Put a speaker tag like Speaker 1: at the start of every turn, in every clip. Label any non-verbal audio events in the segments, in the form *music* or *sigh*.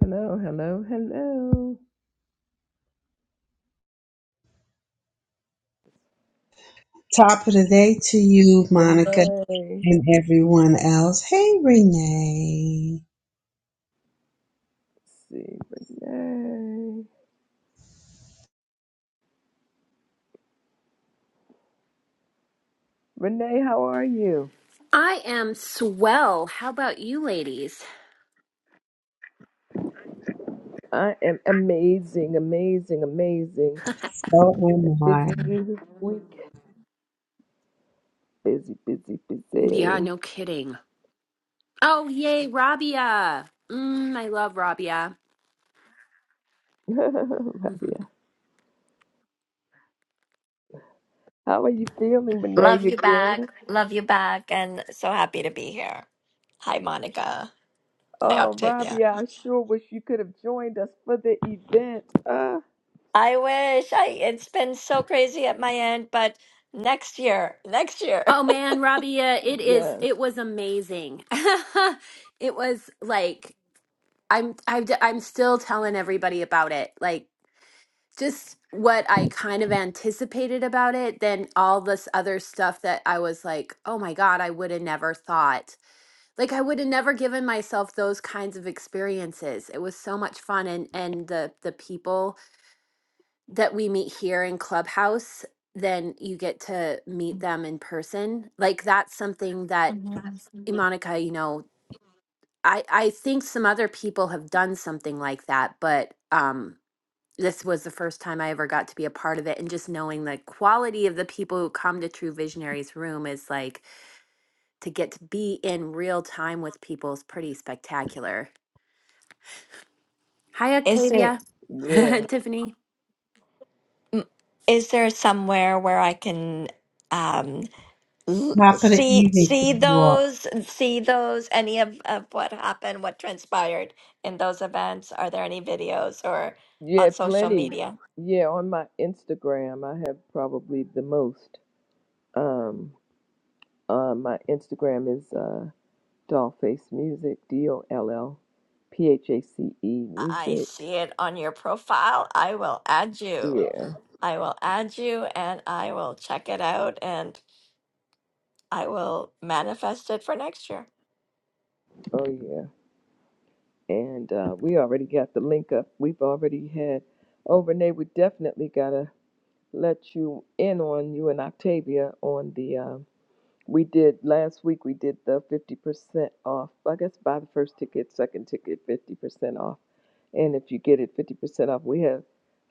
Speaker 1: Hello, hello, hello.
Speaker 2: Top of the day to you, Monica,
Speaker 1: Renee.
Speaker 2: and everyone else. Hey, Renee.
Speaker 1: Let's see, Renee. Renee, how are you?
Speaker 3: I am swell. How about you, ladies?
Speaker 1: I am amazing, amazing, amazing.
Speaker 2: So am I.
Speaker 1: Busy week. Busy, busy,
Speaker 3: Yeah,
Speaker 1: busy.
Speaker 3: no kidding. Oh, yay, Rabia. Mm, I love Rabia.
Speaker 1: *laughs*
Speaker 3: *laughs*
Speaker 1: Rabia. How are you feeling, Renee?
Speaker 4: Love
Speaker 1: You
Speaker 4: you
Speaker 1: good?
Speaker 4: back. Love you back. And so happy to be here. Hi, Monica. Hi,
Speaker 1: Oh,
Speaker 4: Octavia.
Speaker 1: Rabia, I sure wish you could have joined us for the event. Uh
Speaker 4: I wish. I it's been so crazy at my end, but next year, next year. *laughs*
Speaker 3: oh man, Rabia, it is.
Speaker 1: yes.
Speaker 3: It was amazing. *laughs* it was like I'm. I'm. I'm still telling everybody about it. Like just what I kind of anticipated about it. Then all this other stuff that I was like, oh my god, I would have never thought. like I would have never given myself those kinds of experiences. It was so much fun and and the the people that we meet here in Clubhouse, then you get to meet them in person. Like that's something that
Speaker 4: Mhm.
Speaker 3: eh, Monica, you know, I I think some other people have done something like that, but um this was the first time I ever got to be a part of it and just knowing the quality of the people who come to True Visionaries room is like to get to be in real time with people is pretty spectacular Hi,
Speaker 4: Is there
Speaker 3: Octavia. *laughs*
Speaker 1: Yeah.
Speaker 3: Tiffany.
Speaker 4: m- is there somewhere where I can um l-
Speaker 2: Top of the
Speaker 4: see
Speaker 2: evening to
Speaker 4: see
Speaker 2: you all.
Speaker 4: those see those any of, of what happened, what transpired in those events? Are there any videos or
Speaker 1: Yeah,
Speaker 4: on social
Speaker 1: plenty.
Speaker 4: media?
Speaker 1: Yeah, on my Instagram I have probably the most. Um, uh, my Instagram is uh, Dollface Music, D O L L P H A C E
Speaker 4: I
Speaker 1: Music.
Speaker 4: see it on your profile. I will add you.
Speaker 1: Yeah,
Speaker 4: I will add you and I will check it out and I will manifest it for next year.
Speaker 1: oh yeah. And uh, we already got the link up. We've already had. Oh, Renee, we definitely gotta let you in on you and Octavia on the. Um, we did last week. We did the fifty percent off. I guess buy the first ticket, second ticket, fifty percent off And if you get it 50% off, we have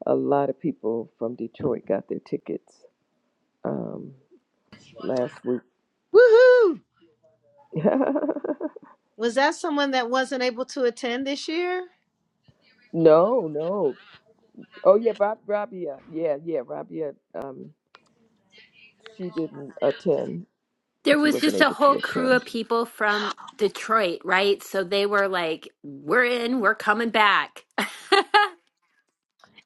Speaker 1: a lot of people from Detroit got their tickets um, last week.
Speaker 5: Woohoo!
Speaker 1: *laughs*
Speaker 5: Was that someone that wasn't able to attend this year?
Speaker 1: no, no. Oh, yeah, Bob, Rabia. Yeah, yeah, Rabia. Um, she didn't attend.
Speaker 3: There
Speaker 1: She
Speaker 3: was
Speaker 1: wasn't
Speaker 3: just a
Speaker 1: able to
Speaker 3: whole crew
Speaker 1: attend.
Speaker 3: of people from Detroit, right? So they were like, we're in, we're coming back. *laughs*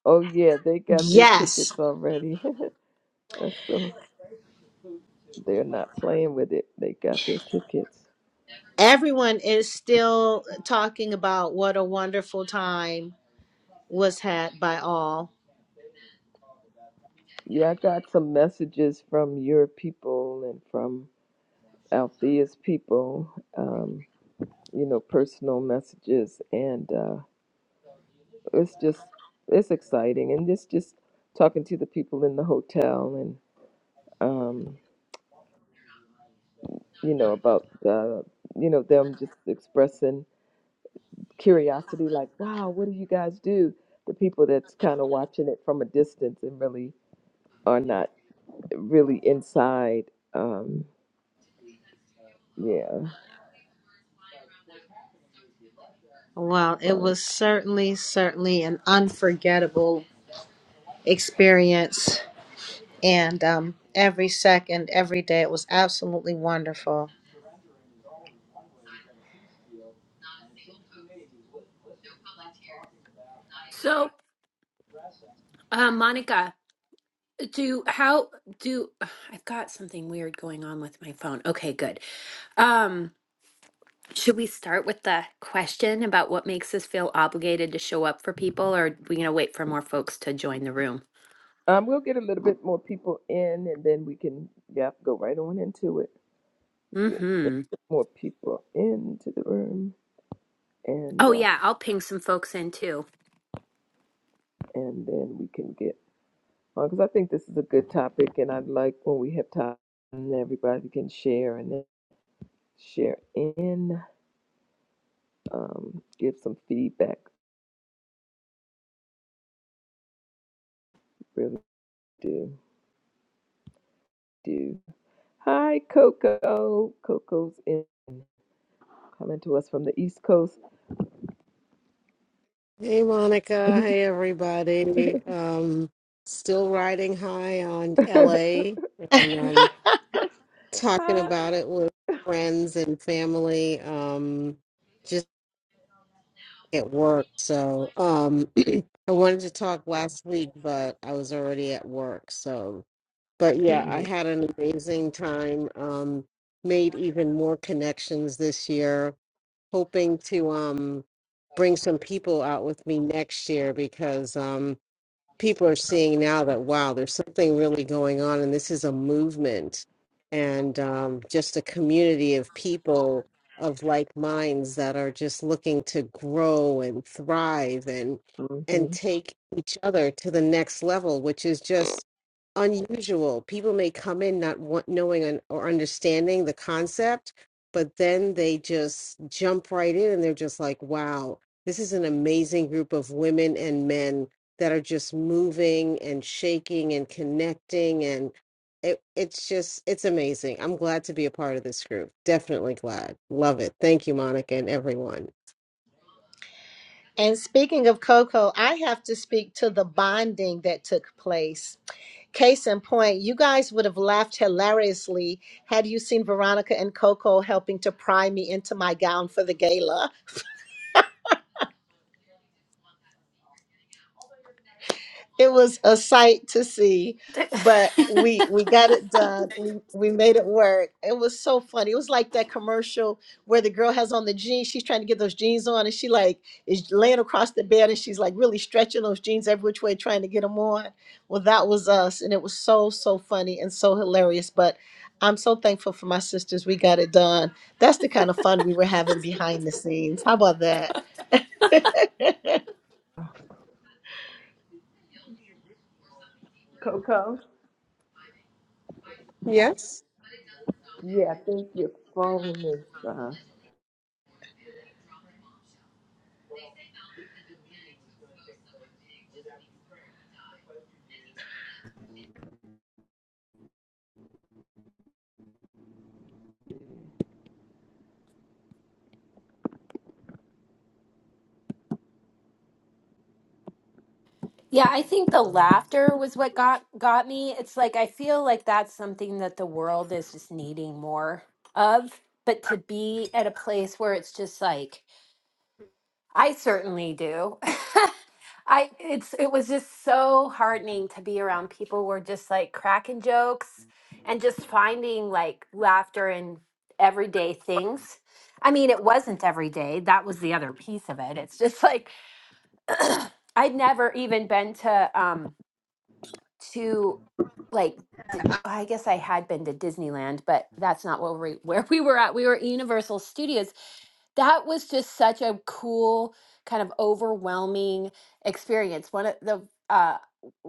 Speaker 1: Oh, yeah, they got their
Speaker 5: Yes.
Speaker 1: tickets already. *laughs* That's so they're not playing with it. They got their tickets.
Speaker 5: Everyone is still talking about what a wonderful time was had by all.
Speaker 1: Yeah, I got some messages from your people and from Althea's people. Um, you know, personal messages, and uh, it's just it's exciting, and just just talking to the people in the hotel, and um, you know about uh, you know them just expressing curiosity, like, wow, what do you guys do? The people that's kind of watching it from a distance and really are not really inside. Um, yeah,
Speaker 5: Well, it was certainly, certainly an unforgettable experience. And um, every second, every day, it was absolutely wonderful.
Speaker 3: so, uh, Monica, do how do *sighs* I've got something weird going on with my phone. Okay, good. Um, should we start with the question about what makes us feel obligated to show up for people, or are we gonna wait for more folks to join the room?
Speaker 1: um, we'll get a little bit more people in, and then we can yeah go right on into it. Get
Speaker 3: Mm-hmm.
Speaker 1: more people into the room. and
Speaker 3: Oh
Speaker 1: uh,
Speaker 3: yeah, I'll ping some folks in too.
Speaker 1: and then we can get on because I think this is a good topic, and I'd like when we have time, and everybody can share and then share in, um, give some feedback. Really do do. Hi, Coco. Coco's in coming to us from the East Coast.
Speaker 6: Hey Monica, hey everybody. Um, still riding high on
Speaker 1: *laughs*
Speaker 6: LA
Speaker 5: *laughs*
Speaker 6: and um, talking
Speaker 1: Hi.
Speaker 6: about it with friends and family, um, just at work. So um, *clears throat* I wanted to talk last week, but I was already at work. So, but yeah, I
Speaker 1: Mhm,
Speaker 6: had an amazing time. Um, made even more connections this year, hoping to um, bring some people out with me next year because. Um, people are seeing now that wow there's something really going on and this is a movement and um, just a community of people of like minds that are just looking to grow and thrive and and
Speaker 1: mhm.
Speaker 6: take each other to the next level which is just unusual people may come in not want, knowing un- or understanding the concept but then they just jump right in and they're just like wow this is an amazing group of women and men that are just moving and shaking and connecting and it, it's just it's amazing i'm glad to be a part of this group definitely glad love it thank you monica and everyone
Speaker 5: And speaking of Coco, I have to speak to the bonding that took place. Case in point, you guys would have laughed hilariously had you seen Veronica and Coco helping to pry me into my gown for the gala. it was a sight to see but we we
Speaker 3: *laughs*
Speaker 5: got it done *laughs* we we made it work it was so funny it was like that commercial where the girl has on the jeans she's trying to get those jeans on and she like is laying across the bed and she's like really stretching those jeans every which way trying to get them on well that was us and it was so so funny and so hilarious but i'm so thankful for my sisters we got it done that's the kind of fun we were having behind the scenes how about that *laughs*
Speaker 1: Coco.
Speaker 6: yes
Speaker 1: Yeah, I think your phone is uh,
Speaker 3: Yeah, I think the
Speaker 1: phone.
Speaker 3: laughter
Speaker 1: is-
Speaker 3: was what got got me. It's like I feel like that's something that the world is just needing more of, but to be at a place where it's just like I certainly do. *laughs* I it's it was just so heartening to be around people who were just like cracking jokes and just finding like laughter in everyday things. I mean, it wasn't every day. That was the other piece of it. It's just like *clears throat* I'd never even been to um to like d- I guess I had been to Disneyland, but that's not where we *laughs* where we were at. We were at Universal Studios. That was just such a cool kind of overwhelming experience. One of the uh,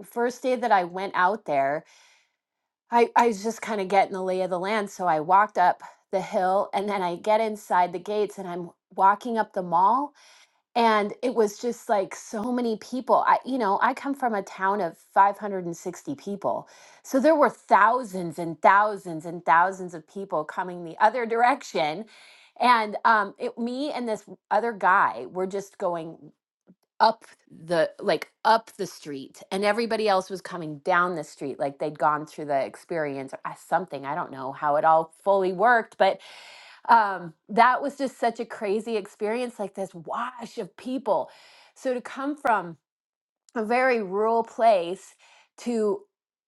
Speaker 3: first day that I went out there, I, I was just kind of getting the lay of the land. So I walked up the hill and then I get inside the gates and I'm walking up the mall and it was just like so many people i you know i come from a town of 560 people so there were thousands and thousands and thousands of people coming the other *laughs* direction and um it, me and this other guy were just going up the like up the street and everybody else was coming down the street like they'd gone through the experience or uh, something i don't know how it all fully worked but um, that was just such a crazy experience, like this wash of people. So to come from a very rural place to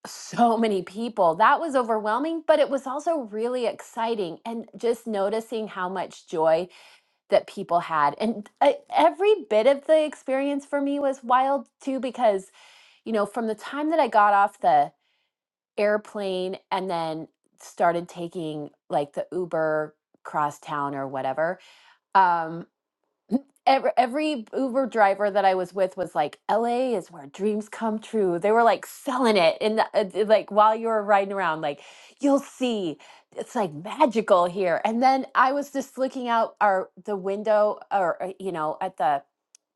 Speaker 3: so many people, that was overwhelming, but it was also really exciting. And just noticing how much joy that people had. And uh, every bit of the experience for me was wild too, because, you know, from the time that I got off the airplane and then started taking like the Uber cross town or whatever um *clears throat* every, every uber driver that i was with was like la is where dreams come true they were like selling it and like while you were riding around like you'll see it's like magical here and then i was just looking out our the window or uh, you know at the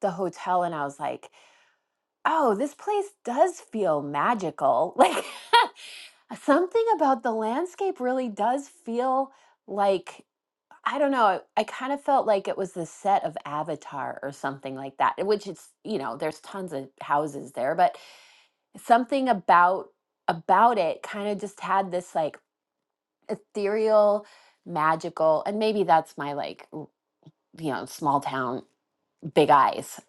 Speaker 3: the hotel and i was like oh this place does feel magical *laughs* like *laughs* something about the landscape really does feel like I don't know, I I kinda felt like it was the set of Avatar or something like that, which it's you know, there's tons of houses there, but something about about it kinda just had this, like, ethereal, magical and maybe that's my, like, w you know, small town big eyes.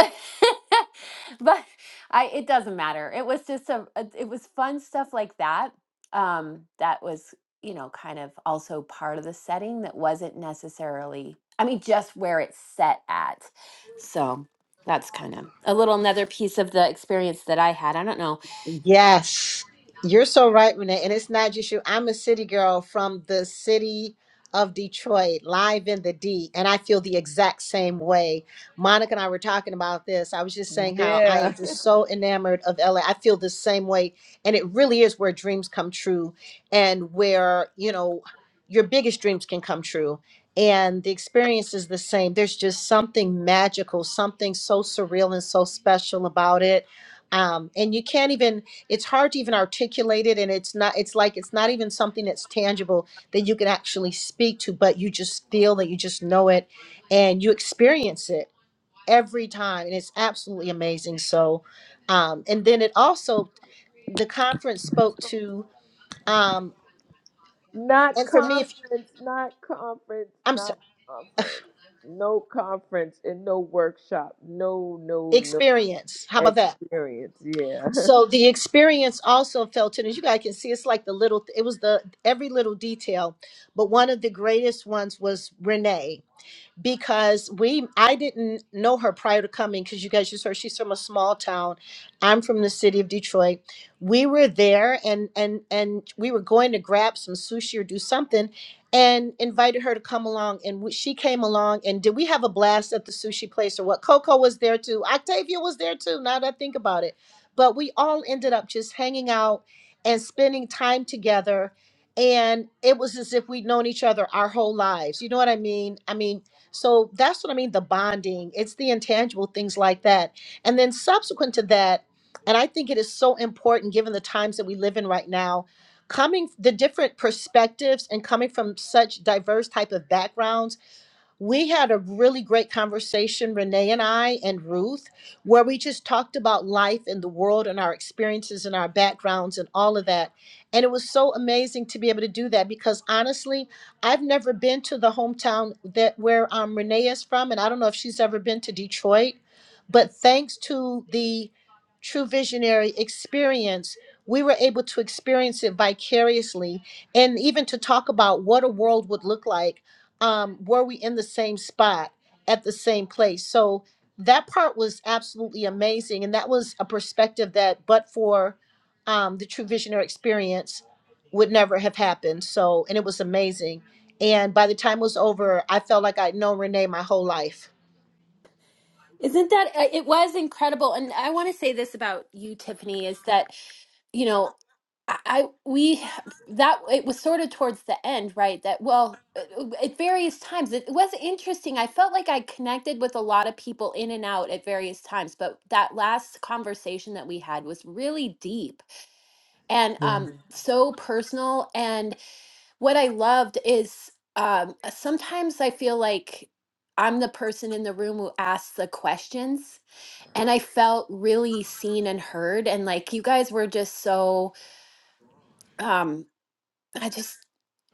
Speaker 3: *laughs* but I it doesn't matter. It was just a, a- it was fun stuff like that. Um that was, you know, kind of also part of the setting that wasn't necessarily I mean just where it's set at. So that's kind of a little another piece of the experience that I had. I don't know.
Speaker 5: Yes, you're so right, Renee. And it's not just you. I'm a city girl from the city of Detroit, live in the D, and I feel the exact same way. Monica and I were talking about this. I was just saying how I
Speaker 1: Yeah.
Speaker 5: am
Speaker 1: *laughs*
Speaker 5: just so enamored of LA. I feel the same way, and it really is where dreams come true and where, you know, your biggest dreams can come true. And the experience is the same. There's just something magical, something so surreal and so special about it. Um, and you can't even it's hard to even articulate it and it's not it's like it's not even something that's tangible that you can actually speak to but you just feel that you just know it and you experience it every time and it's absolutely amazing so um and then it also the conference spoke to um
Speaker 1: Not
Speaker 5: and for me if
Speaker 1: conference, not conference,
Speaker 5: i'm
Speaker 1: not
Speaker 5: sorry,
Speaker 1: conference. No conference and no workshop. No, no, no
Speaker 5: experience how about that
Speaker 1: experience. Yeah. *laughs*
Speaker 5: so the experience also felt in as you guys can see it's like the little it was the every little detail but one of the greatest ones was renee because we I didn't know her prior to coming because you guys just heard she's from a small town. I'm from the city of Detroit. We were there and and and we were going to grab some sushi or do something and invited her to come along and we, she came along and did we have a blast at the sushi place or what Coco was there too. Octavia was there too now that I think about it. But we all ended up just hanging out and spending time together and it was as if we'd known each other our whole lives. You know what I mean? I mean, so that's what I mean the bonding, it's the intangible things like that. And then subsequent to that, and I think it is so important given the times that we live in right now, coming the different perspectives and coming from such diverse type of backgrounds we had a really great conversation, Renee and I, and Ruth, where we just talked about life and the world and our experiences and our backgrounds and all of that. And it was so amazing to be able to do that because honestly, I've never been to the hometown that where um, Renee is from, and I don't know if she's ever been to Detroit. But thanks to the True Visionary experience, we were able to experience it vicariously and even to talk about what a world would look like um were we in the same spot at the same place so that part was absolutely amazing and that was a perspective that but for um the true visionary experience would never have happened so and it was amazing and by the time it was over i felt like i'd known renee my whole life
Speaker 3: Isn't that uh, it was incredible and I want to say this about you Tiffany is that you know I I- we h- that it was sort of towards the end, right? That well, uh, uh, at various times it was interesting. I felt like I connected with a lot of people in and out at various times, but that last conversation that we had was really deep and um Mhm. so personal. And what I loved is um uh, sometimes I feel like I'm the person in the room who asks the questions, and I felt really seen and heard. And like you guys were just so um. I just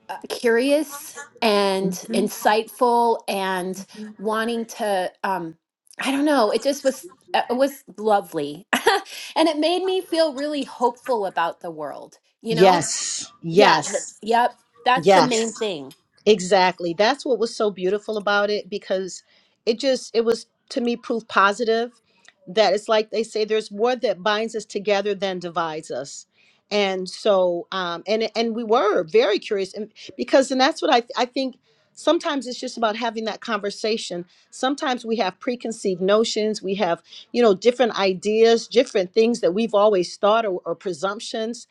Speaker 3: uh, curious and
Speaker 5: Mhm.
Speaker 3: insightful and wanting to um i don't know it just was uh, it was lovely *laughs* and it made me feel really hopeful about the world you know
Speaker 5: Yes,
Speaker 3: yeah th- Yes.
Speaker 5: yes,
Speaker 3: yep that's the main
Speaker 5: yes.
Speaker 3: Yes. thing
Speaker 5: Exactly. That's what was so beautiful about it because it just it was to me proof positive that it's like they say there's more that binds us together than divides us. And so um and and we were very curious and because and that's what I I think sometimes it's just about having that conversation. Sometimes we have preconceived notions, we have, you know, different ideas, different things that we've always thought or, or presumptions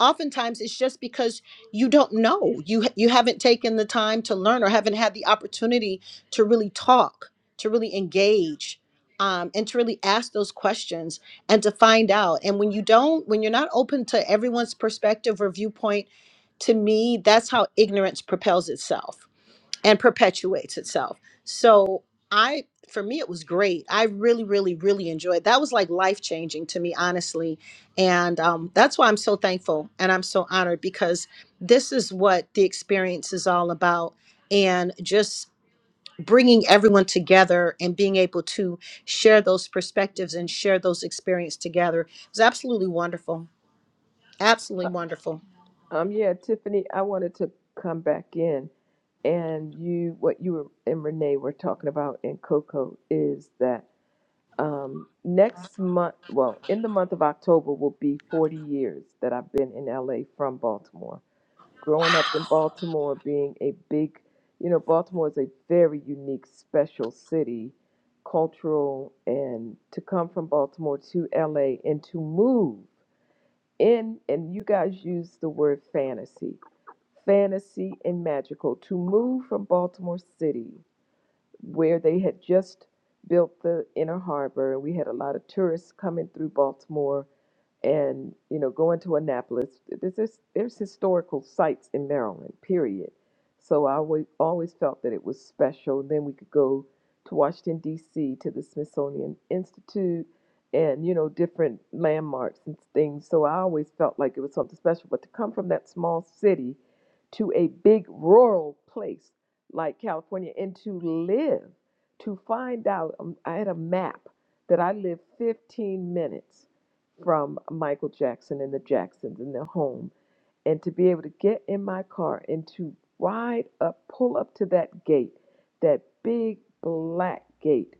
Speaker 5: oftentimes it's just because you don't know you you haven't taken the time to learn or haven't had the opportunity to really talk to really engage um, and to really ask those questions and to find out and when you don't when you're not open to everyone's perspective or viewpoint to me that's how ignorance propels itself and perpetuates itself. So I for me it was great. I really really really enjoyed. That was like life changing to me honestly. And um that's why I'm so thankful and I'm so honored because this is what the experience is all about and just bringing everyone together and being able to share those perspectives and share those experiences together It was absolutely wonderful. Absolutely wonderful.
Speaker 1: Um, yeah, Tiffany, I wanted to come back in and you what you were, and Renee were talking about in Coco is that um next month well in the month of October will be 40 years that I've been in LA from Baltimore growing up in Baltimore, being a big, you know, Baltimore is a very unique, special city, cultural, and to come from Baltimore to LA and to move in, and you guys use the word fantasy, fantasy and magical, to move from Baltimore City, where they had just built the inner harbor, and we had a lot of tourists coming through Baltimore and you know going to annapolis there's there's, there's historical sites in maryland period so i always, always felt that it was special then we could go to washington d.c to the smithsonian institute and you know different landmarks and things so i always felt like it was something special but to come from that small city to a big rural place like california and to live to find out um, i had a map that i lived 15 minutes from Michael Jackson and the Jacksons and their home. And to be able to get in my car and to ride up, pull up to that gate, that big black gate,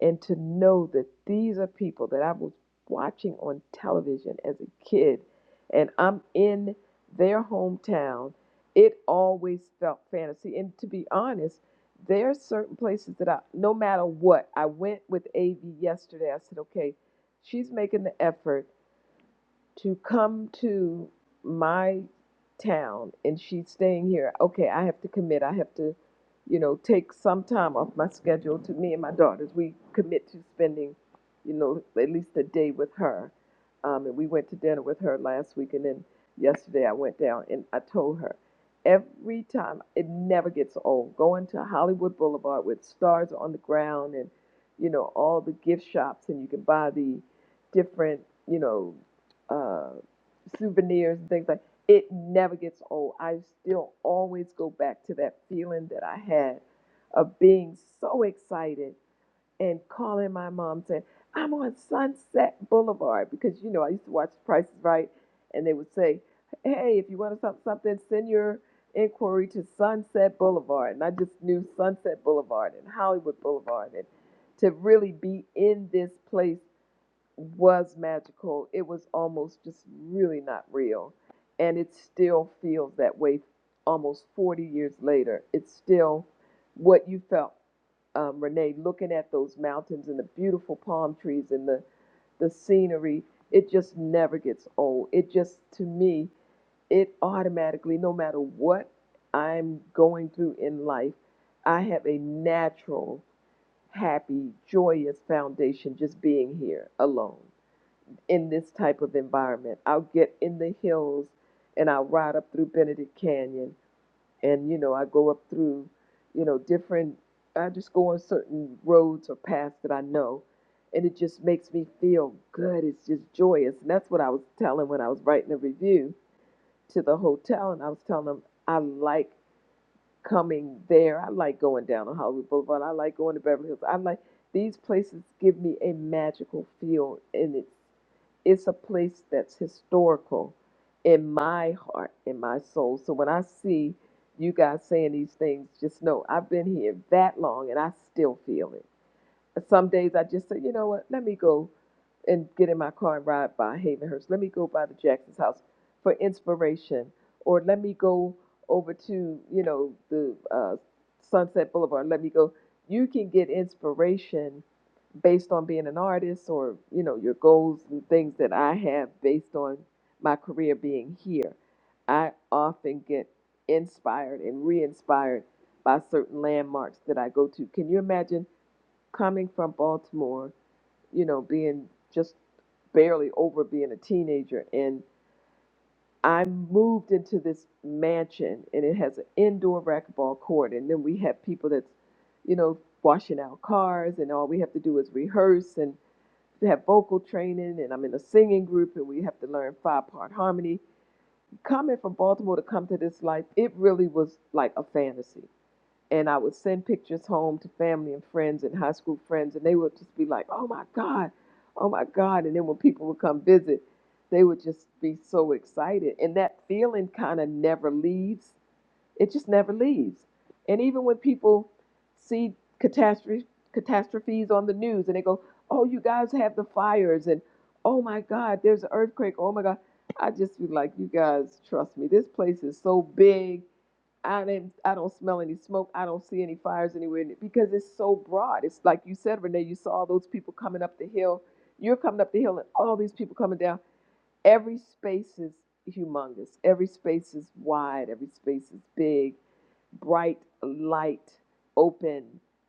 Speaker 1: and to know that these are people that I was watching on television as a kid, and I'm in their hometown, it always felt fantasy. And to be honest, there are certain places that I, no matter what, I went with AV yesterday. I said, okay, she's making the effort to come to my town and she's staying here, okay, I have to commit. I have to, you know, take some time off my schedule to me and my daughters. We commit to spending, you know, at least a day with her. Um, and we went to dinner with her last week, and then yesterday I went down and I told her every time it never gets old going to Hollywood Boulevard with stars on the ground and you know all the gift shops and you can buy the different you know uh, souvenirs and things like it never gets old. I still always go back to that feeling that I had of being so excited and calling my mom saying, I'm on Sunset Boulevard because you know I used to watch Price is Right and they would say, Hey, if you want something something, send your inquiry to Sunset Boulevard. And I just knew Sunset Boulevard and Hollywood Boulevard and to really be in this place was magical. It was almost just really not real. And it still feels that way almost 40 years later. It's still what you felt, um, Renee, looking at those mountains and the beautiful palm trees and the, the scenery. It just never gets old. It just, to me, it automatically, no matter what I'm going through in life, I have a natural, happy, joyous foundation just being here alone in this type of environment. I'll get in the hills and I'll ride up through Benedict Canyon and you know, I go up through, you know, different I just go on certain roads or paths that I know and it just makes me feel good. It's just joyous. And that's what I was telling when I was writing a review to the hotel and I was telling them I like coming there. I like going down on Hollywood Boulevard. I like going to Beverly Hills. I like these places give me a magical feel in it it's a place that's historical in my heart, in my soul. So when I see you guys saying these things, just know I've been here that long and I still feel it. Some days I just say, you know what, let me go and get in my car and ride by Havenhurst. Let me go by the Jackson's house for inspiration, or let me go over to you know the uh, Sunset Boulevard. Let me go. You can get inspiration based on being an artist, or you know your goals and things that I have based on my career being here. I often get inspired and re-inspired by certain landmarks that I go to. Can you imagine? coming from Baltimore, you know, being just barely over being a teenager, and I moved into this mansion, and it has an indoor racquetball court, and then we have people that's, you know, washing our cars, and all we have to do is rehearse and they have vocal training, and I'm in a singing group, and we have to learn five part harmony. Coming from Baltimore to come to this life, it really was like a fantasy and I would send pictures home to family and friends and high school friends, and they would just be like, "Oh my God, oh my God!" And then when people would come visit, they would just be so excited, and that feeling kind of never leaves. It just never leaves. And even when people see catastrophe catastrophes on the news, and they go, "Oh, you guys have the fires," and "Oh my God, there's an earthquake," "Oh my God," I just be like, "You guys, trust me. This place is so big." I didn't, I don't smell any smoke. I don't see any fires anywhere because it's so broad. It's like you said, Renee, you saw all those people coming up the hill. You're coming up the hill and all these people coming down. Every space is humongous. Every space is wide. Every space is big, bright, light, open,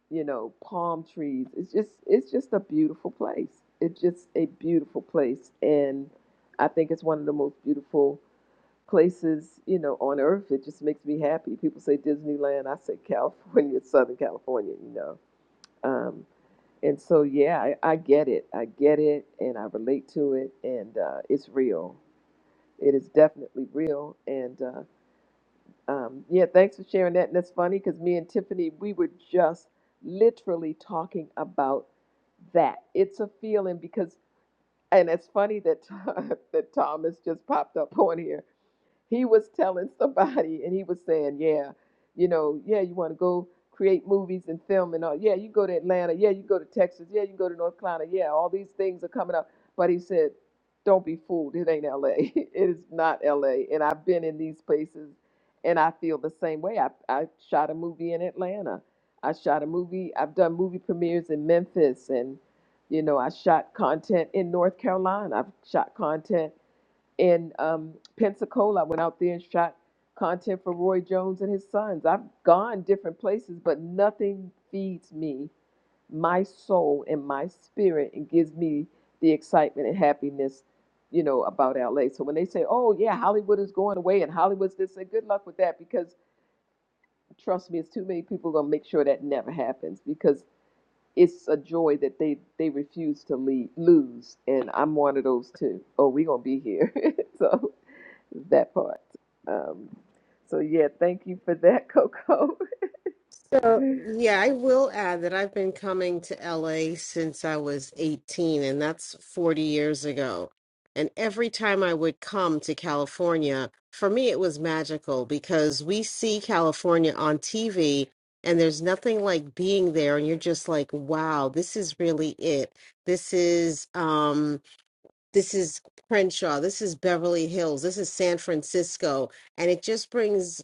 Speaker 1: you know, palm trees. It's just, it's just a beautiful place. It's just a beautiful place. And I think it's one of the most beautiful places, you know, on earth. It just makes me happy. People say Disneyland, I say California, *laughs* Southern California, you know. Um, and so, yeah, I, I get it. I get it and I relate to it. And uh, it's real. It is definitely real. And uh, um, yeah, thanks for sharing that. And that's funny because me and Tiffany, we were just literally talking about that. It's a feeling because, and it's funny that *laughs* that Thomas just popped up on here he was telling somebody *laughs* and he was saying, Yeah, you know, yeah, you want to go create movies and film and all. Yeah, you go to Atlanta. Yeah, you go to Texas. Yeah, you go to North Carolina. Yeah, all these things are coming up. But he said, Don't be fooled. It ain't LA. *laughs* it is not LA. And I've been in these places and I feel the same way. I, I shot a movie in Atlanta. I shot a movie. I've done movie premieres in Memphis and you know, I shot content in North Carolina. I've shot content in um, Pensacola. I went out there and shot content for Roy Jones and his sons. I've gone different places, but nothing feeds me, my soul and my spirit, and gives me the excitement and happiness, you know, about LA. So when they say, "Oh yeah, Hollywood is going away," and Hollywood's this, and good luck with that, because trust me, it's too many people gonna make sure that never happens because it's a joy that they they refuse to leave, lose, and I'm one of those too. Oh, we gonna be here, *laughs* so that part. Um, so yeah, thank you for that, *laughs* Coco.
Speaker 6: So, yeah, I will add that I've been coming to LA since I was 18, and that's 40 years ago. And every time I would come to California, for me, it was magical because we see California on TV, and there's nothing like being there, and you're just like, wow, this is really it. This is um, this is Crenshaw, this is Beverly Hills, this is San Francisco, and it just brings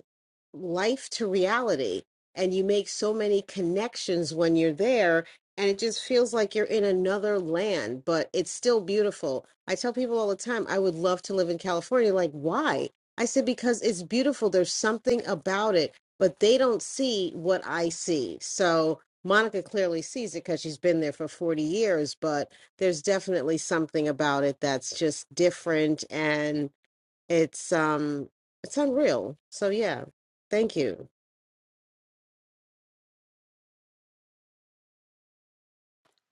Speaker 6: life to reality and you make so many connections when you're there and it just feels like you're in another land but it's still beautiful i tell people all the time i would love to live in california like why i said because it's beautiful there's something about it but they don't see what i see so monica clearly sees it because she's been there for 40 years but there's definitely something about it that's just different and. It's um it's unreal. So yeah, thank you.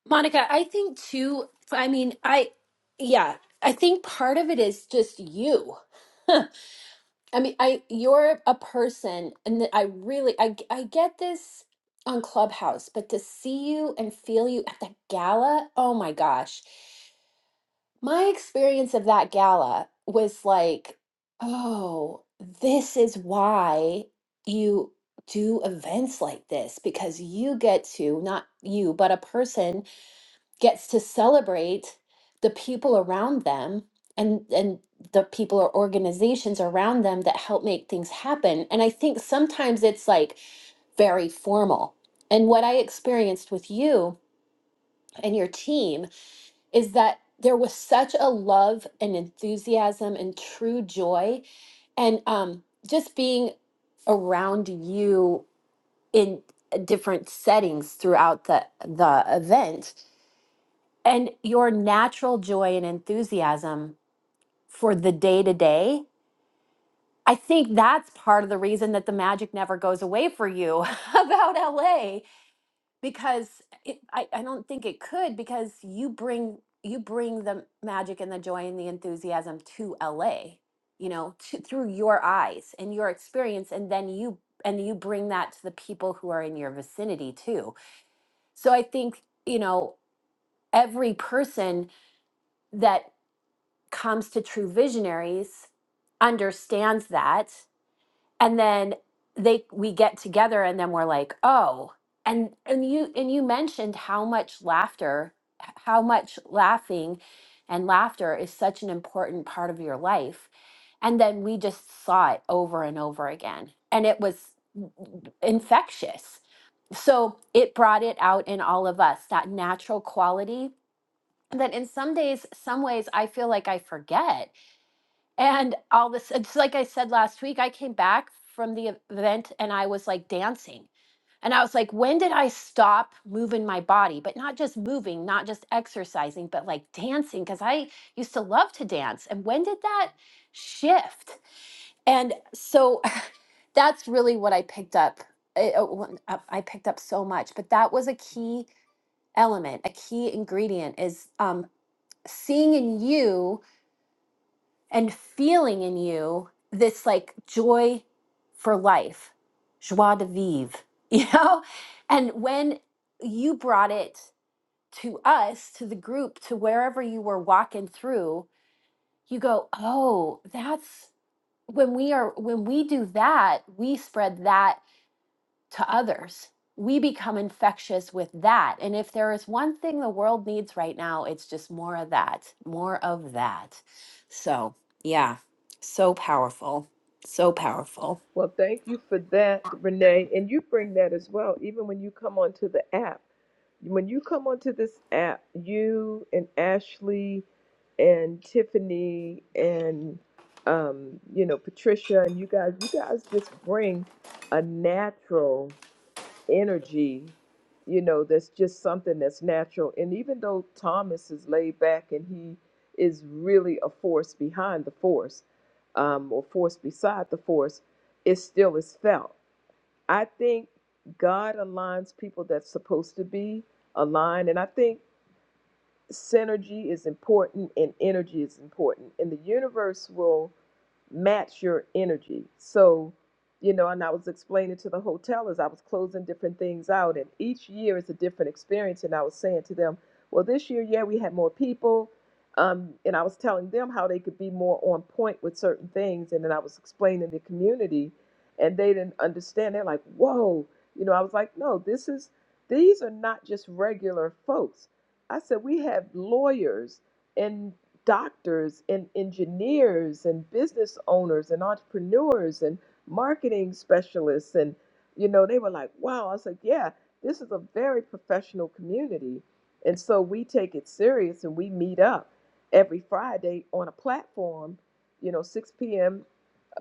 Speaker 3: monica i think too i mean i yeah i think part of it is just you I mean, I you're a person, and th- I really I g- I get this on Clubhouse, but to see you and feel you at the gala, oh my gosh. My experience of that gala was like, oh, this is why you do events like this because you get to, not you, but a person gets to celebrate the people around them and and the people or organizations around them that help make things happen and i think sometimes it's like very formal and what i experienced with you and your team is that there was such a love and enthusiasm and true joy and um, just being around you in uh, different settings throughout the the event and your natural joy and enthusiasm for the day to day. I think that's part of the reason that the magic never goes away for you *laughs* about LA because it, I, I don't think it could because you bring you bring the magic and the joy and the enthusiasm to LA, you know, to, through your eyes and your experience, and then you and you bring that to the people who are in your vicinity too. So I think you know every person that comes to true visionaries understands that and then they we get together and then we're like oh and and you and you mentioned how much laughter h- how much laughing and laughter is such an important part of your life and then we just saw it over and over again and it was infectious so it brought it out in all of us that natural quality that in some days some ways i feel like i forget and all this, it's like I said last week, I came back from the event and I was like dancing. And I was like, when did I stop moving my body? But not just moving, not just exercising, but like dancing, because I used to love to dance. And when did that shift? And so *sighs* *laughs* that's really what I picked up. I, uh, when- uh, I picked up so much, but that was a key element, a key ingredient is um, seeing in you and feeling in you this like joy for life, joie de vivre, *laughs* you know? And when you brought it to us, to the group, to wherever you were walking through, you go, oh, that's when we are, when we do that, we spread that to others. We become infectious with that. And if there is one thing the world needs right now, it's just more of that, more of that. So, yeah, so powerful, so powerful.
Speaker 1: well, thank you for that, Renee. And you bring that as well. Even when you come onto the app, when you come onto this app, you and Ashley and Tiffany and um, you know Patricia and you guys, you guys just bring a natural. energy, you know, that's just something that's natural. And even though Thomas is laid back and he is really a force behind the force, um, or force beside the force, it still is felt. I think God aligns people that's supposed to be aligned. And I think synergy is important and energy is important. And the universe will match your energy. So, you know, and I was explaining to the hotel as I was closing different things out, and each year is a different experience. And I was saying to them, well, this year, yeah, we had more people. Um, and I was telling them how they could be more on point with certain things. And then I was explaining the community, and they didn't understand. They're like, whoa. You know, I was like, no, this is, these are not just regular folks. I said, we have lawyers and." doctors and engineers and business owners and entrepreneurs and marketing specialists and you know they were like wow i was like yeah this is a very professional community and so we take it serious and we meet up every friday on a platform you know 6 p.m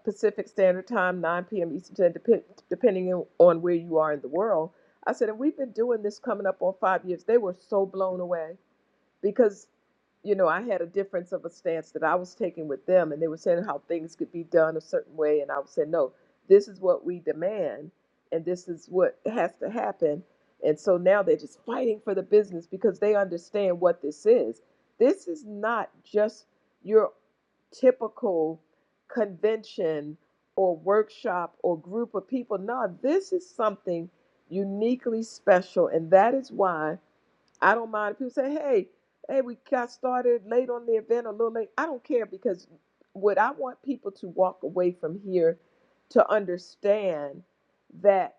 Speaker 1: pacific standard time 9 p.m eastern time depend, depending on on where you are in the world i said and we've been doing this coming up on five years they were so blown away because you know, I had a difference of a stance that I was taking with them, and they were saying how things could be done a certain way, and I was saying, no, this is what we demand, and this is what has to happen. And so now they're just fighting for the business because they understand what this is. This is not just your typical convention or workshop or group of people. No, this is something uniquely special, and that is why I don't mind if people say, hey, hey, we got started late on the event, a little late. I don't care because what I want people to walk away from here to understand that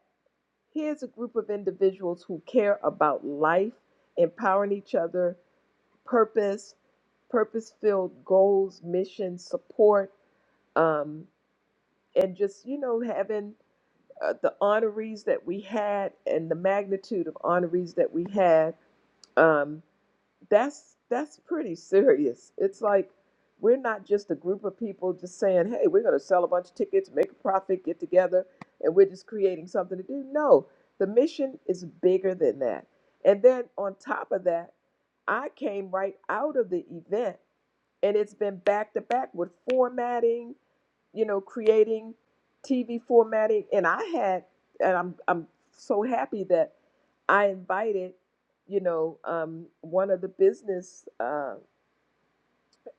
Speaker 1: here's a group of individuals who care about life, empowering each other, purpose, purpose filled goals, mission, support, um, and just, you know, having uh, the honorees that we had and the magnitude of honorees that we had. Um, that's that's pretty serious. It's like we're not just a group of people just saying, "Hey, we're going to sell a bunch of tickets, make a profit, get together, and we're just creating something to do." No, the mission is bigger than that. And then on top of that, I came right out of the event, and it's been back to back with formatting you know, creating TV formatting. And I had, and I'm I'm so happy that I invited, you know, um, one of the business, uh,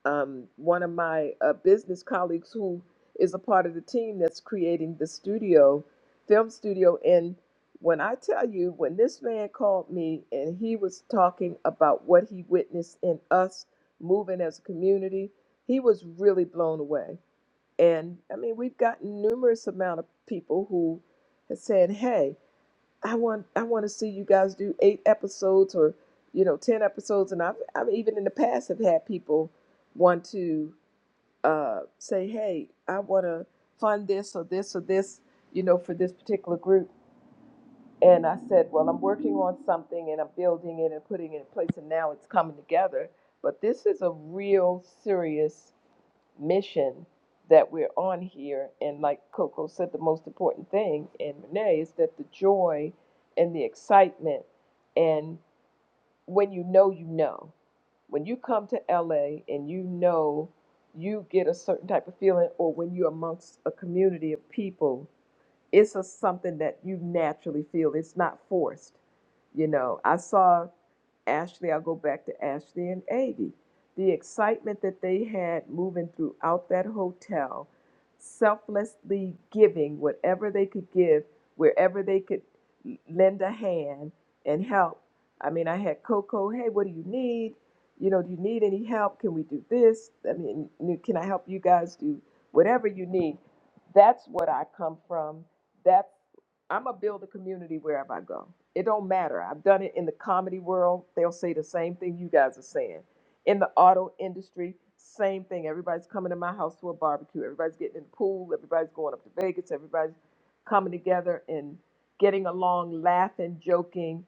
Speaker 1: um, one of my uh, business colleagues who is a part of the team that's creating the studio, film studio. And when I tell you, when this man called me and he was talking about what he witnessed in us moving as a community, he was really blown away and I mean, we've gotten numerous amount of people who have said, "Hey, I want I want to see you guys do eight episodes or you know ten episodes." And I've I've even in the past have had people want to uh, say, "Hey, I want to fund this or this or this," you know, for this particular group. And I said, "Well, I'm working on something and I'm building it and putting it in place, and now it's coming together." But this is a real serious mission that we're on here. And like Coco said, the most important thing, and Renee, is that the joy and the excitement, and when you know, you know. When you come to LA and you know you get a certain type of feeling, or when you're amongst a community of people it's a, something that you naturally feel. It's not forced. You know, I saw Ashley, I'll go back to Ashley and Aggie. The excitement that they had moving throughout that hotel, selflessly giving whatever they could give, wherever they could lend a hand and help. I mean, I had Coco, hey, what do you need? You know, do you need any help? Can we do this? I mean, can I help you guys do whatever you need? That's what I come from that's I'm gonna build a community wherever I go. It don't matter. I've done it in the comedy world. They'll say the same thing you guys are saying. In the auto industry, same thing. Everybody's coming to my house for a barbecue. Everybody's getting in the pool. Everybody's going up to Vegas. Everybody's coming together and getting along, laughing, joking,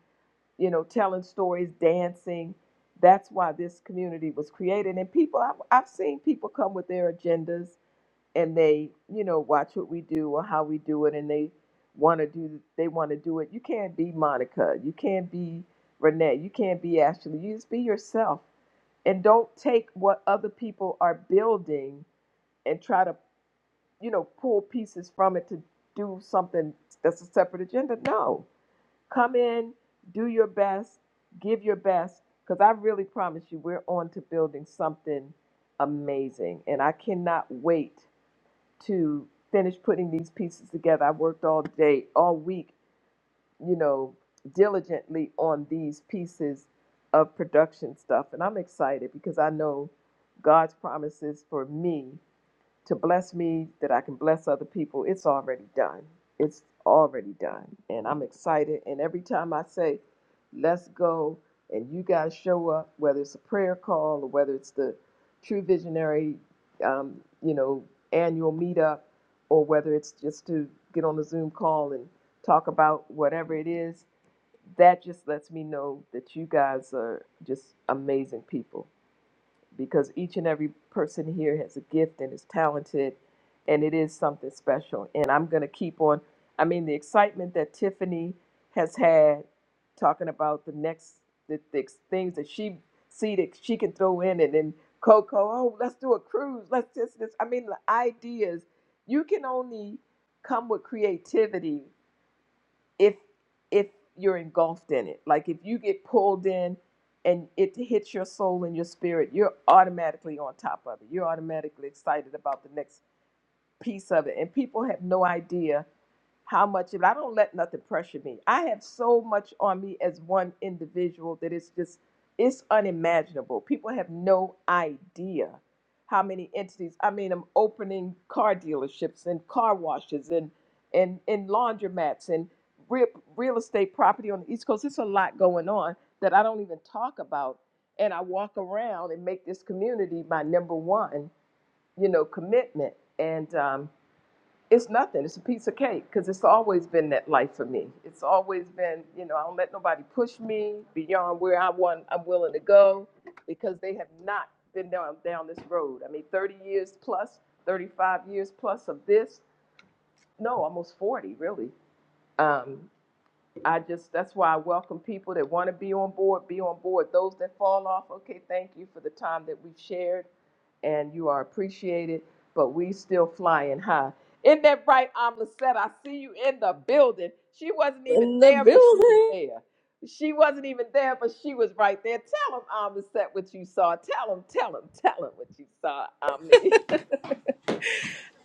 Speaker 1: you know, telling stories, dancing. That's why this community was created. And people, I've, I've seen people come with their agendas and they you know watch what we do or how we do it and they want to do they want to do it you can't be monica you can't be renee you can't be ashley you just be yourself and don't take what other people are building and try to you know pull pieces from it to do something that's a separate agenda no come in do your best give your best because i really promise you we're on to building something amazing and i cannot wait to finish putting these pieces together. I worked all day, all week, you know, diligently on these pieces of production stuff. And I'm excited because I know God's promises for me to bless me that I can bless other people. It's already done. It's already done. And I'm excited. And every time I say, let's go, and you guys show up, whether it's a prayer call or whether it's the True Visionary, um, you know, annual meetup, or whether it's just to get on a Zoom call and talk about whatever it is, that just lets me know that you guys are just amazing people because each and every person here has a gift and is talented and it is something special and i'm going to keep on i mean the excitement that tiffany has had talking about the next the, the things that she see that she can throw in and then coco oh let's do a cruise let's just this i mean the ideas you can only come with creativity if if you're engulfed in it like if you get pulled in and it hits your soul and your spirit you're automatically on top of it you're automatically excited about the next piece of it and people have no idea how much of it. I don't let nothing pressure me. I have so much on me as one individual that it's just it's unimaginable. People have no idea how many entities. I mean, I'm opening car dealerships and car washes and and and laundromats and real, real estate property on the East Coast. It's a lot going on that I don't even talk about. And I walk around and make this community my number one, you know, commitment. And um, it's nothing. It's a piece of cake because it's always been that life for me. It's always been, you know, I don't let nobody push me beyond where I want. I'm willing to go because they have not been down down this road. I mean, 30 years plus, 35 years plus of this. No, almost 40, really. Um, I just that's why I welcome people that want to be on board, be on board. Those that fall off, okay, thank you for the time that we've shared and you are appreciated, but we still flying high. In that right, i I see you in the building. She wasn't even
Speaker 7: in the
Speaker 1: there, but she was
Speaker 7: building.
Speaker 1: there. She wasn't even there, but she was right there. Tell them Amlissette, what you saw. Tell them. tell them. tell them what you saw, Omni.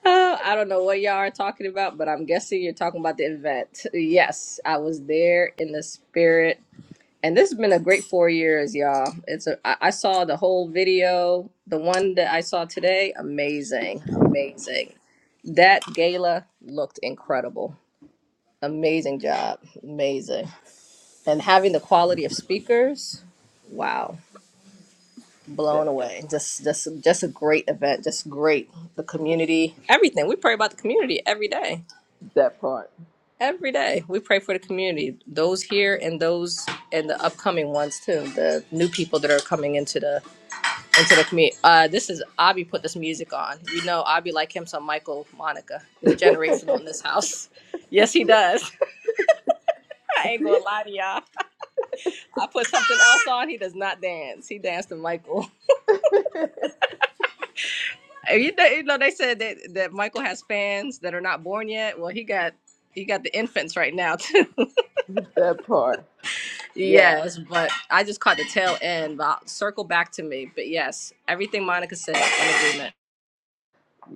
Speaker 7: Uh, I don't know what y'all are talking about, but I'm guessing you're talking about the event. Yes, I was there in the spirit, and this has been a great four years, y'all. It's a I, I saw the whole video, the one that I saw today. Amazing, amazing. That gala looked incredible. Amazing job, amazing, and having the quality of speakers. Wow.
Speaker 1: *laughs*
Speaker 7: blown
Speaker 1: That,
Speaker 7: away. Just just just a great event. Just great. The community, everything. We pray about the community every day.
Speaker 1: that part.
Speaker 7: Every day we pray for the community, those here and those and the upcoming ones too. The new people that are coming into the into the community. Uh, this is Abby put this music on. You know, Abby like him some Michael Monica.
Speaker 1: *laughs*
Speaker 7: It's generational in this house. *laughs* Yes, he does. *laughs* I ain't gonna lie to y'all. I put something else on. He does not dance. He danced to Michael. Uh, You know, you know they said that, that Michael has fans that are not born yet. Well, he got he got the infants right now too.
Speaker 1: that part.
Speaker 7: *laughs*
Speaker 1: Yeah.
Speaker 7: yes, but I just caught the tail end. But I'll circle back to me. But yes, everything Monica said, I'm in agreement.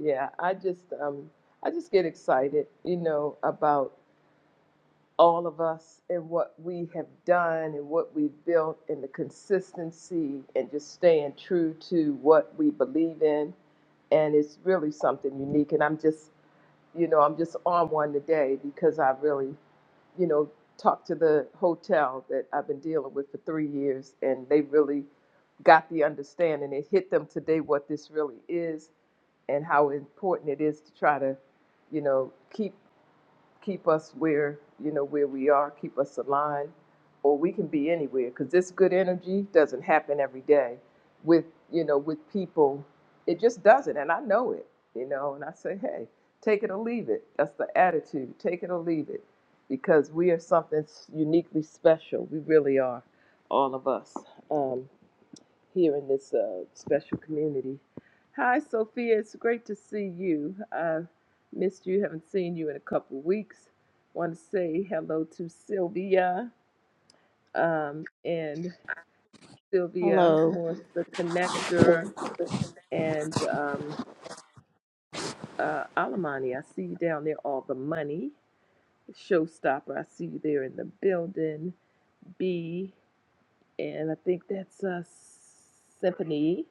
Speaker 1: Yeah, I just um I just get excited, you know, about all of us and what we have done and what we've built and the consistency and just staying true to what we believe in. And it's really something unique. And I'm just, you know, I'm just on one today because I really, you know, talked to the hotel that I've been dealing with for three years and they really got the understanding. It hit them today what this really is and how important it is to try to, you know, keep keep us where you know where we are, keep us aligned, or we can be anywhere because this good energy doesn't happen every day with you know with people. It just doesn't, and I know it, you know. And I say, hey, take it or leave it. That's the attitude. Take it or leave it, because we are something s- uniquely special. We really are, all of us. Um, here in this uh, special community. Hi, Sophia. It's great to see you. I missed you. Haven't seen you in a couple of weeks. Want to say hello to Sylvia um, and Sylvia
Speaker 8: Hello.
Speaker 1: Morse, the connector, and um, uh, Alamani. I see you down there. All the money, Showstopper. I see you there in the building. B, and I think that's uh, Symphony.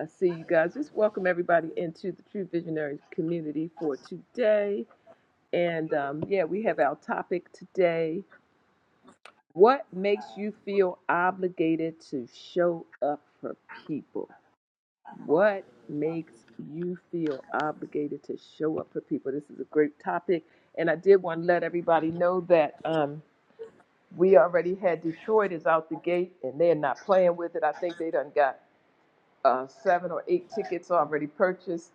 Speaker 1: I see you guys. Just welcome everybody into the True Visionaries community for today. And um, yeah, we have our topic today. What makes you feel obligated to show up for people? What makes you feel obligated to show up for people? This is a great topic. And I did want to let everybody know that um, we already had Detroit is out the gate and they're not playing with it. I think they done got uh, seven or eight tickets already purchased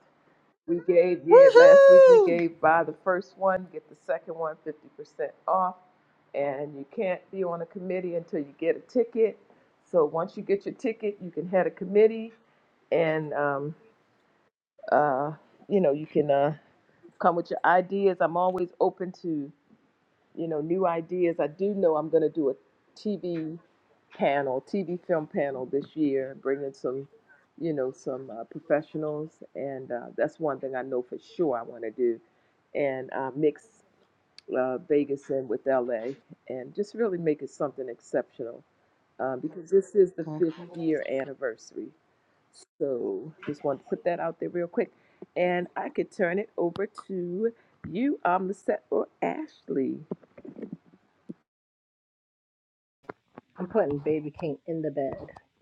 Speaker 1: We gave, yeah, last week we gave buy the first one, get the second one fifty percent off. And you can't be on a committee until you get a ticket. So once you get your ticket, you can head a committee and, um, uh, you know, you can uh, come with your ideas. I'm always open to you know, new ideas. I do know I'm going to do a TV panel, TV film panel this year, bring in some, you know, some uh, professionals, and uh, that's one thing I know for sure I want to do, and uh, mix uh, Vegas in with LA, and just really make it something exceptional uh, because this is the fifth year anniversary. So just wanted to put that out there real quick, and I could turn it over to you, um, Lisette or Ashley.
Speaker 7: I'm putting Baby King in the bed,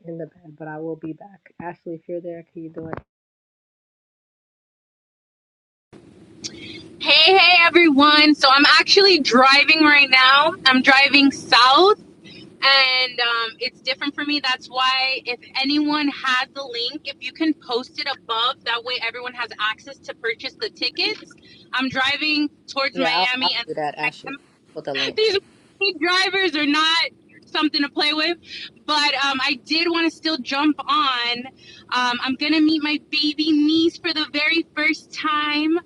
Speaker 7: in the bed, but I will be back. Ashley, if you're there, can you do it?
Speaker 9: Hey, hey, everyone. So I'm actually driving right now. I'm driving south, and um, it's different for me. That's why, if anyone has the link, if you can post it above, that way everyone has access to purchase the tickets. I'm driving towards
Speaker 7: Yeah, I'll,
Speaker 9: Miami,
Speaker 7: I'll
Speaker 9: and
Speaker 7: do that,
Speaker 9: I
Speaker 7: Ashley. Put the
Speaker 9: *laughs*
Speaker 7: link.
Speaker 9: these drivers are not something to play with. But um, I did want to still jump on. Um, I'm going to meet my baby niece for the very first time.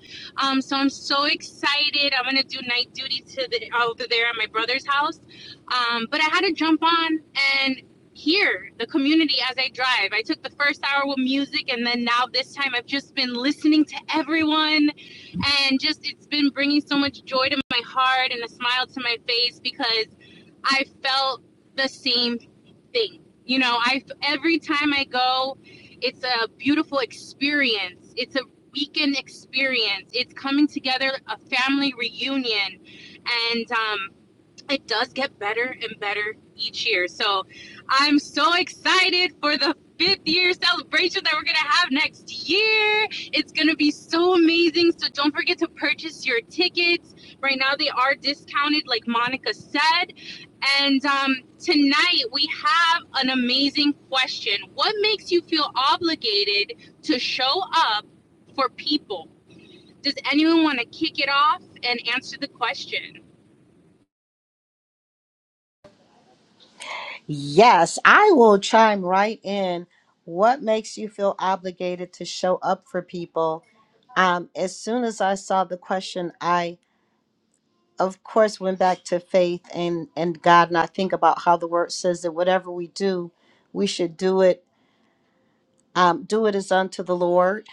Speaker 9: Um, so I'm so excited. I'm going to do night duty to the over there at my brother's house. Um, but I had to jump on and hear the community as I drive. I took the first hour with music, and then now this time I've just been listening to everyone and just it's been bringing so much joy to my heart and a smile to my face because I felt the same thing. You know, I every time I go, it's a beautiful experience. It's a weekend experience. It's coming together, a family reunion, and um, it does get better and better each year. So I'm so excited for the fifth year celebration that we're going to have next year. It's going to be so amazing. So don't forget to purchase your tickets. Right now, they are discounted, like Monica said. And um, tonight, we have an amazing question What makes you feel obligated to show up for people? Does anyone want to kick it off and answer the question?
Speaker 5: Yes, I will chime right in. What makes you feel obligated to show up for people? Um, as soon as I saw the question, I of course went back to faith and and God, and I think about how the Word says that whatever we do, we should do it um, do it as unto the Lord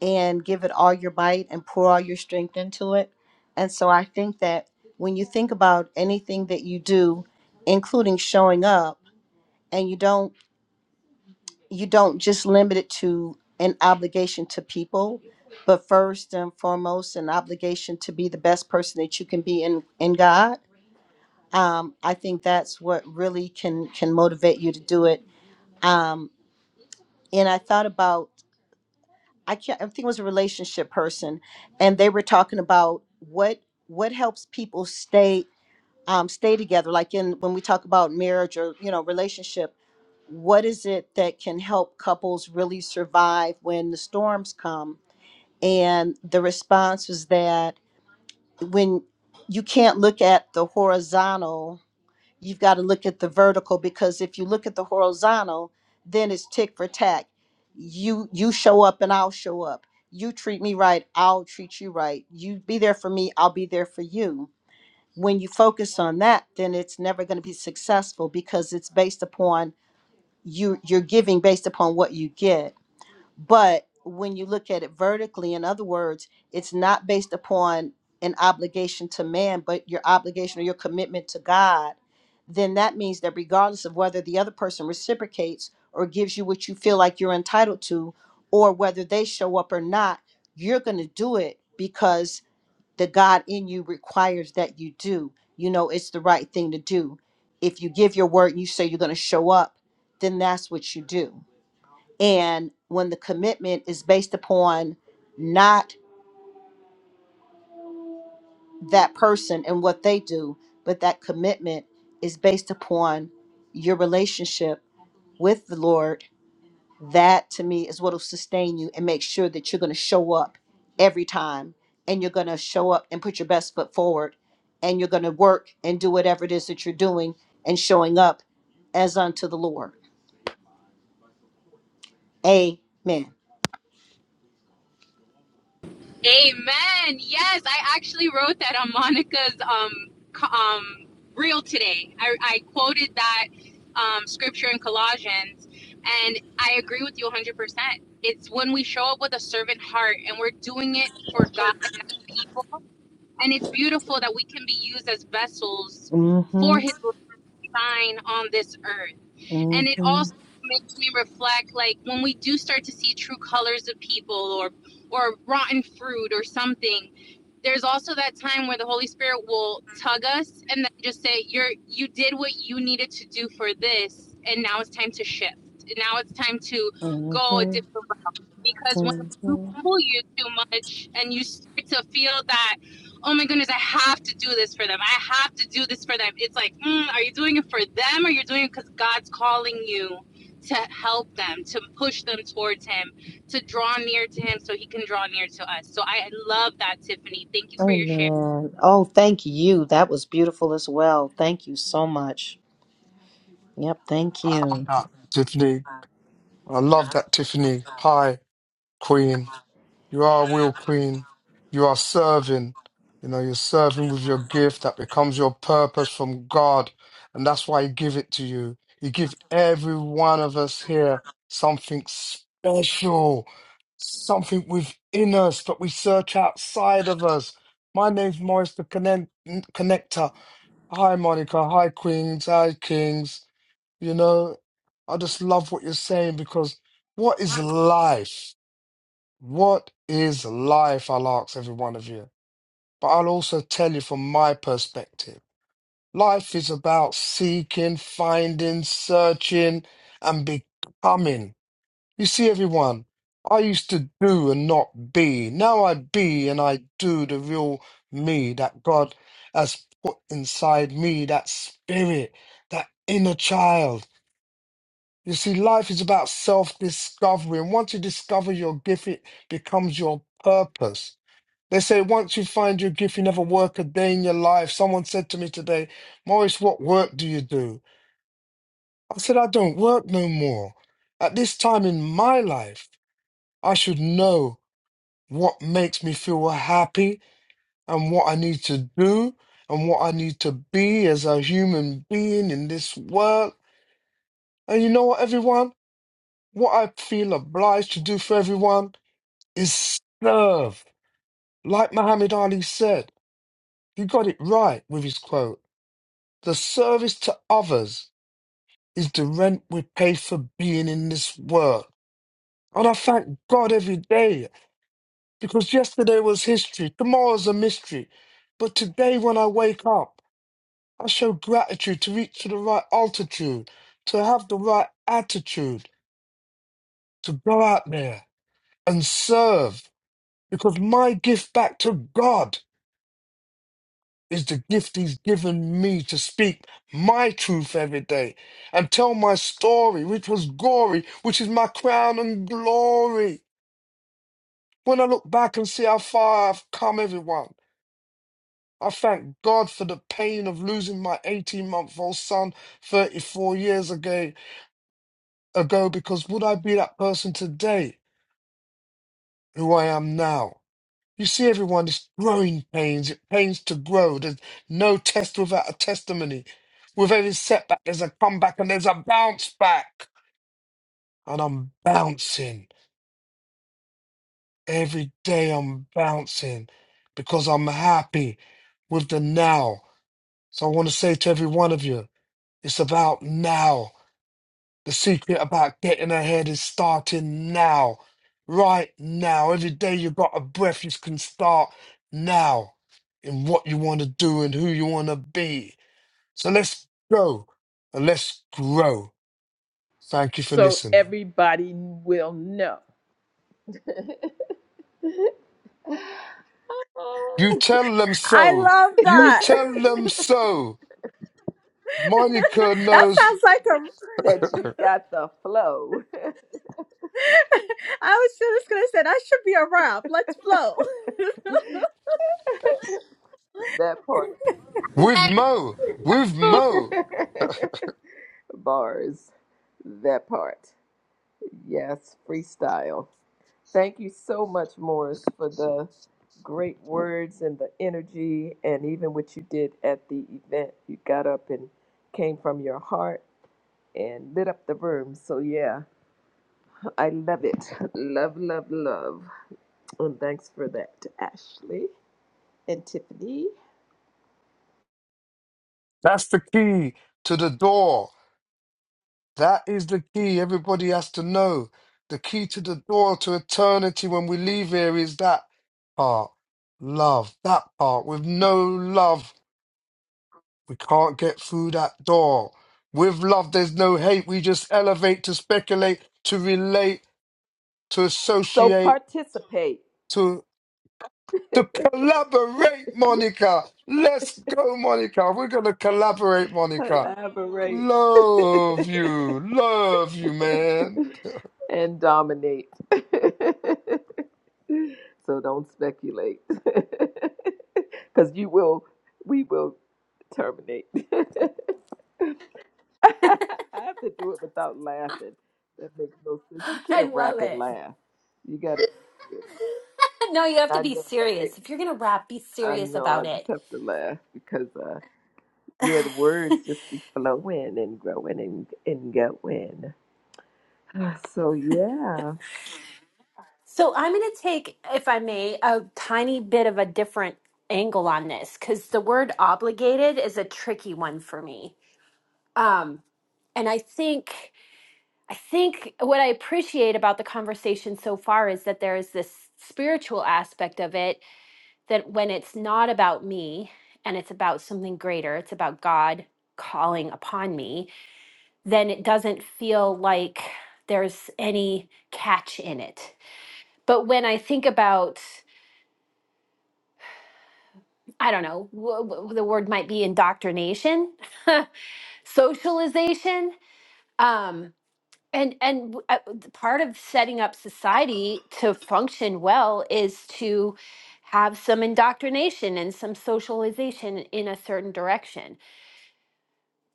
Speaker 5: and give it all your might and pour all your strength into it. And so I think that when you think about anything that you do, including showing up, and you don't you don't just limit it to an obligation to people, but first and foremost, an obligation to be the best person that you can be in in God. Um, I think that's what really can can motivate you to do it. Um, and I thought about I can't I think it was a relationship person, and they were talking about what what helps people stay um, stay together like in when we talk about marriage or you know relationship what is it that can help couples really survive when the storms come and the response was that when you can't look at the horizontal you've got to look at the vertical because if you look at the horizontal then it's tick for tack you you show up and i'll show up you treat me right i'll treat you right you be there for me i'll be there for you when you focus on that then it's never going to be successful because it's based upon you you're giving based upon what you get but when you look at it vertically in other words it's not based upon an obligation to man but your obligation or your commitment to god then that means that regardless of whether the other person reciprocates or gives you what you feel like you're entitled to or whether they show up or not you're going to do it because the God in you requires that you do. You know, it's the right thing to do. If you give your word, and you say you're going to show up, then that's what you do. And when the commitment is based upon not that person and what they do, but that commitment is based upon your relationship with the Lord that to me is what will sustain you and make sure that you're going to show up every time and you're going to show up and put your best foot forward and you're going to work and do whatever it is that you're doing and showing up as unto the Lord. Amen.
Speaker 9: Amen. Yes, I actually wrote that on Monica's um um reel today. I, I quoted that um, scripture in Colossians, and I agree with you 100%. It's when we show up with a servant heart and we're doing it for God, not people. And it's beautiful that we can be used as vessels for
Speaker 5: Mhm,
Speaker 9: His sign on this earth and it
Speaker 5: mhm,
Speaker 9: also makes me reflect like when we do start to see true colors of people or or rotten fruit or something there's also that time where the holy spirit will tug us and then just say you're you did what you needed to do for this and now it's time to shift and now it's time to go a
Speaker 5: mhm,
Speaker 9: different route because when you
Speaker 5: mhm.
Speaker 9: pull you too much and you start to feel that oh my goodness, I have to do this for them. I have to do this for them. It's like, mm, are you doing it for them or you're doing it because God's calling you to help them, to push them towards Him, to draw near to Him so He can draw near to us? So I love that, Tiffany. Thank you for your share.
Speaker 5: Amen. Oh, thank you. That was beautiful as well. Thank you so much. Yep, thank
Speaker 10: I
Speaker 5: you.
Speaker 10: love that, Tiffany. I love that, Tiffany. Hi, Queen. You are a real Queen. You are serving. You know, you're serving with your gift that becomes your purpose from God. And that's why He give it to you. He give every one of us here something special, something within us that we search outside of us. My name's Maurice the Connect- Connector. Hi, Monica. Hi, Queens. Hi, Kings. You know, I just love what you're saying because what is life? What is life? I'll ask every one of you. But I'll also tell you from my perspective life is about seeking, finding, searching, and becoming. You see, everyone, I used to do and not be. Now I be and I do the real me that God has put inside me, that spirit, that inner child. You see, life is about self discovery. And once you discover your gift, it becomes your purpose. They say once you find your gift, you never work a day in your life. Someone said to me today, Maurice, what work do you do? I said, I don't work no more. At this time in my life, I should know what makes me feel happy and what I need to do and what I need to be as a human being in this world. And you know what, everyone? What I feel obliged to do for everyone is serve. Like Muhammad Ali said, you got it right with his quote. The service to others is the rent we pay for being in this world. And I thank God every day because yesterday was history, tomorrow's a mystery. But today, when I wake up, I show gratitude to reach to the right altitude, to have the right attitude, to go out there and serve because my gift back to God is the gift he's given me to speak my truth every day and tell my story, which was gory, which is my crown and glory. When I look back and see how far I've come, everyone, I thank God for the pain of losing my 18 month old son 34 years ago, ago because would I be that person today who I am now? You see everyone is growing pains. It pains to grow. There's no test without a testimony. With every setback, there's a comeback and there's a bounce back. And I'm bouncing. Every day I'm bouncing because I'm happy with the now. So I want to say to every one of you, it's about now. The secret about getting ahead is starting now. Right now. Every day you got a breath, you can start now in what you want to do and who you want to be. So let's go and let's grow. Thank you for
Speaker 1: so
Speaker 10: listening.
Speaker 1: everybody will know *laughs*
Speaker 10: You tell them
Speaker 11: I
Speaker 10: so.
Speaker 11: love
Speaker 10: You
Speaker 11: that.
Speaker 10: tell them so. Monica
Speaker 11: *laughs* that
Speaker 10: knows
Speaker 11: sounds like a.
Speaker 1: that you got the flow. *laughs*
Speaker 11: *laughs* I was just gonna say that should be a rap. Let's flow. *laughs*
Speaker 1: That part.
Speaker 10: with Mo. With
Speaker 1: *laughs*
Speaker 10: Mo.
Speaker 1: Bars. That part. Yes, freestyle. Thank you so much, Morris, for the great words and the energy, and even what you did at the event. You got up and came from your heart and lit up the room. So, yeah, I love it. *laughs* Love, love, love. Well, thanks for that, to Ashley and Tiffany.
Speaker 10: That's the key to the door. That is the key everybody has to know. The key to the door to eternity when we leave here is that part. Love. That part. With no love, we can't get through that door. With love, there's no hate. We just elevate to speculate, to relate, to
Speaker 1: So
Speaker 10: associate,
Speaker 1: participate,
Speaker 10: to to collaborate, Monica. Let's go, Monica. We're gonna collaborate, Monica.
Speaker 1: collaborate,
Speaker 10: Love you. Love you, man.
Speaker 1: and dominate. *laughs* so don't speculate, *laughs* because you will. We will terminate. *laughs* I have to do it without laughing. That makes no sense. You
Speaker 3: *gasps* I
Speaker 1: can't
Speaker 3: love
Speaker 1: rap and
Speaker 3: it.
Speaker 1: laugh. You got to.
Speaker 3: *laughs* no, you have to
Speaker 1: I
Speaker 3: be
Speaker 1: know, right?
Speaker 3: serious. If you're going to rap, be
Speaker 1: I
Speaker 3: serious
Speaker 1: know.
Speaker 3: about
Speaker 1: I just
Speaker 3: it.
Speaker 1: have to laugh because. uh, yeah, the words just be flowing and growing and, and going. *sighs* So yeah.
Speaker 3: So, I'm going to take, if I may, a tiny bit of a different angle on this because the word obligated is a tricky one for me. Um, and I think I think what I appreciate about the conversation so far is that there is this spiritual aspect of it that when it's not about me and it's about something greater, it's about God calling upon me, then it doesn't feel like there's any catch in it. But when I think about, I don't know, w- w- the word might be indoctrination, *laughs* socialization. Um, And and w- uh, th- part of setting up society to function well is to have some indoctrination and some socialization in a certain direction.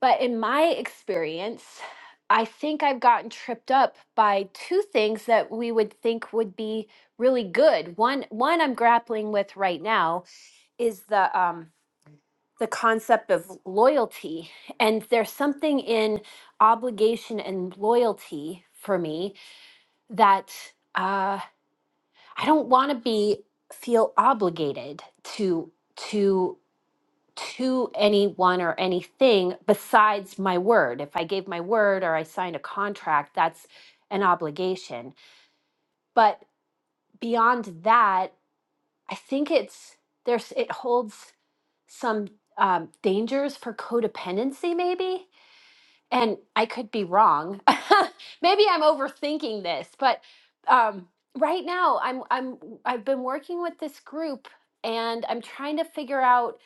Speaker 3: But in my experience, I think I've gotten tripped up by two things that we would think would be really good. One one I'm grappling with right now is the um the concept of loyalty. And there's something in obligation and loyalty for me that uh, I don't want to be feel obligated to to to anyone or anything besides my word. If I gave my word or I signed a contract, that's an obligation. But beyond that, I think it's there's it holds some um, dangers for codependency, maybe and I could be wrong. *laughs* Maybe I'm overthinking this, but um, right now I'm I'm I've been working with this group and I'm trying to figure out,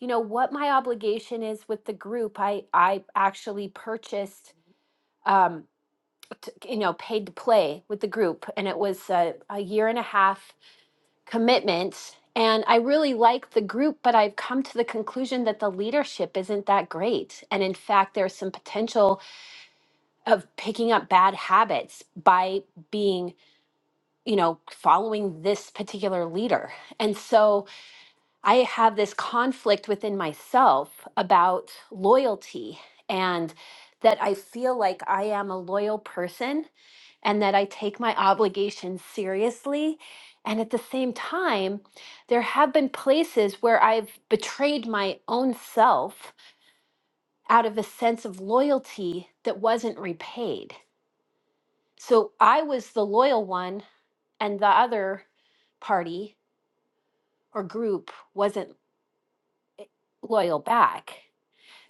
Speaker 3: you know, what my obligation is with the group. I I actually purchased um t- you know paid to play with the group and it was a, a year and a half commitment and i really like the group but i've come to the conclusion that the leadership isn't that great and in fact there's some potential of picking up bad habits by being you know following this particular leader and so i have this conflict within myself about loyalty and that i feel like i am a loyal person and that i take my obligations seriously and at the same time there have been places where i've betrayed my own self out of a sense of loyalty that wasn't repaid so I was the loyal one, and the other party or group wasn't loyal back.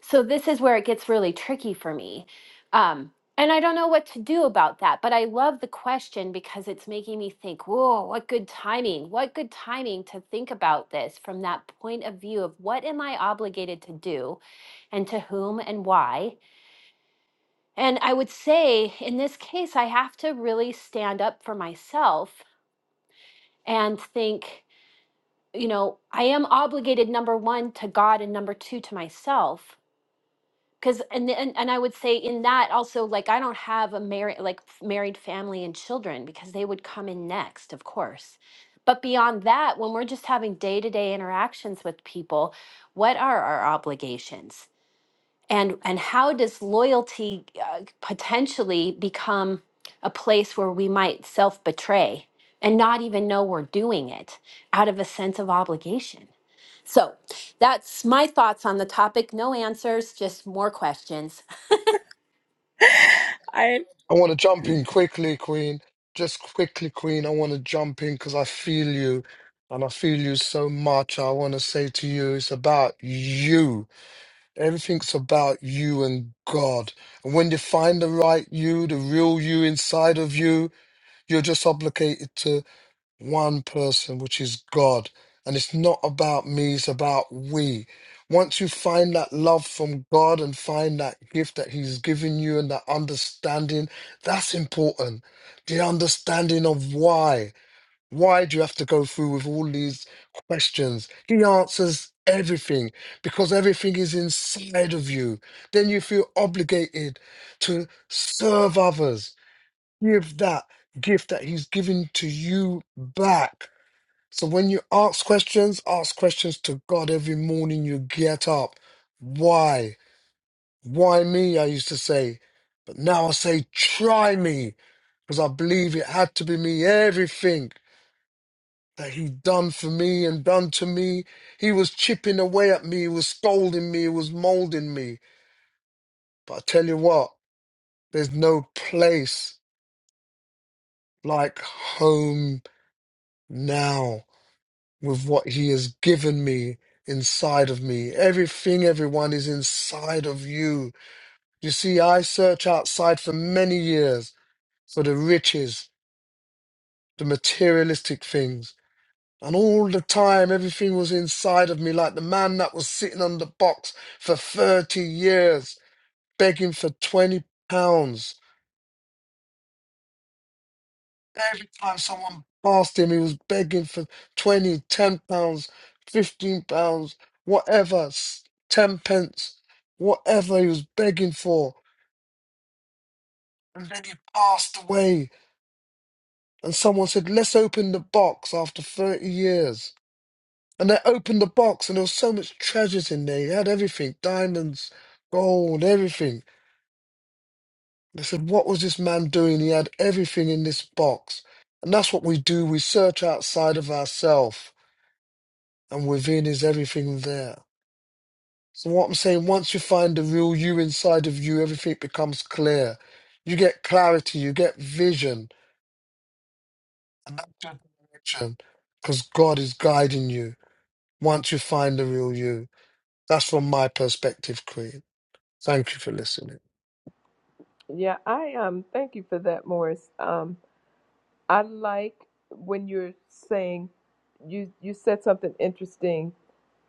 Speaker 3: So this is where it gets really tricky for me. Um, and I don't know what to do about that, but I love the question because it's making me think, whoa, what good timing, what good timing to think about this from that point of view of what am I obligated to do and to whom and why. And I would say in this case, I have to really stand up for myself and think you know i am obligated number one to god and number two to myself because and, and and i would say in that also like i don't have a married like f- married family and children because they would come in next of course but beyond that when we're just having day-to-day interactions with people what are our obligations and and how does loyalty uh, potentially become a place where we might self-betray and not even know we're doing it out of a sense of obligation so that's my thoughts on the topic. No answers, just more questions.
Speaker 11: I
Speaker 10: I want to jump in quickly, Queen. Just quickly, Queen. I want to jump in because I feel you and I feel you so much. I want to say to you, it's about you. Everything's about you and God. And when you find the right you, the real you inside of you, you're just obligated to one person, which is God. And it's not about me, it's about we. Once you find that love from God and find that gift that He's given you and that understanding, that's important. The understanding of why. Why do you have to go through with all these questions? He answers everything because everything is inside of you. Then you feel obligated to serve others. Give that gift that He's given to you back so when you ask questions, ask questions to God every morning you get up. Why? Why me? I used to say. But now I say, try me, because I believe it had to be me. Everything that he done for me and done to me, he was chipping away at me, he was scolding me, he was molding me. But I tell you what, there's no place like home now. with what he has given me inside of me. Everything, everyone is inside of you. You see, I search outside for many years for the riches, the materialistic things. And all the time, everything was inside of me, like the man that was sitting on the box for 30 years, begging for 20 pounds. Every time someone passed him, he was begging for 20, 10 pounds, 15 pounds, whatever, s- 10 pence, whatever he was begging for. And then he passed away. And someone said, Let's open the box after 30 years. And they opened the box, and there was so much treasures in there. He had everything diamonds, gold, everything. They said, What was this man doing? He had everything in this box. And that's what we do. We search outside of ourselves and within is everything there. So what I'm saying, once you find the real you inside of you, everything becomes clear. You get clarity, you get vision, and that's your direction, because God is guiding you. Once you find the real you, that's from my perspective, Queen. Thank you for listening.
Speaker 1: Yeah, I um thank you for that, Morris. Um I like when you're saying you you said something interesting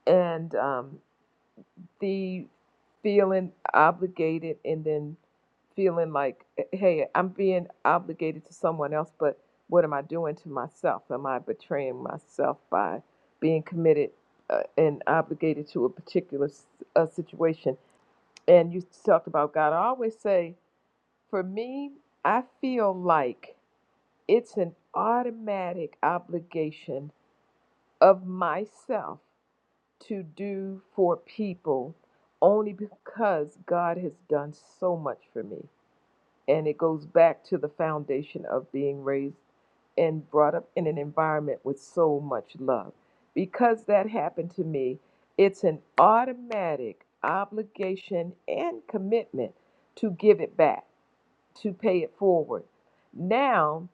Speaker 1: and um the feeling obligated and then feeling like hey i'm being obligated to someone else but what am i doing to myself am i betraying myself by being committed uh, and obligated to a particular s- uh, situation and you talked about god i always say for me i feel like it's an automatic obligation of myself to do for people only because God has done so much for me. And it goes back to the foundation of being raised and brought up in an environment with so much love. Because that happened to me, it's an automatic obligation and commitment to give it back to pay it forward. Now,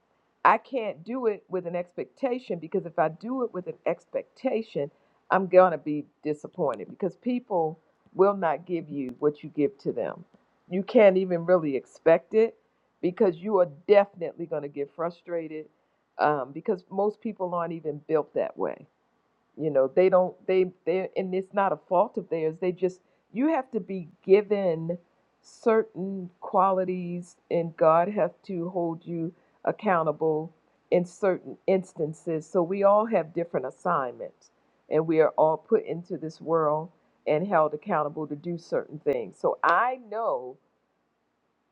Speaker 1: I can't do it with an expectation because if I do it with an expectation, I'm going to be disappointed because people will not give you what you give to them. You can't even really expect it because you are definitely going to get frustrated um, because most people aren't even built that way you know, they don't they they and it's not a fault of theirs. They just you have to be given certain qualities and God have to hold you accountable in certain instances. So we all have different assignments and we are all put into this world and held accountable to do certain things. So I know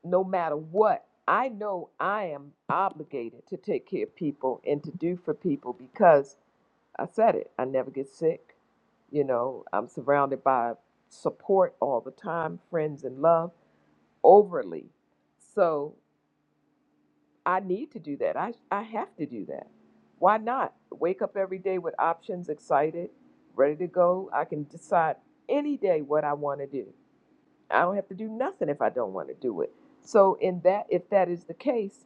Speaker 1: no matter what, I know I am obligated to take care of people and to do for people because I said it. I never get sick. You know, I'm surrounded by support all the time, friends and love overly. So I need to do that. I, I have to do that. Why not? Wake up every day with options, excited, ready to go. I can decide any day what I want to do. I don't have to do nothing if I don't want to do it. So in that if that is the case,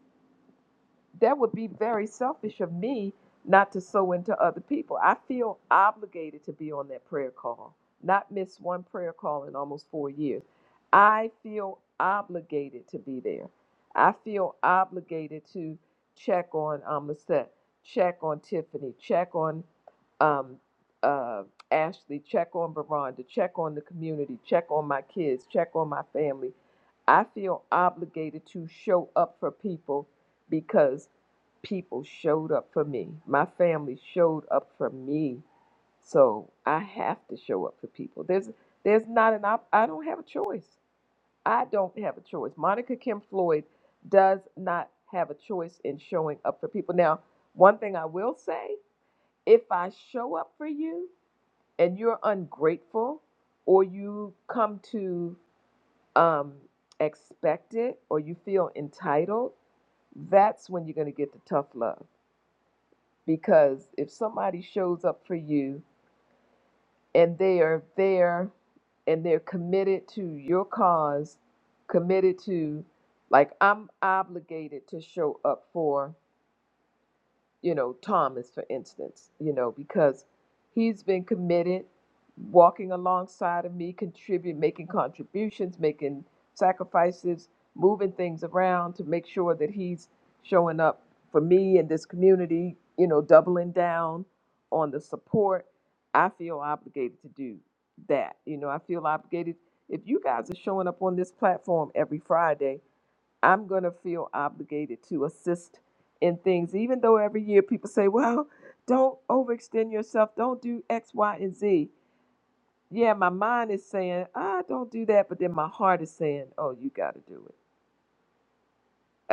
Speaker 1: that would be very selfish of me not to sow into other people. I feel obligated to be on that prayer call, not miss one prayer call in almost four years. I feel obligated to be there. I feel obligated to check on um, Lisette, check on Tiffany, check on um, uh, Ashley, check on Veranda, check on the community, check on my kids, check on my family. I feel obligated to show up for people because people showed up for me. My family showed up for me. So I have to show up for people. There's there's not an op- I don't have a choice. I don't have a choice. Monica Kim Floyd does not have a choice in showing up for people. Now, one thing I will say, if I show up for you and you're ungrateful or you come to um expect it or you feel entitled, that's when you're going to get the tough love because if somebody shows up for you and they are there and they're committed to your cause committed to like i'm obligated to show up for you know, Thomas, for instance, you know, because he's been committed, walking alongside of me, contribute, making contributions, making sacrifices, moving things around to make sure that he's showing up for me and this community, you know, doubling down on the support. I feel obligated to do that. You know, I feel obligated. If you guys are showing up on this platform every Friday, I'm going to feel obligated to assist in things, even though every year people say, well, don't overextend yourself, don't do X, Y, and Z. Yeah, my mind is saying, ah, don't do that, but then my heart is saying, oh, you got to do it.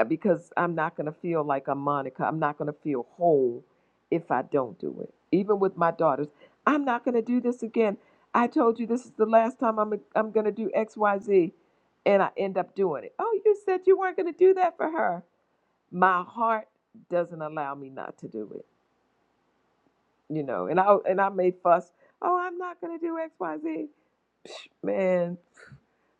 Speaker 1: Uh, Because I'm not going to feel like a Monica. I'm not going to feel whole if I don't do it. Even with my daughters, I'm not going to do this again. I told you this is the last time I'm, I'm going to do X, Y, Z, and I end up doing it. Oh, you said you weren't going to do that for her my heart doesn't allow me not to do it, you know. And I and I may fuss, oh, I'm not gonna do X, Y, Z. Psh, man,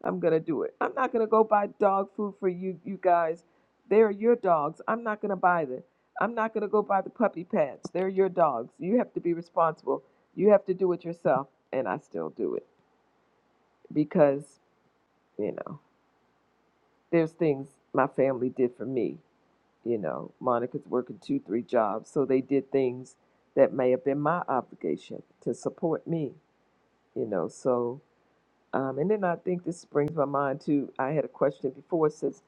Speaker 1: I'm gonna do it. I'm not gonna go buy dog food for you, you guys. They're your dogs. I'm not gonna buy them. I'm not gonna go buy the puppy pads. They're your dogs. You have to be responsible. You have to do it yourself. And I still do it because you know there's things my family did for me You know, Monica's working two, three jobs. So they did things that may have been my obligation to support me, you know. So, um, and then I think this brings my mind to I had a question before. It says,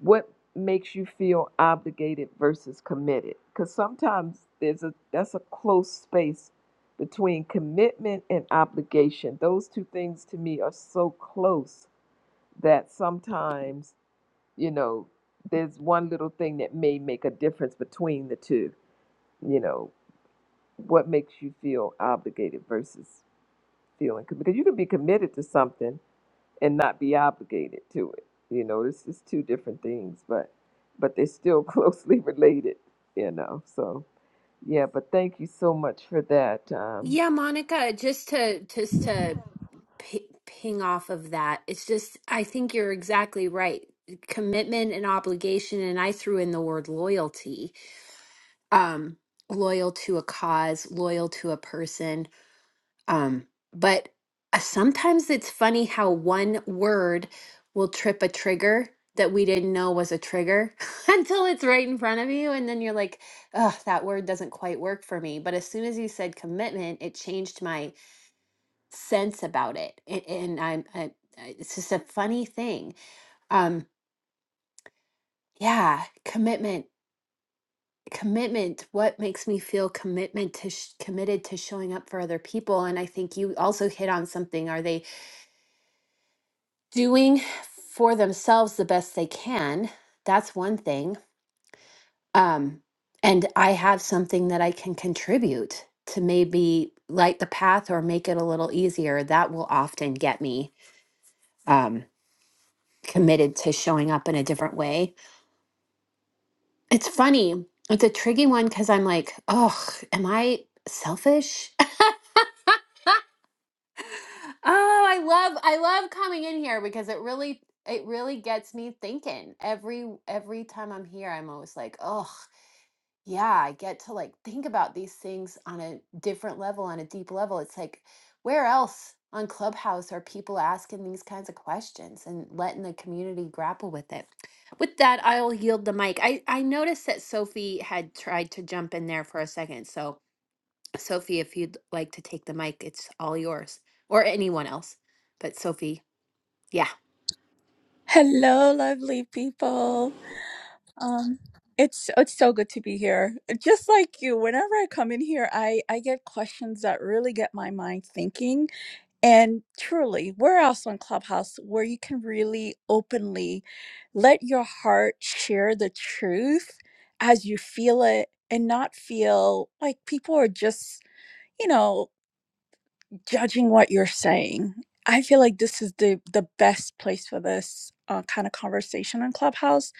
Speaker 1: what makes you feel obligated versus committed? Because sometimes there's a that's a close space between commitment and obligation. Those two things to me are so close that sometimes you know, there's one little thing that may make a difference between the two. You know, what makes you feel obligated versus feeling because you can be committed to something and not be obligated to it. You know, this is two different things, but but they're still *laughs* closely related. You know, so yeah. But thank you so much for that. Um,
Speaker 3: Yeah, Monica, just to just to p ping off of that, it's just I think you're exactly right. Commitment and obligation, and I threw in the word loyalty. Um, loyal to a cause, loyal to a person. Um, but uh, sometimes it's funny how one word will trip a trigger that we didn't know was a trigger *laughs* until it's right in front of you. And then you're like, oh, that word doesn't quite work for me. But as soon as you said commitment, it changed my sense about it. And, and I'm, I, I- it's just a funny thing. Um, yeah, commitment. Commitment, what makes me feel commitment to sh- committed to showing up for other people? And I think you also hit on something. Are they doing for themselves the best they can. That's one thing. Um, and I have something that I can contribute to maybe light the path or make it a little easier. That will often get me um, committed to showing up in a different way. It's funny. It's a tricky one because I'm like, oh, am I selfish? *laughs* oh, I love I love coming in here because it really it really gets me thinking every every time i'm here i'm always like oh Yeah, I get to like think about these things on a different level, on a deep level. It's like, where else on Clubhouse are people asking these kinds of questions and letting the community grapple with it? With that, I'll yield the mic. I, I noticed that Sophie had tried to jump in there for a second. So, Sophie, if you'd like to take the mic, it's all yours or anyone else. But, Sophie, yeah.
Speaker 11: hello, lovely people. Um, it's it's so good to be here. Just like you, whenever I come in here, I I get questions that really get my mind thinking And truly, where else on Clubhouse where you can really openly let your heart share the truth as you feel it and not feel like people are just, you know, judging what you're saying. I feel like this is the the best place for this uh, kind of conversation on Clubhouse.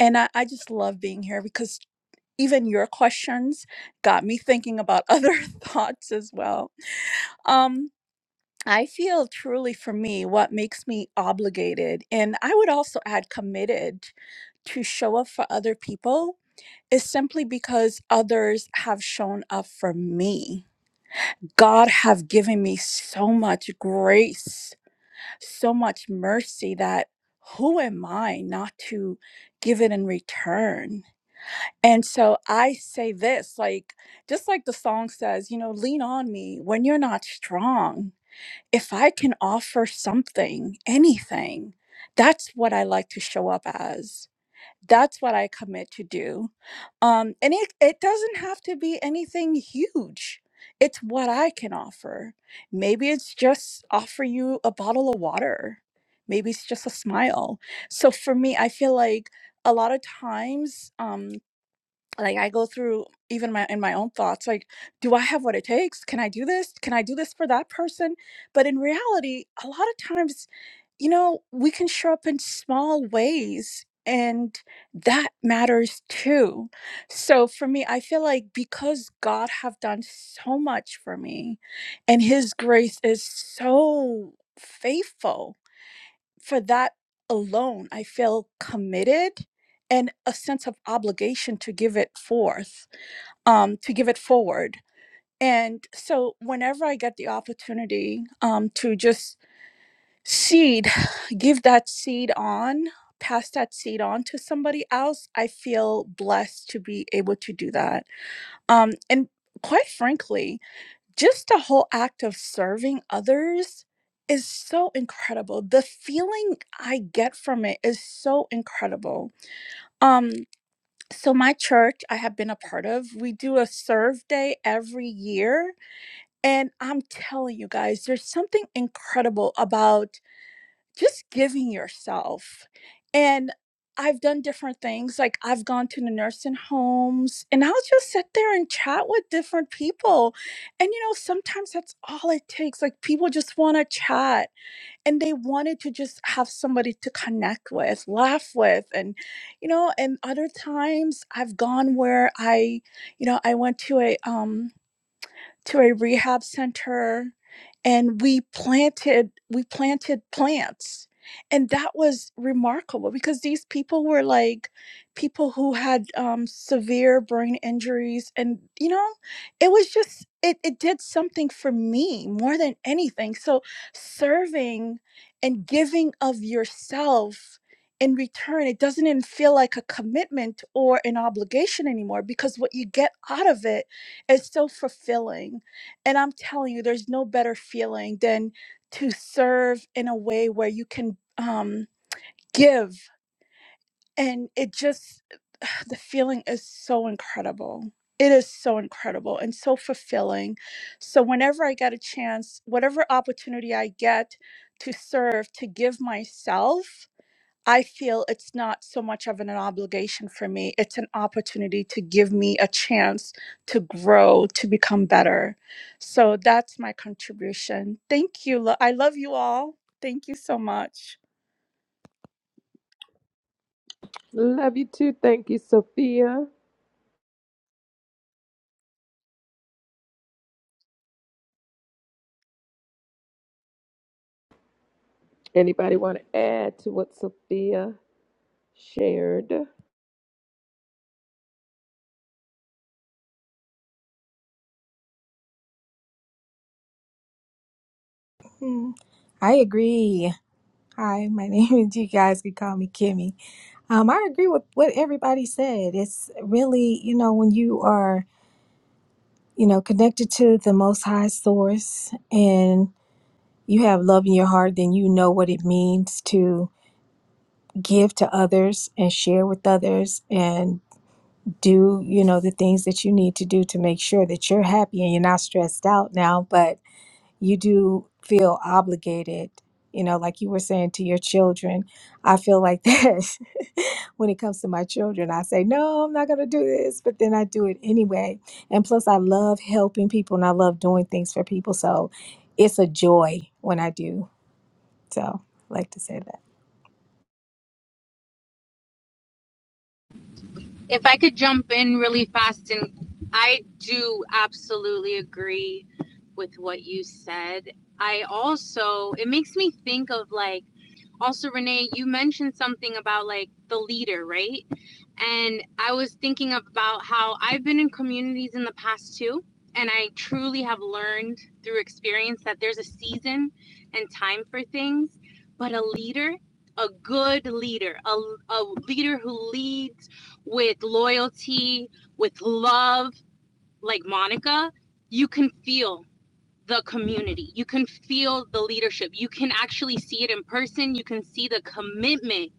Speaker 11: And I, I just love being here because even your questions got me thinking about *laughs* other thoughts as well. Um. I feel truly for me what makes me obligated, and I would also add committed to show up for other people is simply because others have shown up for me. God have given me so much grace, so much mercy that who am I not to give it in return? And so I say this like just like the song says, you know, lean on me when you're not strong if I can offer something, anything, that's what I like to show up as. That's what I commit to do. Um, and it, it doesn't have to be anything huge. It's what I can offer. Maybe it's just offer you a bottle of water. Maybe it's just a smile. So for me, I feel like a lot of times um like i go through even my in my own thoughts like do i have what it takes can i do this can i do this for that person but in reality a lot of times you know we can show up in small ways and that matters too so for me i feel like because god have done so much for me and his grace is so faithful for that alone i feel committed and a sense of obligation to give it forth um, to give it forward. And so, whenever I get the opportunity um, to just seed, *sighs* give that seed on, pass that seed on to somebody else, I feel blessed to be able to do that. Um, and quite frankly, just the whole act of serving others is so incredible. The feeling I get from it is so incredible. Um, so my church I have been a part of, we do a serve day every year and I'm telling you guys, there's something incredible about just giving yourself. And I've done different things. Like I've gone to the nursing homes and I'll just sit there and chat with different people. And you know, sometimes that's all it takes. Like people just want to chat and they wanted to just have somebody to connect with, laugh with. And, you know, and other times I've gone where I, you know, I went to a um to a rehab center and we planted we planted plants and that was remarkable because these people were like people who had um, severe brain injuries and you know it was just it, it did something for me more than anything so serving and giving of yourself in return it doesn't even feel like a commitment or an obligation anymore because what you get out of it it's so fulfilling and i'm telling you there's no better feeling than to serve in a way where you can um give and it just *sighs* the feeling is so incredible it is so incredible and so fulfilling so whenever i get a chance whatever opportunity i get to serve to give myself I feel it's not so much of an obligation for me. It's an opportunity to give me a chance to grow, to become better. So that's my contribution. Thank you. lo- I love you all. Thank you so much.
Speaker 1: love you too. Thank you, Sophia. Anybody want to add to what Sophia shared?
Speaker 12: Hmm, I agree. Hi, my *laughs* name is, you guys can call me Kimmy. Um, I agree with what everybody said. It's really, you know, when you are, you know, connected to the most high source and you have love in your heart, then you know what it means to give to others and share with others and do, you know, the things that you need to do to make sure that you're happy and you're not stressed out now. But you do feel obligated you know like you were saying to your children i feel like *laughs* that when it comes to my children i say no i'm not going to do this but then i do it anyway and plus i love helping people and i love doing things for people so it's a joy when i do so I like to say that
Speaker 9: If I could jump in really fast, and I do absolutely agree with what you said. I also, it makes me think of like, also renee you mentioned something about like the leader right and i was thinking about how i've been in communities in the past too and i truly have learned through experience that there's a season and time for things but a leader a good leader a, a leader who leads with loyalty with love like monica you can feel the community. You can feel the leadership. You can actually see it in person. You can see the commitment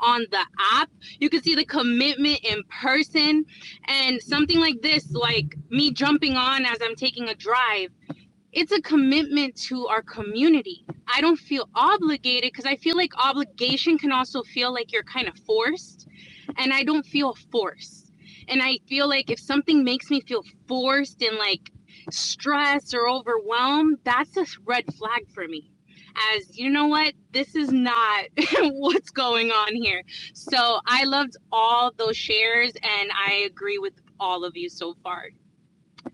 Speaker 9: on the app. You can see the commitment in person. And something like this, like me jumping on as I'm taking a drive, it's a commitment to our community. I don't feel obligated because I feel like obligation can also feel like you're kind of forced, and I don't feel forced. And I feel like if something makes me feel forced and like stressed or overwhelmed, that's a red flag for me. As you know what, this is not *laughs* what's going on here. So I loved all those shares and I agree with all of you so far.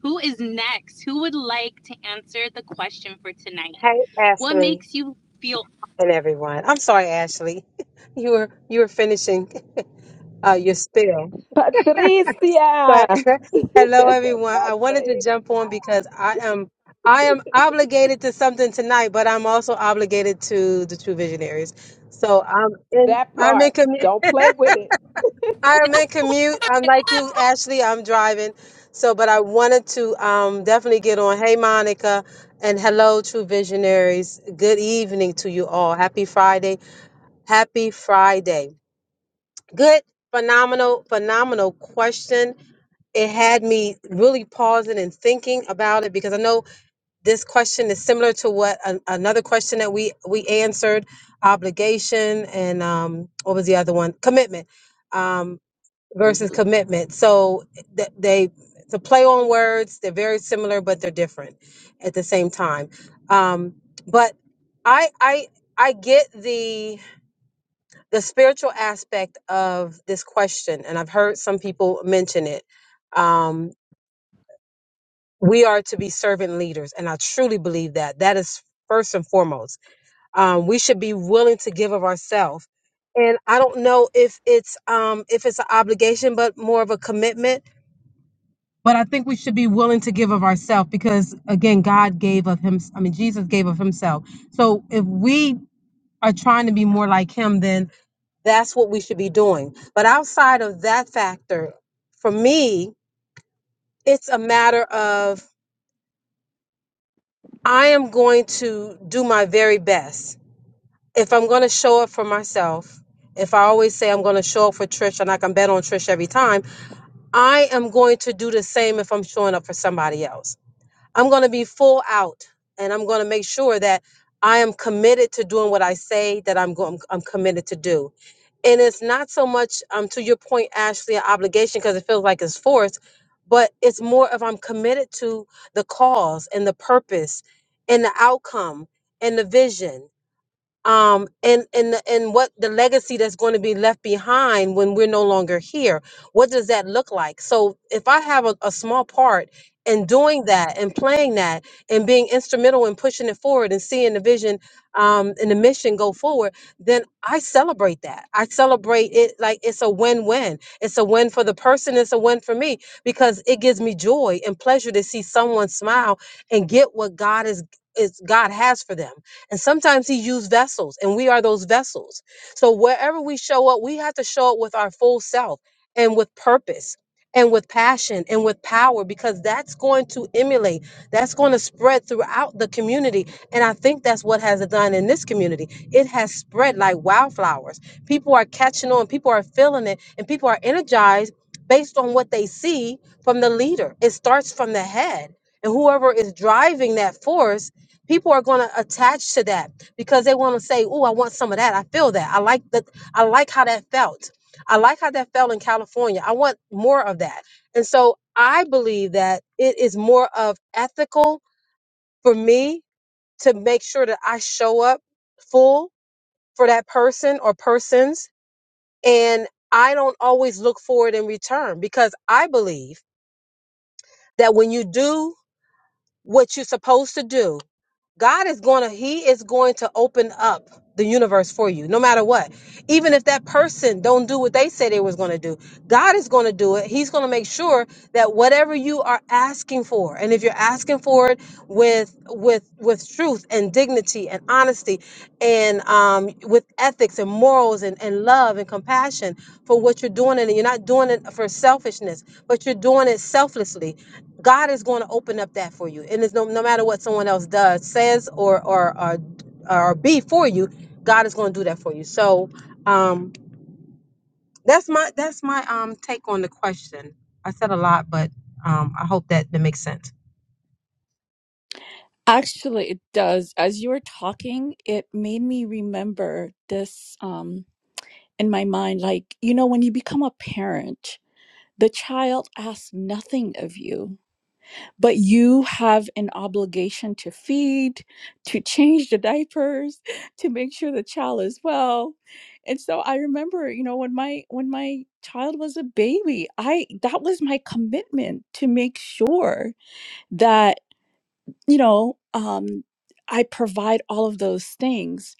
Speaker 9: Who is next? Who would like to answer the question for tonight?
Speaker 13: Hey
Speaker 9: What
Speaker 13: Ashley
Speaker 9: makes you feel
Speaker 13: and everyone. I'm sorry, Ashley. *laughs* You were you were finishing uh, your spill. But
Speaker 1: Patricia. *laughs*
Speaker 13: *laughs* hello
Speaker 1: Patricia.
Speaker 13: everyone. I wanted to jump on because I am I am obligated to something tonight, but I'm also obligated to the True Visionaries. So I'm in
Speaker 1: That
Speaker 13: I'm in
Speaker 1: part.
Speaker 13: commute
Speaker 1: Don't play with it.
Speaker 13: I am in commute. I'm like you, Ashley. I'm driving. So but I wanted to um definitely get on. Hey Monica and hello True Visionaries. Good evening to you all. Happy Friday. Happy Friday. Good, phenomenal, phenomenal question. It had me really pausing and thinking about it because I know this question is similar to what an, another question that we we answered: obligation and um, what was the other one? Commitment um, versus
Speaker 1: Mhm.
Speaker 13: commitment. So th- they it's a play on words. They're very similar, but they're different at the same time. Um, but I I I get the the spiritual aspect of this question, and I've heard some people mention it. Um, we are to be servant leaders, and I truly believe that. That is first and foremost. Um, we should be willing to give of ourselves. And I don't know if it's um, if it's an obligation, but more of a commitment. But I think we should be willing to give of ourselves because, again, God gave of Him. I mean, Jesus gave of Himself. So if we are trying to be more like Him, then That's what we should be doing. But outside of that factor, for me, it's a matter of I am going to do my very best. If I'm going to show up for myself, if I always say I'm going to show up for Trish and I can bet on Trish every time, I am going to do the same if I'm showing up for somebody else. I'm going to be full out and I'm going to make sure that I am committed to doing what I say that I'm going I'm committed to do. And it's not so much um to your point Ashley an obligation because it feels like it's forced, but it's more of I'm committed to the cause and the purpose and the outcome and the vision um and and the- and what the legacy that's going to be left behind when we're no longer here what does that look like so if i have a, a small part in doing that and playing that and being instrumental in pushing it forward and seeing the vision um, and the mission go forward then i celebrate that i celebrate it like it's a win-win it's a win for the person it's a win for me because it gives me joy and pleasure to see someone smile and get what god is is god has for them and sometimes he used vessels, and we are those vessels. So wherever we show up, we have to show up with our full self and with purpose and with passion and with power because that's going to emulate, that's going to spread throughout the community. And I think that's what has done in this community. It has spread like wildflowers. People are catching on, people are feeling it, and people are energized based on what they see from the leader. It starts from the head. And whoever is driving that force people are going to attach to that because they want to say oh i want some of that i feel that i like that i like how that felt i like how that felt in california i want more of that and so i believe that it is more of ethical for me to make sure that i show up full for that person or persons and i don't always look for it in return because i believe that when you do what you're supposed to do God is going to, He is going to open up the universe for you, no matter what. Even if that person don't do what they said they was going to do, God is going to do it. He's going to make sure that whatever you are asking for, and if you're asking for it with with with truth and dignity and honesty, and um, with ethics and morals and, and love and compassion for what you're doing, and you're not doing it for selfishness, but you're doing it selflessly. God is going to open up that for you. And it's no, no matter what someone else does, says, or or or, or be for you, God is going to do that for you. So, um, that's my that's my um take on the question. I said a lot, but um I hope that that makes sense.
Speaker 11: Actually, it does. As you were talking, it made me remember this. Um, in my mind like you know when you become a parent the child asks nothing of you but you have an obligation to feed to change the diapers *laughs* to make sure the child is well and so i remember you know when my when my child was a baby i that was my commitment to make sure that you know, um, I provide all of those things.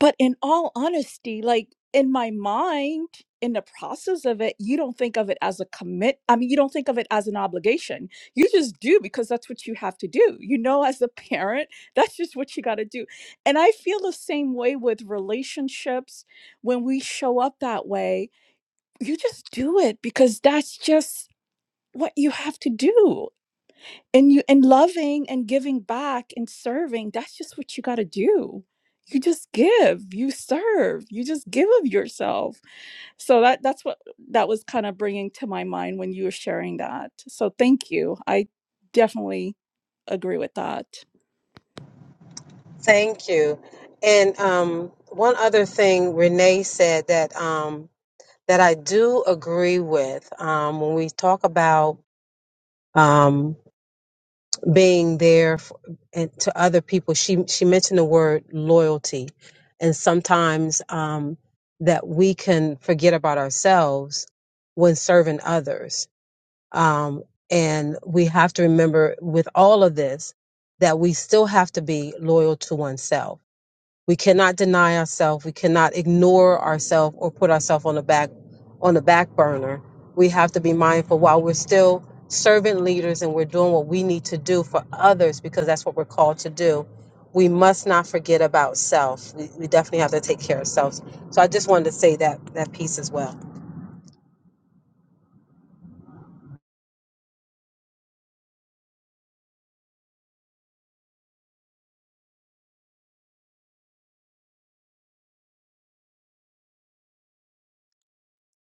Speaker 11: But in all honesty, like in my mind, in the process of it, you don't think of it as a commit. I mean, you don't think of it as an obligation. You just do because that's what you have to do. You know, as a parent, *laughs* that's just what you got to do. And I feel the same way with relationships. When we show up that way, you just do it because that's just what you have to do and you and loving and giving back and serving that's just what you got to do you just give you serve you just give of yourself so that that's what that was kind of bringing to my mind when you were sharing that so thank you i definitely agree with that
Speaker 13: Thank you. And um one other thing Renee said that um that I do agree with um, when we talk about um, being there for, and to other people. She she mentioned the word loyalty, and sometimes um, that we can forget about ourselves when serving others. Um, and we have to remember with all of this that we still have to be loyal to oneself we cannot deny ourselves. We cannot ignore ourselves or put ourselves on the back on the back burner. We have to be mindful while we're still servant leaders and we're doing what we need to do for others because that's what we're called to do. We must not forget about self. We, we definitely have to take care of selves. So I just wanted to say that that piece as well.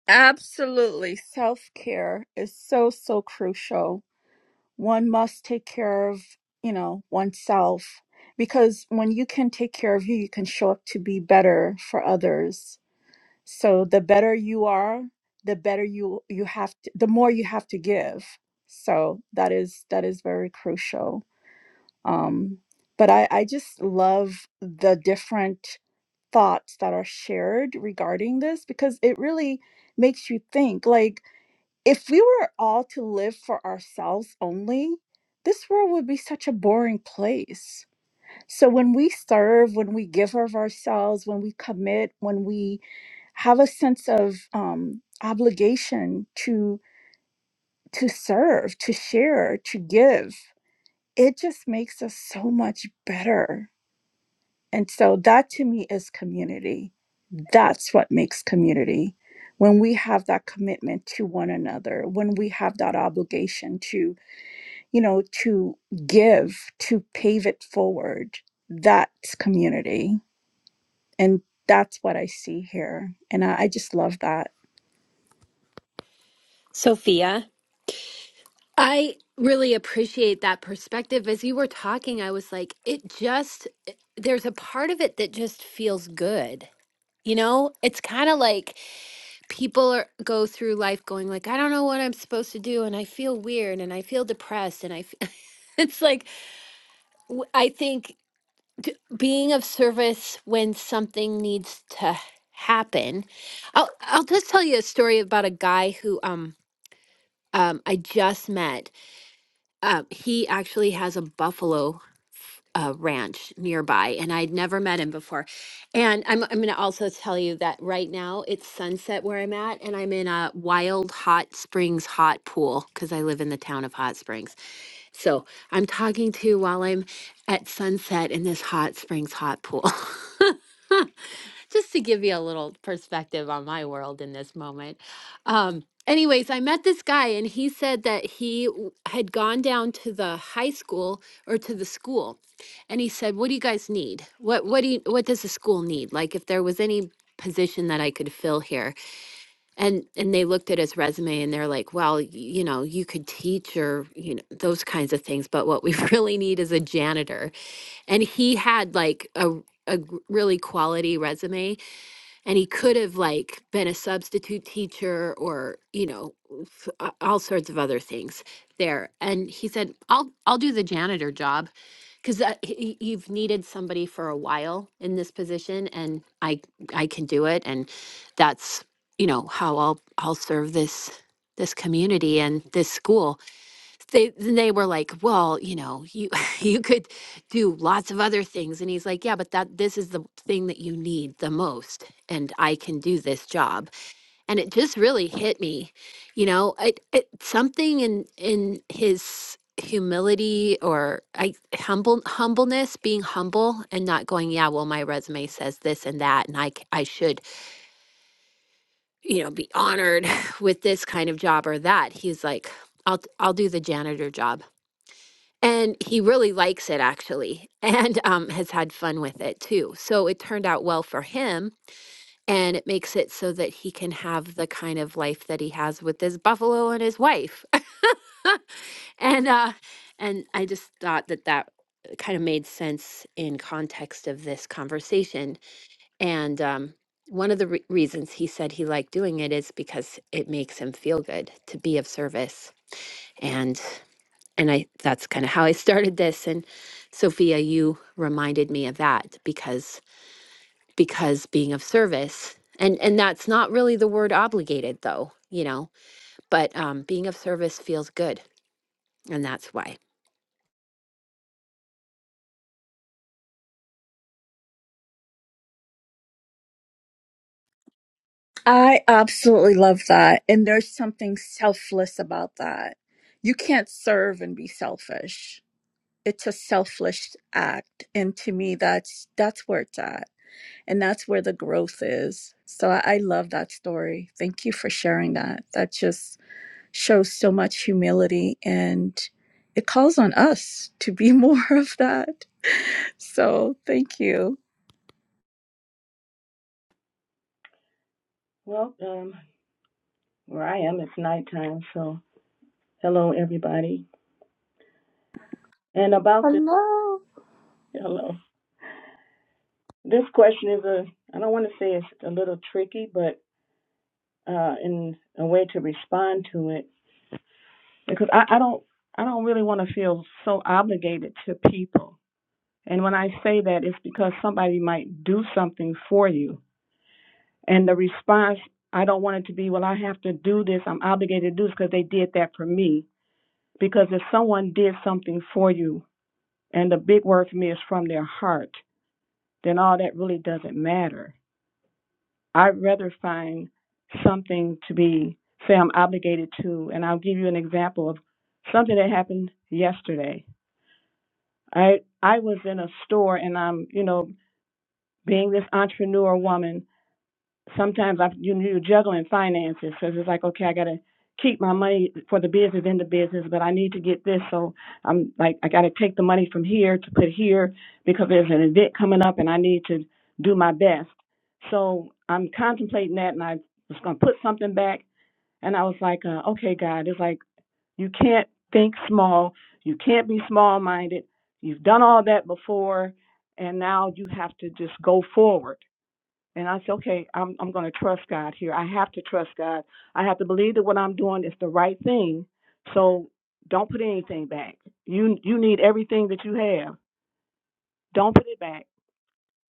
Speaker 11: absolutely self-care is so so crucial one must take care of you know oneself because when you can take care of you you can show up to be better for others So the better you are, the better you you have to, the more you have to give. So that is that is very crucial. Um, but I, I just love the different thoughts that are shared regarding this because it really makes you think like if we were all to live for ourselves only, this world would be such a boring place. So when we serve, when we give of ourselves, when we commit, when we have a sense of um, obligation to to serve to share to give it just makes us so much better and so that to me is community that's what makes community when we have that commitment to one another when we have that obligation to you know to give to pave it forward that's community and that's what i see here and i, I just love that
Speaker 3: Sophia. I really appreciate that perspective. As you were talking, I was like, it just, there's a part of it that just feels good. You know, it's kind of like people are, go through life going like, I don't know what I'm supposed to do, and I feel weird, and I feel depressed, and I, f- *laughs* it's like w- I think d- being of service when something needs to happen. I'll I'll just tell you a story about a guy who um um I just met Uh, he actually has a buffalo uh, ranch nearby, and I'd never met him before. And I'm I'm going to also tell you that right now it's sunset where I'm at, and I'm in a wild hot springs hot pool because I live in the town of Hot Springs. So I'm talking to you while I'm at sunset in this hot springs hot pool. *laughs* just to give you a little perspective on my world in this moment. Um, anyways, I met this guy, and he said that he w- had gone down to the high school or to the school, and he said, "What do you guys need? What what do you, what does the school need? Like, if there was any." position that I could fill here and and they looked at his resume and they're like well y- you know you could teach or you know those kinds of things but what we *laughs* really need is a janitor and he had like a a g- really quality resume and he could have like been a substitute teacher or you know f- a- all sorts of other things there and he said i'll i'll do the janitor job because you've needed somebody for a while in this position and i i can do it and that's you know how i'll i'll serve this this community and this school they then they were like, "Well, you know, you *laughs* you could do lots of other things." And he's like, "Yeah, but that this is the thing that you need the most, and I can do this job." And it just really hit me, you know, it, it something in in his humility or I humble humbleness, being humble and not going, "Yeah, well, my resume says this and that, and I c- I should, you know, be honored *laughs* with this kind of job or that." He's like, "I'll I'll do the janitor job." And he really likes it actually, *laughs* and um, has had fun with it too. So it turned out well for him. And it makes it so that he can have the kind of life that he has with his buffalo and his wife. *laughs* and uh, and I just thought that that uh, kind of made sense in context of this conversation. And um, one of the re- reasons he said he liked doing it is because it makes him feel good to be of service. and and I that's kind of how I started this and Sophia you reminded me of that because because being of service and and that's not really the word obligated though you know but um being of service feels good and that's why
Speaker 11: I absolutely love that. And there's something selfless about that. You can't serve and be selfish. It's a selfless act. And to me, that's that's where it's at. And that's where the growth is. So I, I love that story. Thank you for sharing that. That just shows so much humility and it calls on us to be *laughs* more of that. So thank you.
Speaker 14: Well, um, where I am, it's nighttime, so hello, everybody. And about this,
Speaker 11: Hello.
Speaker 14: hello. This question is a, I don't want to say it's a little tricky, but uh, in a way to respond to it, because I, I don't, I don't really want to feel so obligated to people. And when I say that, it's because somebody might do something for you, and the response, I don't want it to be, well, I have to do this, I'm obligated to do this because they did that for me. Because if someone did something for you and the big word for me is from their heart, then all that really doesn't matter. I'd rather find something to be, say, I'm obligated to. And I'll give you an example of something that happened yesterday. I I was in a store and I'm, you know, being this entrepreneur woman sometimes I you you juggling finances because it's like okay I gotta keep my money for the business in the business but I need to get this so I'm like I gotta take the money from here to put here because there's an event coming up and I need to do my best so I'm contemplating that and I was gonna put something back and I was like uh, okay God it's like you can't think small you can't be small minded you've done all that before and now you have to just go forward and I said, okay, I'm I'm going to trust God here. I have to trust God. I have to believe that what I'm doing is the right thing. So don't put anything back. You you need everything that you have. Don't put it back.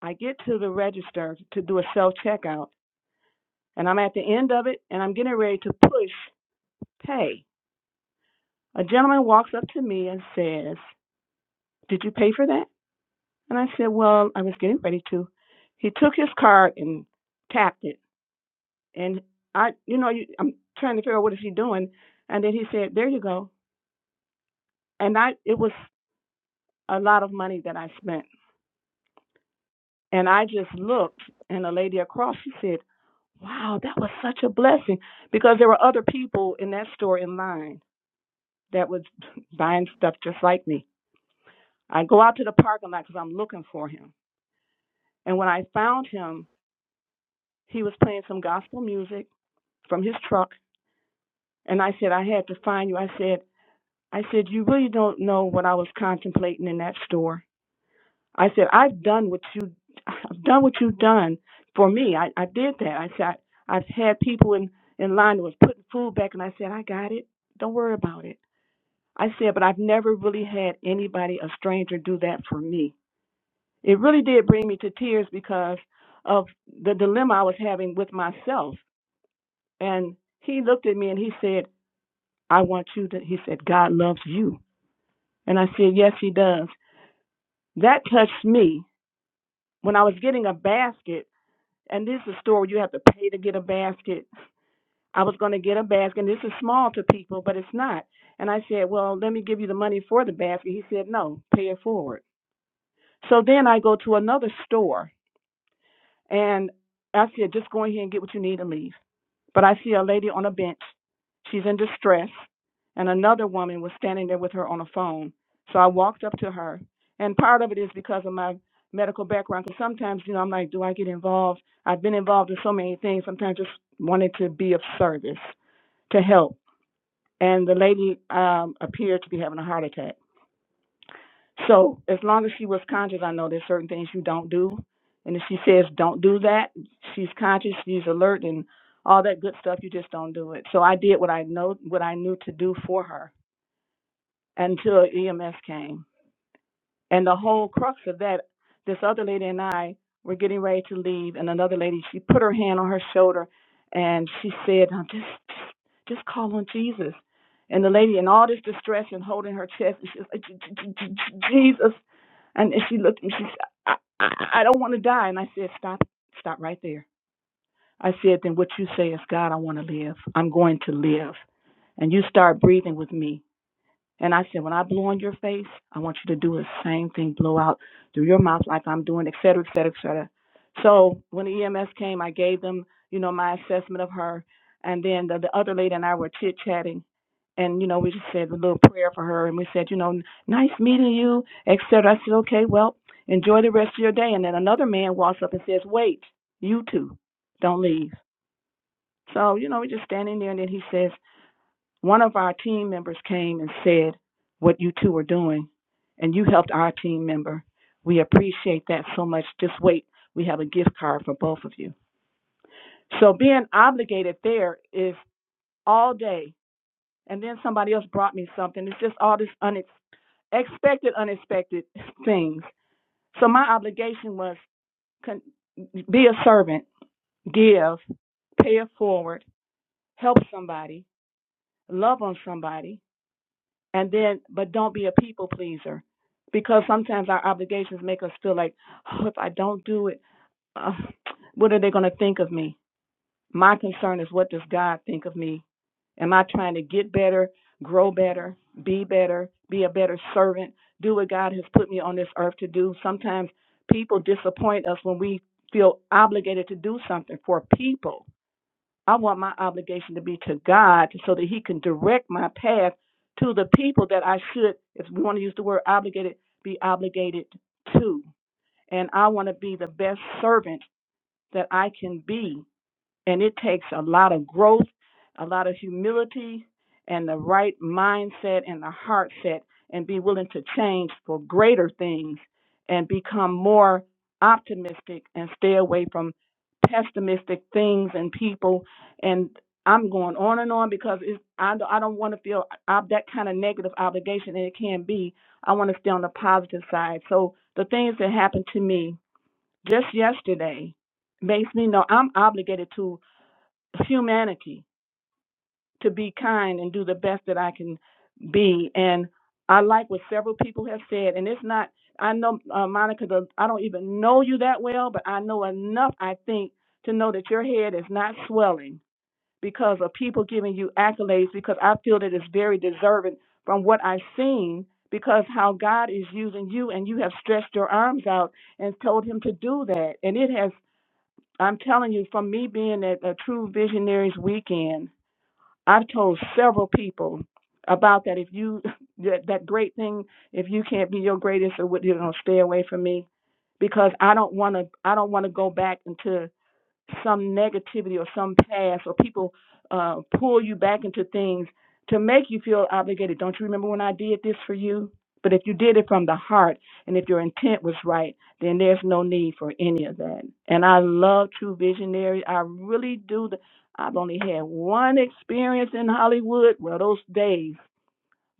Speaker 14: I get to the register to do a self checkout, and I'm at the end of it, and I'm getting ready to push pay. A gentleman walks up to me and says, "Did you pay for that?" And I said, "Well, I was getting ready to." He took his card and tapped it and I, you know, you, I'm trying to figure out what is he doing, and then he said, "There you go," and I, it was a lot of money that I spent, and I just looked, and the lady across, she said, "Wow, that was such a blessing," because there were other people in that store in line that was *laughs* buying stuff just like me. I go out to the parking lot because I'm looking for him, and when I found him, he was playing some gospel music from his truck, and I said, "I had to find you." I said I said, You really don't know what I was contemplating in that store. I said, I've done what you I've done what you've done for me. I, I did that. I said I've had people in, in line that was putting food back and I said, I got it. Don't worry about it. I said, but I've never really had anybody, a stranger, do that for me. It really did bring me to tears because of the dilemma I was having with myself. And he looked at me and he said, I want you to he said, God loves you. And I said, Yes, he does. That touched me when I was getting a basket. And this is a store where you have to pay to get a basket. I was going to get a basket. And this is small to people, but it's not. And I said, Well, let me give you the money for the basket. He said, No, pay it forward. So then I go to another store and I said, Just go in here and get what you need and leave. But I see a lady on a bench. She's in distress, and another woman was standing there with her on a phone. So I walked up to her, and part of it is because of my medical background. Because sometimes, you know, I'm like, do I get involved? I've been involved in so many things. Sometimes just wanted to be of service to help. And the lady um, appeared to be having a heart attack. So as long as she was conscious, I know there's certain things you don't do. And if she says don't do that, she's conscious, she's alert and all that good stuff, you just don't do it. So I did what I know what I knew to do for her until EMS came. And the whole crux of that, this other lady and I were getting ready to leave, and another lady, she put her hand on her shoulder and she said, "Now just, just, just call on Jesus. And the lady, in all this distress and holding her chest, and she was like, "J- j- j- j- Jesus. And and she looked at me, she said, I, I, I don't want to die. And I said, Stop, stop right there. I said, Then what you say is, God, I want to live. I'm going to live. And you start breathing with me and I said, when I blow on your face, I want you to do the same thing, blow out through your mouth like I'm doing, et cetera, et cetera, et cetera. So when the EMS came, I gave them, you know, my assessment of her. And then the, the other lady and I were chit chatting. And, you know, we just said a little prayer for her. And we said, you know, nice meeting you, et cetera. I said, okay, well, enjoy the rest of your day. And then another man walks up and says, wait, you two, don't leave. So, you know, we're just standing there. And then he says, one of our team members came and said what you two are doing, and you helped our team member. We appreciate that so much. Just wait, we have a gift card for both of you. So being obligated there is all day. And then somebody else brought me something. It's just all this unexpected, unexpected things. So my obligation was con- be a servant, give, pay it forward, help somebody, love on somebody, and then but don't be a people pleaser because sometimes our obligations make us feel like oh if i don't do it uh, what are they going to think of me my concern is what does god think of me am i trying to get better grow better be better be a better servant do what god has put me on this earth to do sometimes people disappoint us when we feel obligated to do something for people I want my obligation to be to God so that He can direct my path to the people that I should, if we want to use the word obligated, be obligated to. And I want to be the best servant that I can be and it takes a lot of growth, a lot of humility, and the right mindset and the heart set, and be willing to change for greater things and become more optimistic and stay away from pessimistic things and people. And I'm going on and on because it's, I, don't- I don't want to feel ob- that kind of negative obligation, and it can be. I want to stay on the positive side. So the things that happened to me just yesterday makes me know I'm obligated to humanity to be kind and do the best that I can be. And I like what several people have said, and it's not. I know uh, Monica. the- I don't even know you that well, but I know enough. I think to know that your head is not swelling because of people giving you accolades. Because I feel that it's very deserving from what I've seen. Because how God is using you, and you have stretched your arms out and told Him to do that, and it has. I'm telling you, from me being at a True Visionaries weekend, I've told several people about that. If you *laughs* that, that great thing, if you can't be your greatest, or what you know, stay away from me, because I don't want to. I don't want to go back into some negativity or some past or people uh, pull you back into things to make you feel obligated. Don't you remember when I did this for you? But if you did it from the heart and if your intent was right, then there's no need for any of that. And I love true visionaries. I really do. The, I've only had one experience in Hollywood. Well, those days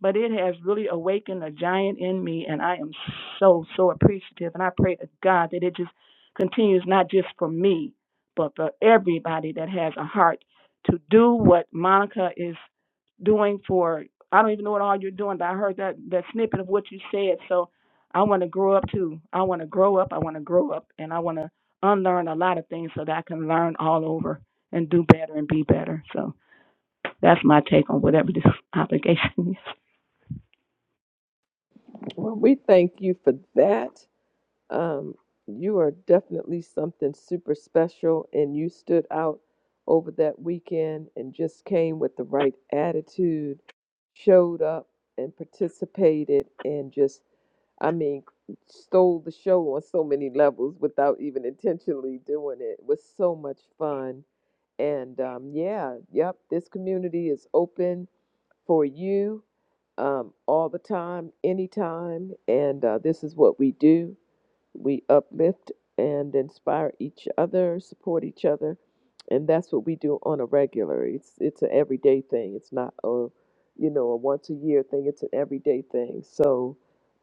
Speaker 14: but it has really awakened a giant in me and i am so so appreciative and i pray to god that it just continues not just for me but for everybody that has a heart to do what monica is doing for i don't even know what all you're doing but i heard that that snippet of what you said so i want to grow up too i want to grow up i want to grow up and i want to unlearn a lot of things so that i can learn all over and do better and be better so that's my take on whatever this *laughs* obligation
Speaker 1: Well, we thank you for that. Um, you are definitely something super special, and you stood out over that weekend and just came with the right attitude, showed up and participated, and just, I mean, stole the show on so many levels without even intentionally doing it. It was so much fun And um, yeah, yep, this community is open for you um, all the time, anytime. And uh, this is what we do we uplift and inspire each other, support each other. And that's what we do on a regular. It's it's an everyday thing. It's not a, you know, a once a year thing. It's an everyday thing. So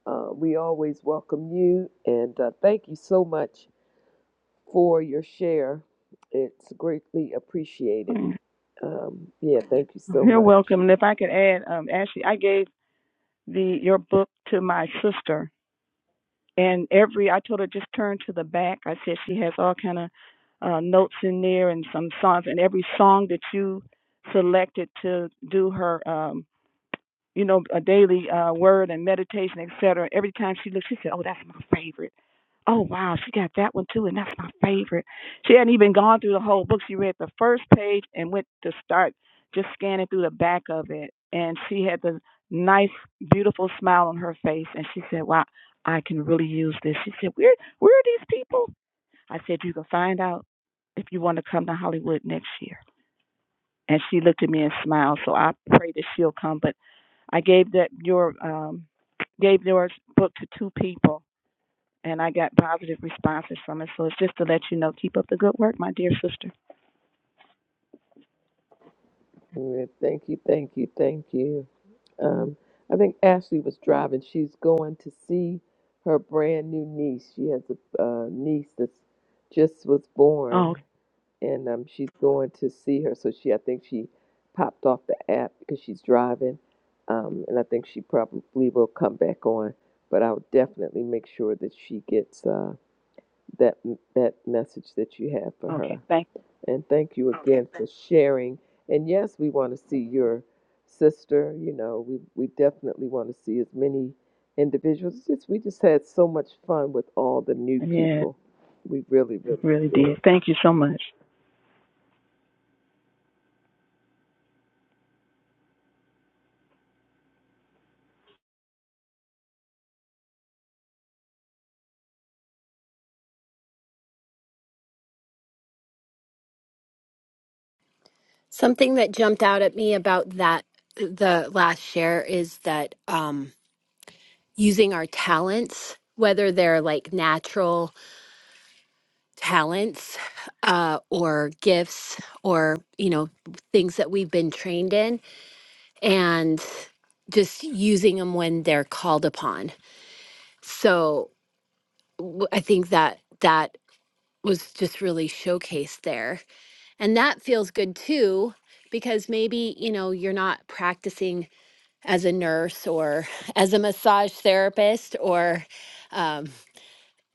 Speaker 1: uh, we always welcome you and uh, thank you so much for your share. It's greatly appreciated.
Speaker 14: is
Speaker 1: Um, yeah, thank you so
Speaker 14: You're
Speaker 1: much.
Speaker 14: welcome. And if I could add, um, Ashley, I gave the your book to my sister, and every I told her just turn to the back. I said she has all kind of uh, notes in there and some songs, and every song that you selected to do her. Um, you know, a daily uh, word and meditation, etc. Every time she looked, she said, "Oh, that's my favorite." Oh wow, she got that one too, and that's my favorite. She hadn't even gone through the whole book. She read the first page and went to start just scanning through the back of it, and she had the nice, beautiful smile on her face, and she said, "Wow, I can really use this." She said, "Where, where are these people?" I said, "You can find out if you want to come to Hollywood next year." and she looked at me and smiled. So I pray that she'll come. But I gave that your um gave your book to two people, and I got positive responses from it. So it's just to let you know, keep up the good work, my dear sister.
Speaker 1: Yeah, thank you, thank you, thank you. Um, I think Ashley was driving. She's going to see her brand new niece. She has a uh, niece that just was
Speaker 14: Oh,
Speaker 1: born, and um, she's going to see her. So she, I think she popped off the app because she's driving, um, and I think she probably will come back on. But I'll definitely make sure that she gets uh, that that message that you have for
Speaker 14: okay.
Speaker 1: her.
Speaker 14: Thank.
Speaker 1: And thank you again for sharing. And yes, we want to see your sister. You know, we, we definitely want to see as many individuals. It's just, we just had so much fun with all the new
Speaker 14: you. Yeah,
Speaker 1: people. We really, really
Speaker 14: really
Speaker 1: did.
Speaker 14: did. Thank you so much.
Speaker 3: something that jumped out at me about that the last share is that um using our talents whether they're like natural talents uh or gifts or you know things that we've been trained in and just using them when they're called upon. So w- I think that that was just really showcased there. And that feels good too, because maybe, you know, you're not practicing as a nurse or as a massage therapist, or um,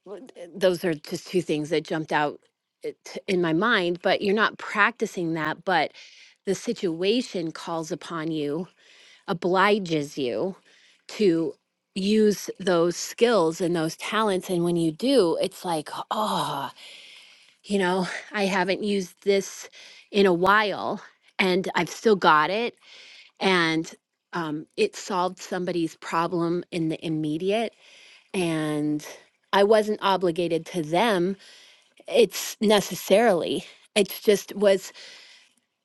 Speaker 3: w- th- those are just two things that jumped out i- t- in my mind, but you're not practicing that, but the situation calls upon you obliges you to use those skills and those talents. And when you do, it's like, oh, you know, I haven't used this in a while and I've still got it. And um, it solved somebody's problem in the immediate. And I wasn't obligated to them. It's necessarily, it's just was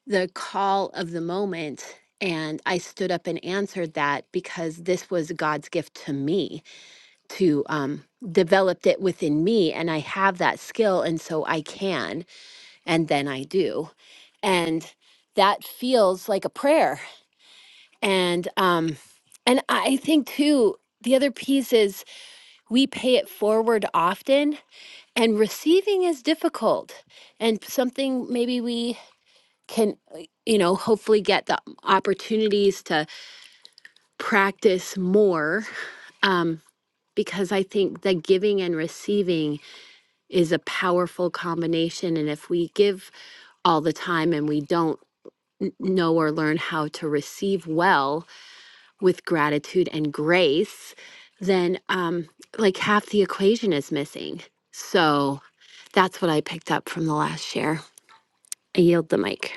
Speaker 3: the call of the moment. And I stood up and answered that because this was God's gift to me to um, developed it within me. And I have that skill. And so I can. And then I do. And that feels like a prayer. And, um, and I think too, the other piece is we pay it forward often and receiving is difficult and something maybe we can uh, you know hopefully get the opportunities to practice more um because i think the giving and receiving is a powerful combination and if we give all the time and we don't n- know or learn how to receive well with gratitude and grace then um like half the equation is missing so that's what i picked up from the last share i yield the mic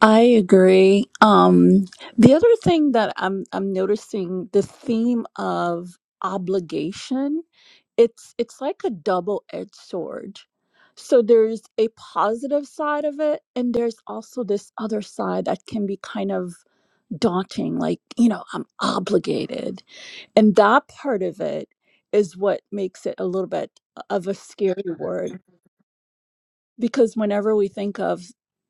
Speaker 11: I agree. Um, the other thing that I'm I'm noticing the theme of obligation, it's it's like a double-edged sword. So there's a positive side of it, and there's also this other side that can be kind of daunting, like, you know, I'm obligated. And that part of it is what makes it a little bit of a scary word because whenever we think of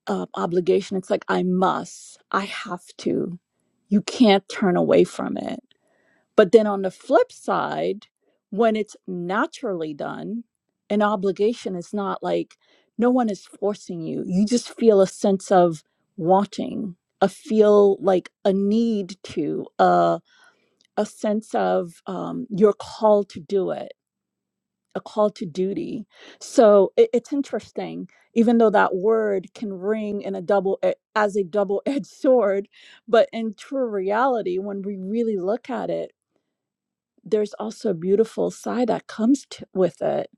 Speaker 11: uh, obligation, it's like, I must, I have to. You can't turn away from it. But then on the flip side, when it's naturally done, an obligation is not like no one is forcing you. You just feel a sense of wanting, a feel like a need to, a a sense of um, you're called to do it a call to duty. So it, it's interesting, even though that word can ring in a double e- as a double-edged *laughs* sword, but in true reality, when we really look at it, there's also a beautiful side that comes to, with it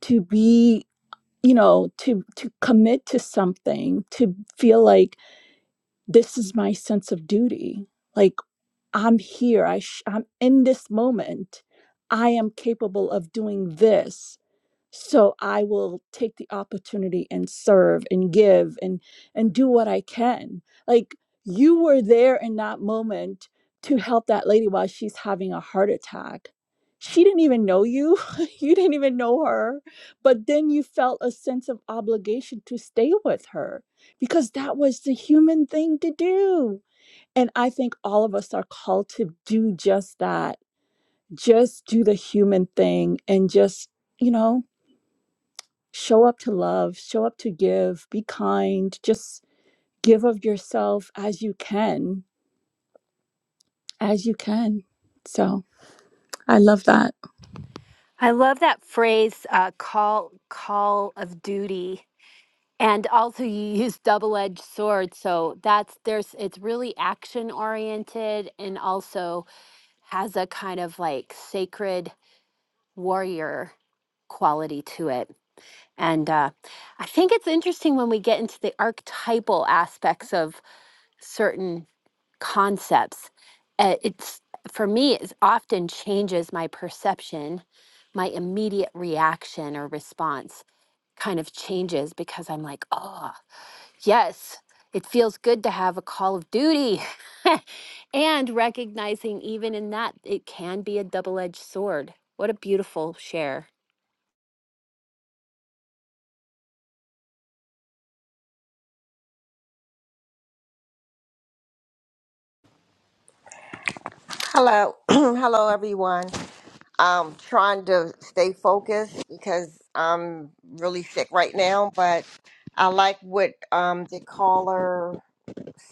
Speaker 11: to be you know to to commit to something to feel like this is my sense of duty like i'm here i sh- i'm in this moment i am capable of doing this so i will take the opportunity and serve and give and and do what i can like you were there in that moment to help that lady while she's having a heart attack she didn't even know you *laughs* you didn't even know her but then you felt a sense of obligation to stay with her because that was the human thing to do and i think all of us are called to do just that just do the human thing and just you know show up to love, show up to give, be kind, just give of yourself as you can, as you can. So I love that.
Speaker 3: I love that phrase, uh, call call of duty. And also you use double-edged sword. So that's there's it's really action oriented and also has a kind of like sacred warrior quality to it. And uh, I think it's interesting when we get into the archetypal aspects of certain concepts uh, it's for me it often changes my perception my immediate reaction or response kind of changes because i'm like oh yes it feels good to have a call of duty *laughs* and recognizing even in that it can be a double-edged sword what a beautiful share
Speaker 8: Hello, *clears throat* hello everyone. I'm trying to stay focused because I'm really sick right now, but I like what um, the caller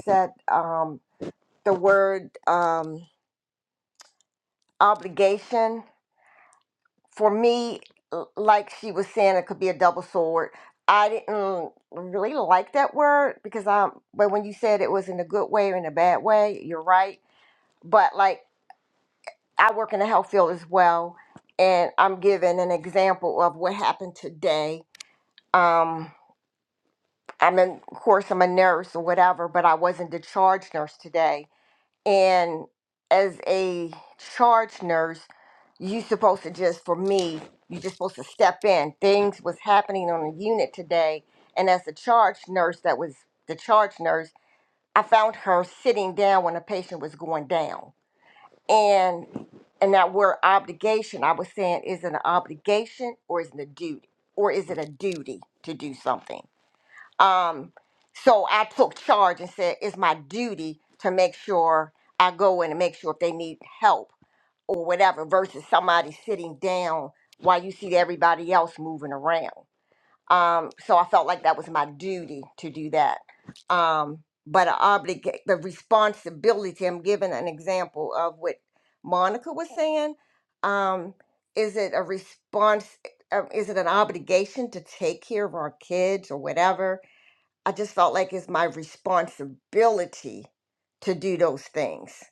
Speaker 8: said. Um, the word um, obligation for me, l- like she was saying, it could be a double sword. I didn't really like that word because I'm, but when you said it was in a good way or in a bad way, you're right. But like. I work in the health field as well, and I'm giving an example of what happened today. Um, I'm in, of course, I'm a nurse or whatever, but I wasn't the charge nurse today. And as a charge nurse, you supposed to just, for me, you just supposed to step in. Things was happening on the unit today, and as a charge nurse, that was the charge nurse. I found her sitting down when a patient was going down and and that word obligation, I was saying, is it an obligation or is it a duty? Or is it a duty to do something? Um, so I took charge and said, it's my duty to make sure I go in and make sure if they need help or whatever, versus somebody sitting down while you see everybody else moving around. Um, so I felt like that was my duty to do that. Um, but I obligate the responsibility. I'm giving an example of what Monica was saying. Um, is it a response? uh, Is it an obligation to take care of our kids or whatever? I just felt like it's my responsibility to do those things.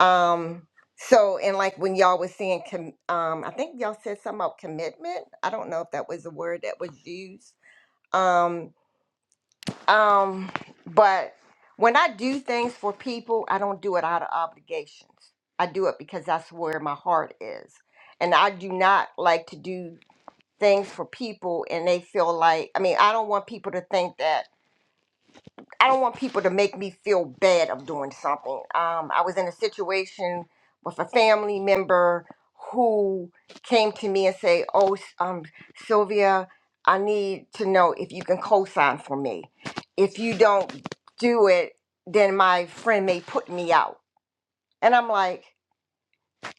Speaker 8: Um, so and like when y'all was saying, com- um, I think y'all said something about commitment. I don't know if that was the word that was used um, um, but when I do things for people, I don't do it out of obligations. I do it because that's where my heart is. And I do not like to do things for people and they feel like I mean, I don't want people to think that I don't want people to make me feel bad of doing something. Um, I was in a situation with a family member who came to me and say, "Oh, S- um, Sylvia, I need to know if you can co-sign for me. If you don't do it, then my friend may put me out." And I'm like,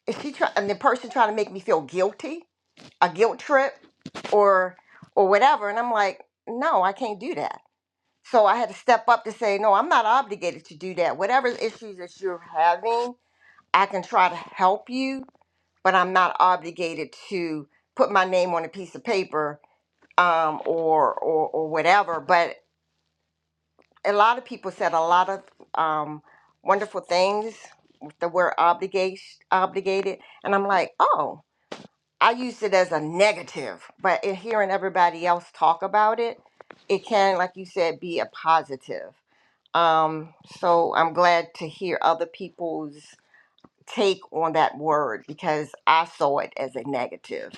Speaker 8: "Is she trying?" And the person trying to make me feel guilty, a guilt trip, or or whatever. And I'm like, "No, I can't do that." So I had to step up to say, no, I'm not obligated to do that. Whatever issues that you're having, I can try to help you, but I'm not obligated to put my name on a piece of paper um, or, or or whatever. But a lot of people said a lot of um, wonderful things with the word obligation obligated, and I'm like, oh, I used it as a negative, but in hearing everybody else talk about it, it can, like you said, be a positive. Um, so I'm glad to hear other people's take on that word because I saw it as a negative.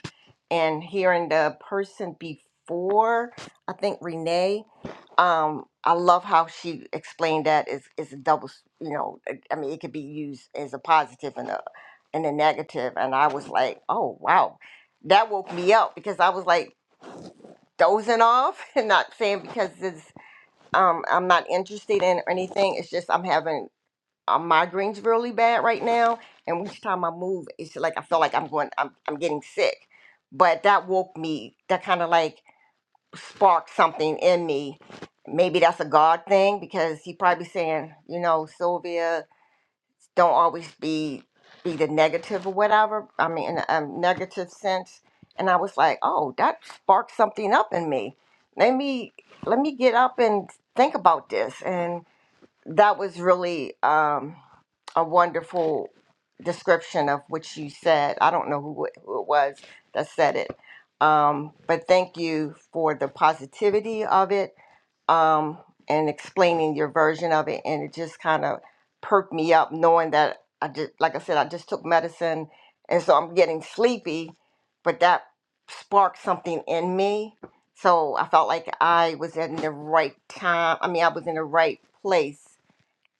Speaker 8: And hearing the person before, I think Renee, um, I love how she explained that is is a double, s- you know, I I mean it could be used as a positive and a and a negative. And I was like, oh wow, that woke me up because I was like dozing off *laughs* and not saying because it's um I'm not interested in or anything. It's just I'm having uh, migraines really bad right now, and each time I move, it's like I feel like I'm going I'm I'm getting sick. But that woke me. That kind of like sparked something in me. Maybe that's a God thing because he probably saying, you know, Sylvia, don't always be be the negative or whatever. I mean, in a um, negative sense. And I was like, oh, that sparked something up in me. Let me let me get up and think about this. and that was really um, a wonderful description of what you said. I don't know who it, who it was that said it, um, but thank you for the positivity of it um, and explaining your version of it. And it just kind of perked me up knowing that I just, like I said, I just took medicine and so I'm getting sleepy, but that sparked something in me. So I felt like I was in the right time. I mean, I was in the right place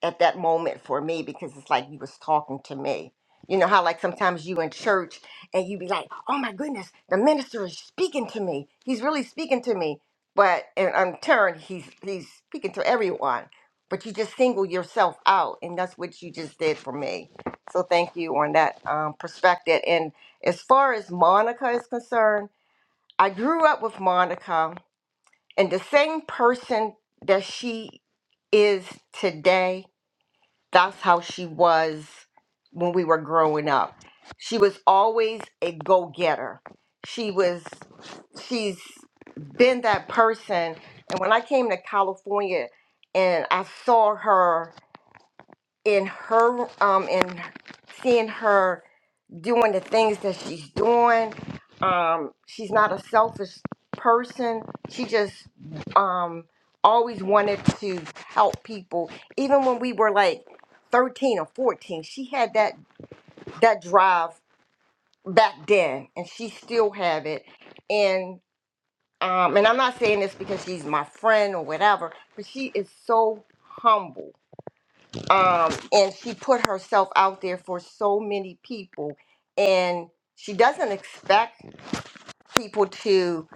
Speaker 8: at that moment for me because it's like you was talking to me. You know how like sometimes you in church and you be like, "Oh my goodness, the minister is speaking to me. He's really speaking to me." But and in turn, he's he's speaking to everyone. But you just single yourself out, and that's what you just did for me. So thank you on that um, perspective. And as far as Monica is concerned, I grew up with Monica, and the same person that she is today that's how she was when we were growing up. She was always a go-getter. She was she's been that person. And when I came to California and I saw her in her um in seeing her doing the things that she's doing. Um, she's not a selfish person. She just um, always wanted to help people. Even when we were like 13 or 14, she had that that drive back then, and she still have it. And um, and I'm not saying this because she's my friend or whatever, but she is so humble um, and she put herself out there for so many people and she doesn't expect people to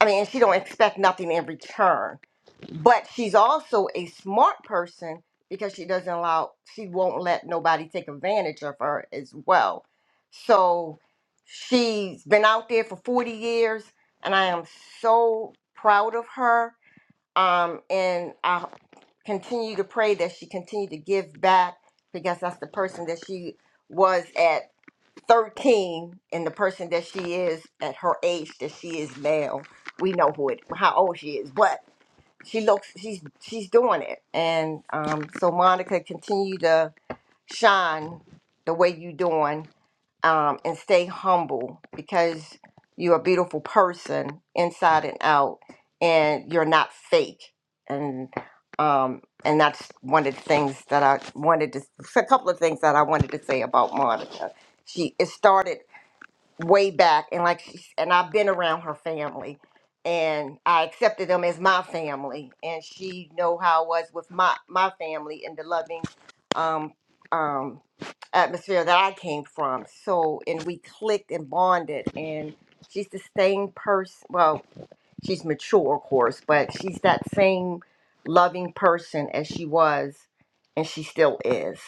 Speaker 8: i mean and she don't expect nothing in return but she's also a smart person because she doesn't allow she won't let nobody take advantage of her as well so she's been out there for 40 years and i am so proud of her um, and I continue to pray that she continue to give back because that's the person that she was at 13 and the person that she is at her age that she is now. We know who it, how old she is, but she looks, she's she's doing it, and um, so Monica continue to shine the way you doing um, and stay humble because you're a beautiful person inside and out and you're not fake and um, and that's one of the things that I wanted to a couple of things that I wanted to say about Monica. She it started way back and like she's and I've been around her family and I accepted them as my family and she know how I was with my my family and the loving um um atmosphere that I came from. So and we clicked and bonded and she's the same person well, she's mature of course, but she's that same loving person as she was and she still is.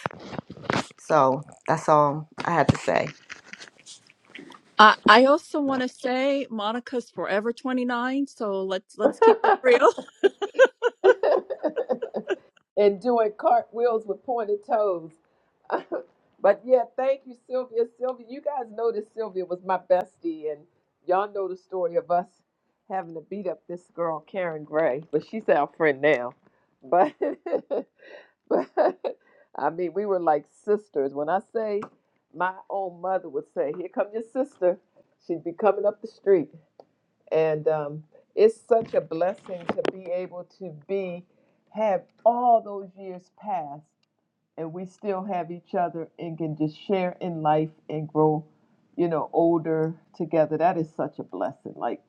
Speaker 8: So that's all I had to say.
Speaker 11: I, I also want to say Monica's forever 29, so let's
Speaker 1: *laughs*
Speaker 11: let's keep it real. *laughs*
Speaker 1: and doing cartwheels with pointed toes. *laughs* but yeah, thank you, Sylvia. Sylvia, you guys know that Sylvia was my bestie, and y'all know the story of us having to beat up this girl, Karen Gray. But she's our friend now. But, *laughs* but I mean, we were like sisters. When I say my own mother would say, Here come your sister. She'd be coming up the street. And um, it's such a blessing to be able to be, have all those years pass and we still have each other and can just share in life and grow, you know, older together. That is such a blessing. Like,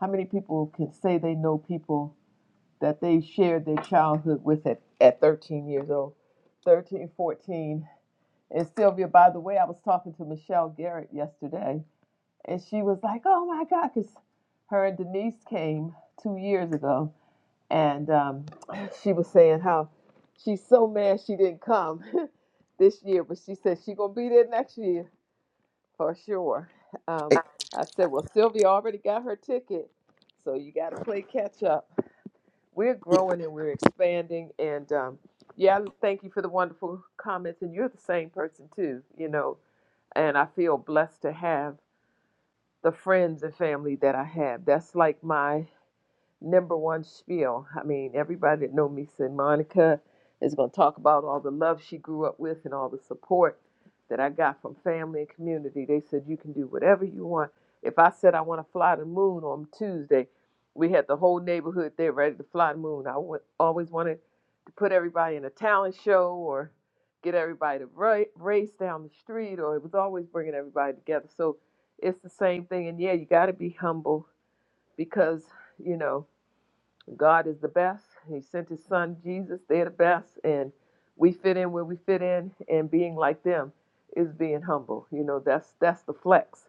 Speaker 1: how many people can say they know people that they shared their childhood with at, at 13 years old, 13, 14? And Sylvia, by the way, I was talking to Michelle Garrett yesterday, and she was like, oh my God, because her and Denise came two years ago, and um, she was saying how she's so mad she didn't come. *laughs* this year, but she said she gonna be there next year for sure. Um, I said, well, Sylvia already got her ticket, so you got to play catch up. We're growing and we're expanding, and um, yeah, thank you for the wonderful comments. And you're the same person too, you know. And I feel blessed to have the friends and family that I have. That's like my number one spiel. I mean, everybody that know me said Monica is going to talk about all the love she grew up with and all the support that I got from family and community. They said you can do whatever you want. If I said I want to fly the moon on Tuesday, we had the whole neighborhood there ready to fly the moon. I w- always wanted to put everybody in a talent show or get everybody to ra- race down the street, or it was always bringing everybody together. So it's the same thing. And yeah, you got to be humble because, you know, God is the best. He sent his son Jesus. They're the best. And we fit in where we fit in. And being like them is being humble. You know, that's that's the flex.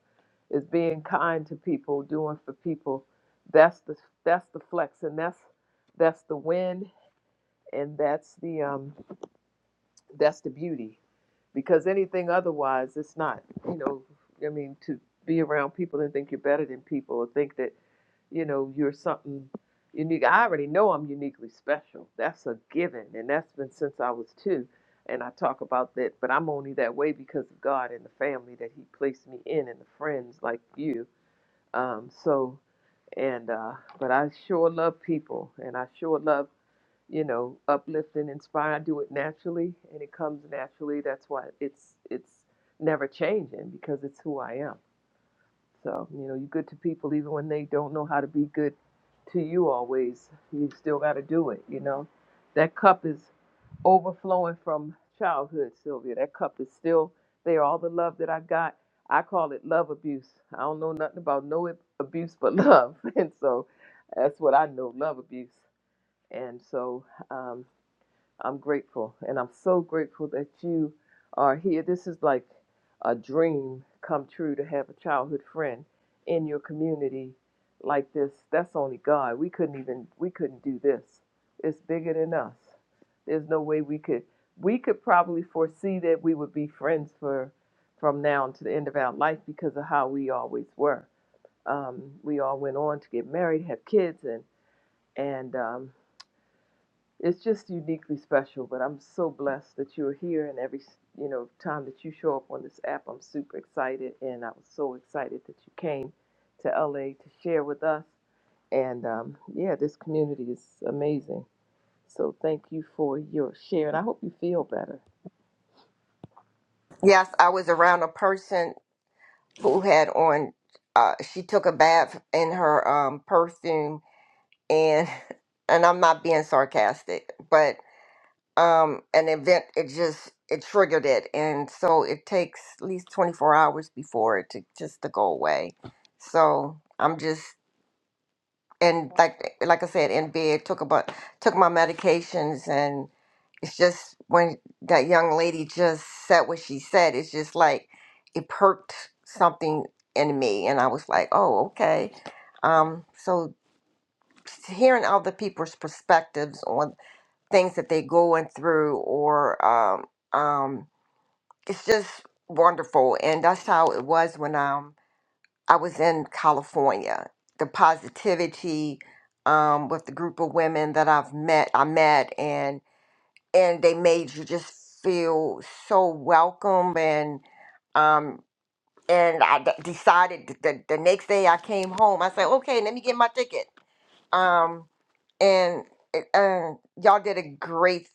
Speaker 1: Is being kind to people, doing for people. That's the that's the flex. And that's that's the win and that's the um that's the beauty. Because anything otherwise it's not, you know, I mean, to be around people and think you're better than people or think that you know you're something unique i already know i'm uniquely special that's a given and that's been since i was two and i talk about that but i'm only that way because of god and the family that he placed me in and the friends like you um so and uh but i sure love people and i sure love you know uplifting inspire i do it naturally and it comes naturally that's why it's it's never changing because it's who i am so, you know, you're good to people even when they don't know how to be good to you always. You still got to do it, you know. That cup is overflowing from childhood, Sylvia. That cup is still there. All the love that I got, I call it love abuse. I don't know nothing about no ab- abuse but love. *laughs* And so that's what I know love abuse. And so, um, I'm grateful, and I'm so grateful that you are here. This is like a dream come true to have a childhood friend in your community like this. That's only God. We couldn't even we couldn't do this. It's bigger than us. There's no way we could we could probably foresee that we would be friends for from now to the end of our life because of how we always were. Um, we all went on to get married, have kids, and and um, it's just uniquely special, but I'm so blessed that you're here. And every you know time that you show up on this app, I'm super excited, and I was so excited that you came to LA to share with us. And um, yeah, this community is amazing. So thank you for your share, and I hope you feel better.
Speaker 8: Yes, I was around a person who had on. Uh, she took a bath in her um, perfume, and *laughs* and I'm not being sarcastic, but um, an event it just it triggered it, and so it takes at least 24 hours before it to just to go away. So I'm just and like like I said in bed took a bu- took my medications it's just when that young lady just said what she said, it's just like it perked something in me, and I was like, oh, okay. Um, so hearing other people's perspectives on things that they're going through, or um, um, it's just wonderful, and that's how it was when um, I was in California. The positivity um, with the group of women that I've met, I met, and and they made you just feel so welcome and um and I d- decided th- the, the next day I came home I said okay let me get my ticket um and it- uh, y'all did a great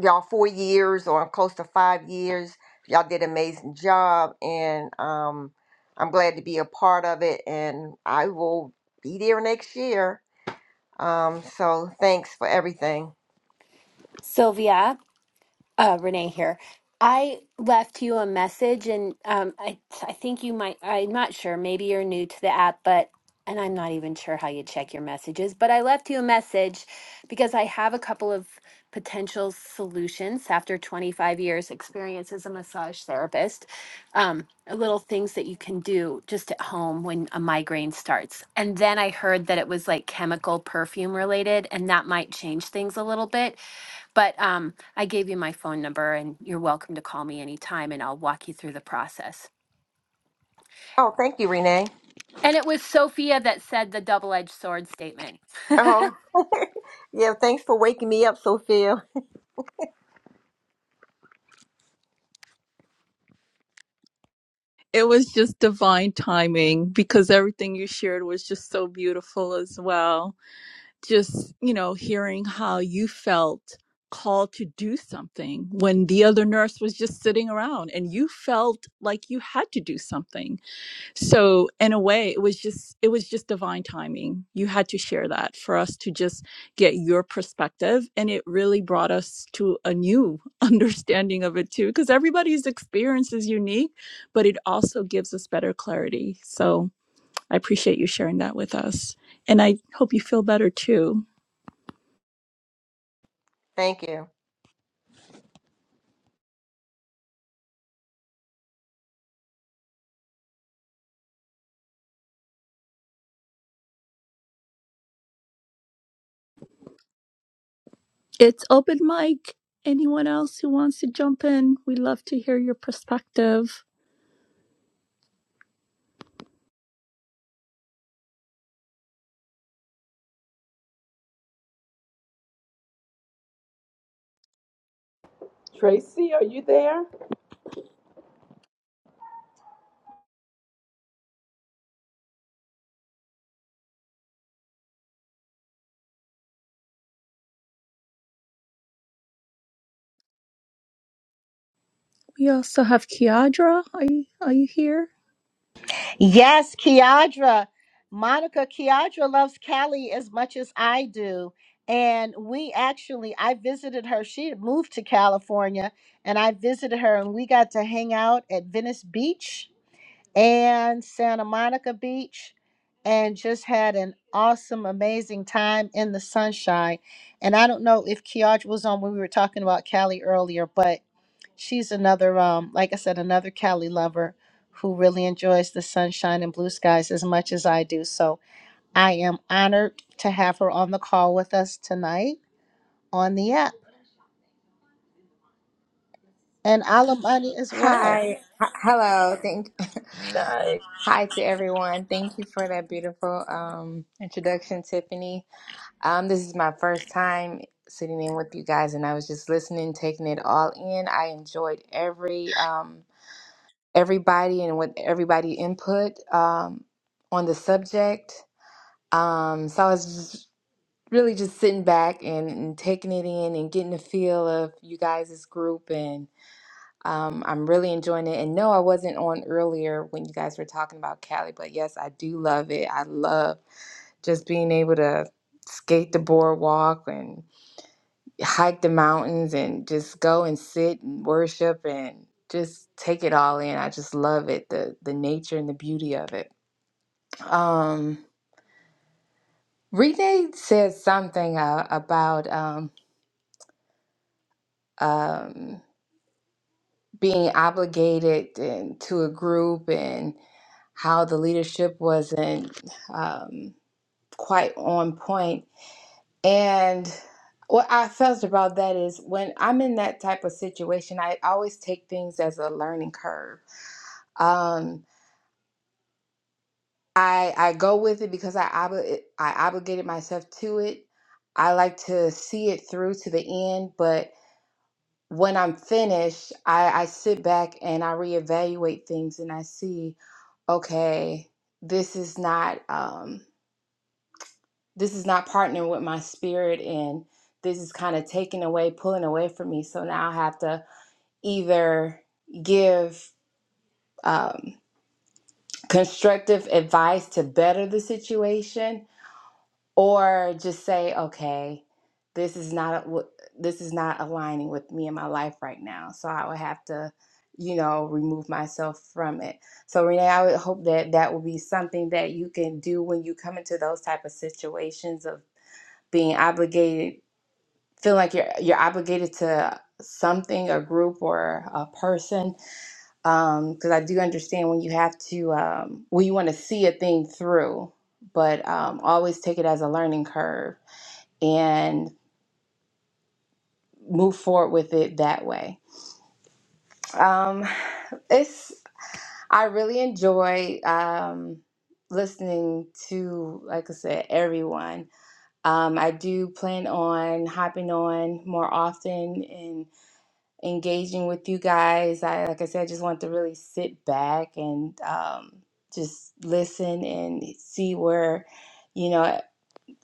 Speaker 8: y'all four years or close to five years y'all did an amazing job and um I'm glad to be a part of it and I will be there next year um so thanks for everything
Speaker 3: Sylvia, uh, Renee here. I left you a message, and um, I I think you might. I'm not sure. Maybe you're new to the app, but and I'm not even sure how you check your messages. But I left you a message because I have a couple of potential solutions after 25 years experience as a massage therapist. Um, little things that you can do just at home when a migraine starts. And then I heard that it was like chemical perfume related, and that might change things a little bit. But um, I gave you my phone number, and you're welcome to call me anytime, and I'll walk you through the process.
Speaker 8: oh thank you Renee
Speaker 3: And it was Sophia that said the double edged sword statement.
Speaker 8: oh Yeah, thanks for waking me up, Sophia.
Speaker 11: It was just divine timing because everything you shared was just so beautiful as well. Just, you know, hearing how you felt called to do something when the other nurse was just sitting around and you felt like you had to do something so in a way it was just it was just divine timing you had to share that for us to just get your perspective and it really brought us to a new *laughs* understanding of it too because everybody's experience is unique but it also gives us better clarity so i appreciate you sharing that with us and i hope you feel better too
Speaker 8: Thank you.
Speaker 11: it's open mic anyone else who wants to jump in we love to hear your perspective
Speaker 1: Tracy, are you there?
Speaker 11: we also have kiadra are you, are you here
Speaker 5: Yes, Kiadra. Monica, Kiadra loves Cali as much as I do. And we actually, I visited her. She had moved to California, and I visited her, and we got to hang out at Venice Beach and Santa Monica Beach and just had an awesome, amazing time in the sunshine. And I don't know if Kiadra was on when we were talking about Cali earlier, but she's another um like i said another cali lover who really enjoys the sunshine and blue skies as much as i do so i am honored to have her on the call with us tonight on the app and alamani as well
Speaker 15: Hi. H- Hello. Thank
Speaker 1: Nice,
Speaker 15: *laughs* hi to everyone. Thank you for that beautiful um introduction, Tiffany. Um this is my first time sitting in with you guys and I was just listening, taking it all in. I enjoyed every um everybody and what everybody input um on the subject. Um so I was just really just sitting back and, and taking it in and getting a feel of you guys' group and. Um, I'm really enjoying it. And no, I wasn't on earlier when you guys were talking about Cali, but yes, I do love it. I love just being able to skate the boardwalk and hike the mountains and just go and sit and worship and just take it all in. I just love it, the the nature and the beauty of it. Um, Renee said something uh, about um, um, being obligated and to a group and how the leadership wasn't um, quite on point. And what I felt about that is when I'm in that type of situation, I always take things as a learning curve. Um, I I go with it because I obli- I obligated myself to it. I like to see it through to the end, but when I'm finished, I, I sit back and I reevaluate things and I see. okay, this is not um, this is not partnering with my spirit, and this is kind of taking away, pulling away from me. So now I have to either give um, constructive advice to better the situation or just say okay this is not what this is not aligning with me in my life right now so i would have to you know remove myself from it so renee i would hope that that will be something that you can do when you come into those type of situations of being obligated feel like you're you're obligated to something a group or a person because i do understand when you have to um, when you want to see a thing through but um, always take it as a learning curve and move forward with it that way. Um, it's I really enjoy um, listening to, like I said, everyone. Um, I do plan on hopping on more often and engaging with you guys. I, like I said, I just want to really sit back and um, just listen and see where, you know.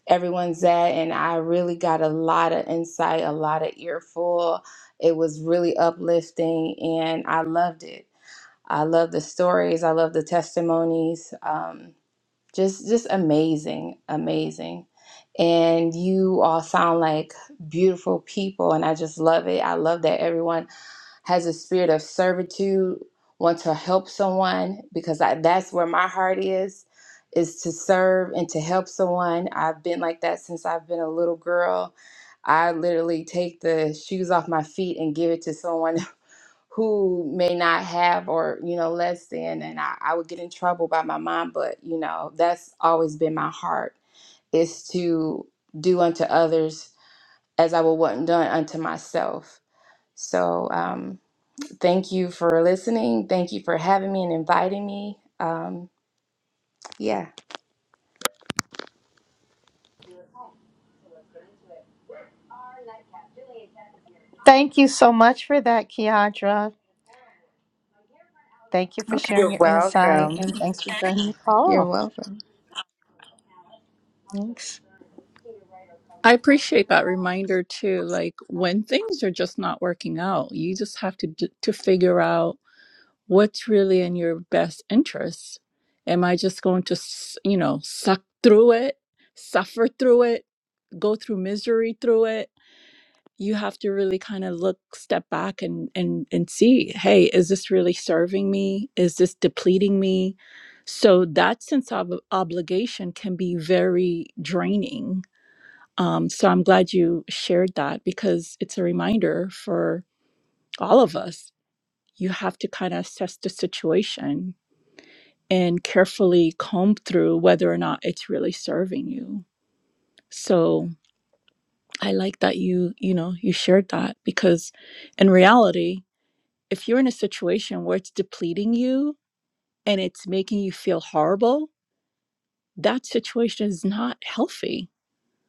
Speaker 15: everyone's at and i really got a lot of insight a lot of earful it was really uplifting and i loved it i love the stories i love the testimonies um, just just amazing amazing and you all sound like beautiful people and i just love it i love that everyone has a spirit of servitude want to help someone because I, that's where my heart is is to serve and to help someone i've been like that since i've been a little girl i literally take the shoes off my feet and give it to someone *laughs* who may not have or you know less than and I, I would get in trouble by my mom but you know that's always been my heart is to do unto others as i would want done unto myself so um, thank you for listening thank you for having me and inviting me um, yeah
Speaker 5: thank you so much for that kiandra thank you for sharing
Speaker 15: You're
Speaker 5: your insight and
Speaker 15: welcome.
Speaker 5: thanks for joining the
Speaker 15: you're
Speaker 5: call
Speaker 15: welcome
Speaker 5: thanks
Speaker 11: I appreciate that reminder too. Like when things are just not working out, you just have to d- to figure out what's really in your best interest. Am I just going to, s- you know, suck through it, suffer through it, go through misery through it? You have to really kind of look, step back, and and and see. Hey, is this really serving me? Is this depleting me? So that sense of obligation can be very draining um, so I'm glad you shared that because it's a reminder for all of us. You have to kind of assess the situation and carefully comb through whether or not it's really serving you. So I like that you, you know, you shared that because in reality, if you're in a situation where it's depleting you and it's making you feel horrible, that situation is not healthy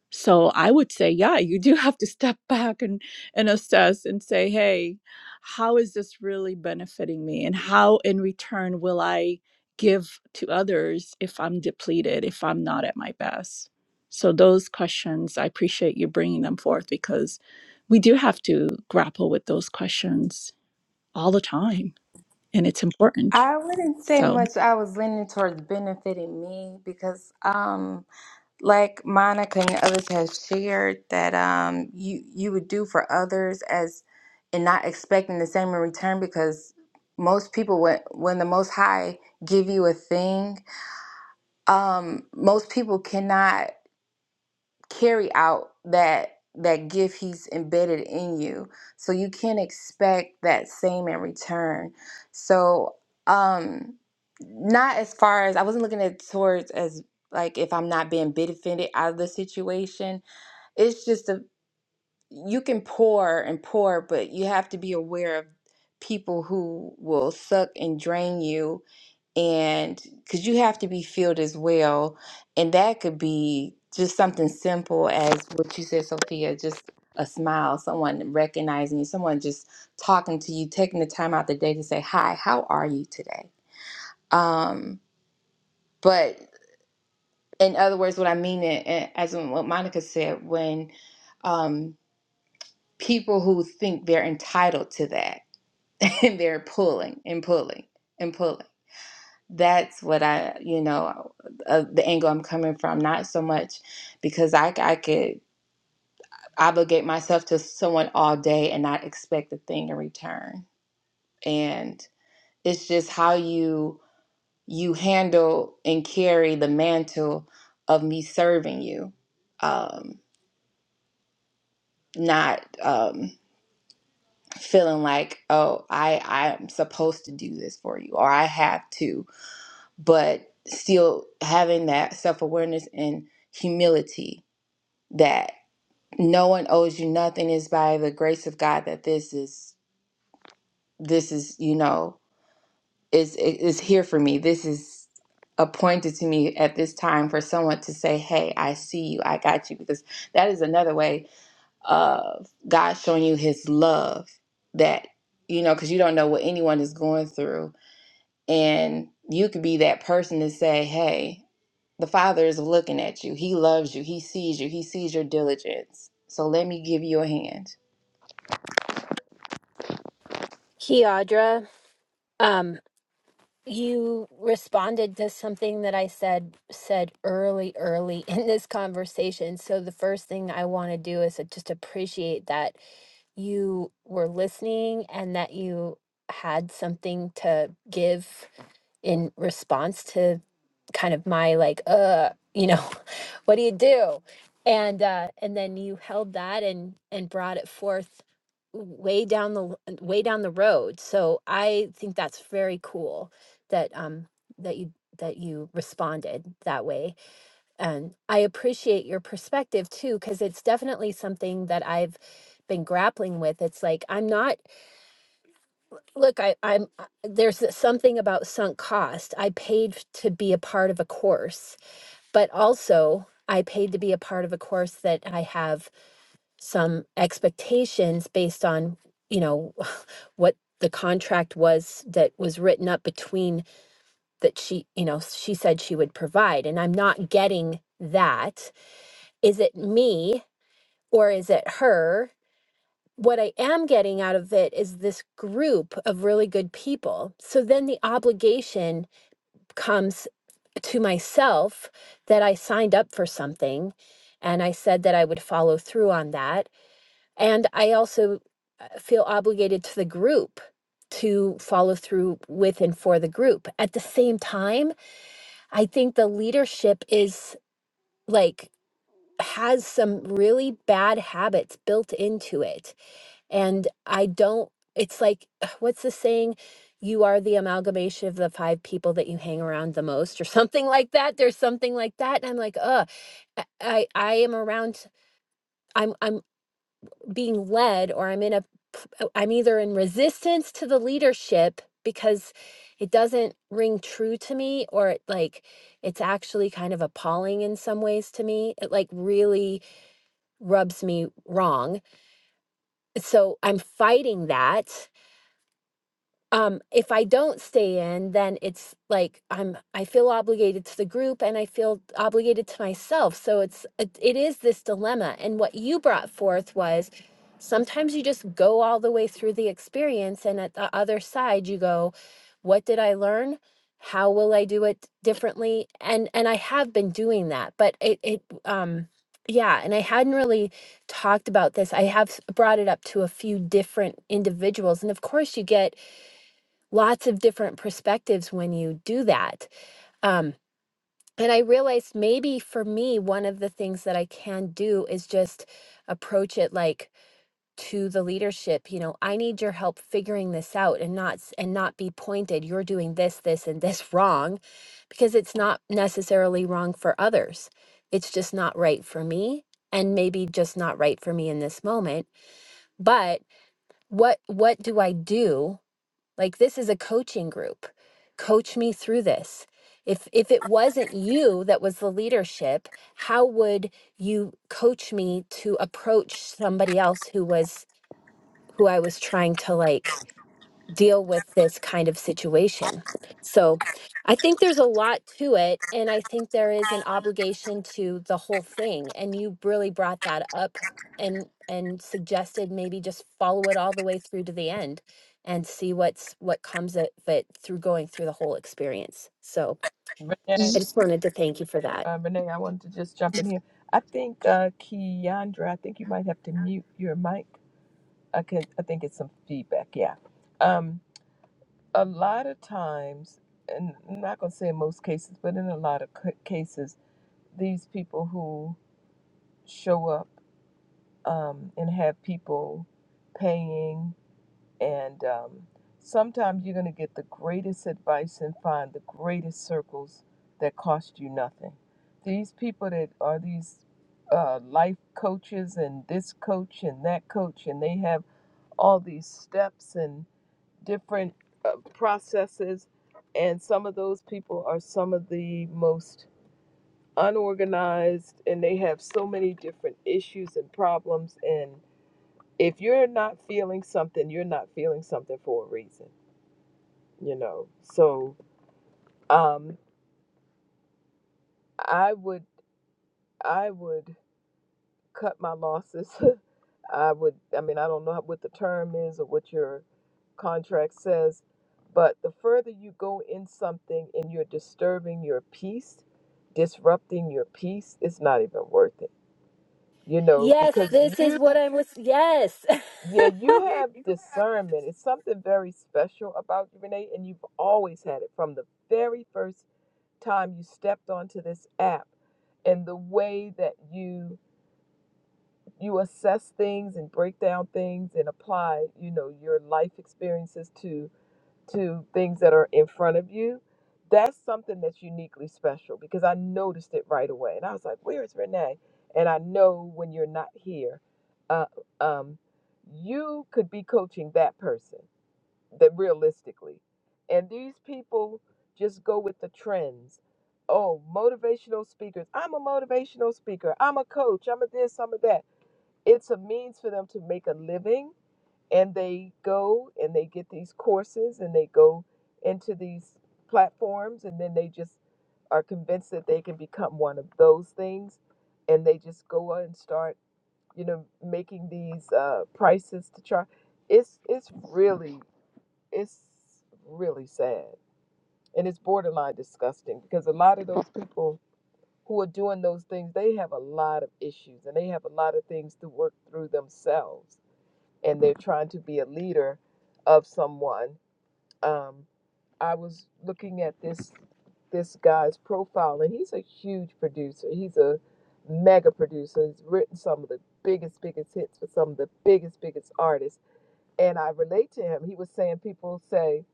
Speaker 11: So I would say, yeah, you do have to step *laughs* back and, and assess and say, hey, how is this really benefiting me? And how in return will I give to others if I'm depleted, if I'm not at my best? So those questions, I appreciate you bringing them forth because we do have to grapple with those questions all the time and it's important.
Speaker 15: i wouldn't say
Speaker 11: So.
Speaker 15: much i was leaning towards benefiting me because um, like Monica and others have shared that um you you would do for others as and not expecting the same in return because most people when when the most high give you a thing um most people cannot carry out that that gift he's embedded in you so you can expect that same in return so um not as far as i wasn't looking at towards as like if i'm not being benefited out of the situation it's just a you can pour and pour but you have to be aware of people who will suck and drain you and because you have to be filled as well and that could be just something simple as what you said sophia just a smile someone recognizing you someone just talking to you taking the time out the day to say hi how are you today um but in other words what i mean it eh, as in what monica said when um people who think they're entitled to that *laughs* and they're pulling and pulling and pulling that's what I, you know, uh, the angle I'm coming from. Not so much because I, I could obligate myself to someone all day and not expect a thing in return. And it's just how you you handle and carry the mantle of me serving you, um, not um, feeling like oh I I'm supposed to do this for you or I have to, but still having that self awareness and humility that no one owes you nothing is by the grace of God that this is this is you know is is here for me. This is appointed to me at this time for someone to say, "Hey, I see you. I got you." Because that is another way of God showing you His love that you know because you don't know what anyone is going through, and you could be that person to say, "Hey." The Father is looking at you. He loves you. He sees you. He sees your diligence. So let me give you a hand.
Speaker 3: Kiadra, um, you responded to something that I said said early, early *laughs* in this conversation. So the first thing I want to do is just appreciate that you were listening and that you had something to give in response to kind of my like uh you know *laughs* what do you do and uh and then you held that and and brought it forth way down the l- way down the road so i think that's very cool that um that you that you responded that way and i appreciate your perspective too because it's definitely something that i've been grappling with it's like i'm not Look, I, I'm I- there's th- something about sunk cost. I paid f- to be a part of a course, but also I paid to be a part of a course that I have some expectations based on, you know, *laughs* what the contract was that was written up between that she, you know, she said she would provide, and I'm not getting that. Is it me or is it her? what I am getting out of it is this group of really good people. So then the obligation comes to myself that I signed up for something and I said that I would follow through on that. And I also uh, feel obligated to the group to follow through with and for the group. At the same time, I think the leadership is like, has some really bad habits built into it and I don't, it's like, *sighs* ugh, what's the saying? You are the amalgamation of the five people that you hang around the most, or *laughs* something like that. There's something like that. And I'm like, ugh, I, I I am around, I'm, I'm being led, or I'm in a, p- uh, I'm either in resistance to the leadership because it doesn't ring true to me, or it like, it's actually kind of appalling in some ways to me. It like really rubs me wrong. So I'm fighting that um if i don't stay in then it's like i'm i feel obligated to the group and i feel obligated to myself so it's it, it is this dilemma and what you brought forth was sometimes you just go all the way through the experience and at the other side you go what did i learn how will i do it differently and and i have been doing that but it it um yeah and i hadn't really talked about this i have s- brought it up to a few different individuals and of course you get lots of different perspectives when you do that. Um, and I realized maybe for me, one of the things that I can do is just approach it like to the leadership. You know, I need your help figuring this out, and not s- and not be pointed. You're doing this, this, and this *laughs* wrong, because it's not necessarily wrong for others. It's just not right for me, and maybe just not right for me in this moment. But what what do I do? like this is a coaching group coach me through this if if it wasn't you that was the leadership how would you coach me to approach somebody else who was who i was trying to like deal with this kind of situation. So I think there's a lot to it. And I think there is an obligation to the whole thing. And you really brought that up and and suggested maybe just follow it all the way through to the end and see what's what comes of it through going through the whole experience. So
Speaker 15: Yes,
Speaker 1: Renee.
Speaker 3: I just wanted to thank you for that.
Speaker 1: Uh, Renee, I wanted to just jump in here. I think uh, Keandra, I think you might have to mute your mic. I can. I think it's some feedback. Yeah. Um, a lot of times, and I'm not going to say in most cases, but in a lot of c- cases, these people who show up um, and have people paying, and um, sometimes you're going to get the greatest advice and find the greatest circles that cost you nothing. These people that are these uh, life coaches and this coach and that coach, and they have all these steps different uh, processes, and some of those people are some of the most unorganized, and they have so many different issues and problems. And if you're not feeling something, you're not feeling something for a reason, you know. So um, I would I would cut my losses *laughs* I would, I mean, I don't know what the term is or what your contract says, but the further you go in something and you're disturbing your peace, disrupting your peace, it's not even worth it. You know,
Speaker 3: Yes,
Speaker 1: because
Speaker 3: this is
Speaker 1: you,
Speaker 3: what I was yes. *laughs*
Speaker 1: yeah, you have discernment. It's something very special about you, Renee, and you've always had it from the very first time you stepped onto this app and the way that you you assess things and break down things and apply you know your life experiences to to things that are in front of you that's something that's uniquely special because i noticed it right away and i was like where is renee and i know when you're not here uh, um, you could be coaching that person that realistically and these people just go with the trends oh motivational speakers i'm a motivational speaker i'm a coach i'm a this i'm a that it's a means for them to make a living and they go and they get these courses and they go into these platforms and then they just are convinced that they can become one of those things and they just go out and start you know making these uh, prices to charge it's it's really it's really sad and it's borderline disgusting because a lot of those people who are doing those things they have a lot of issues and they have a lot of things to work through themselves and they're trying to be a leader of someone. Um, I was looking at this this guy's profile, and he's a huge producer. He's a mega producer. He's written some of the biggest, biggest hits for some of the biggest, biggest artists. And I relate to him. He was saying people say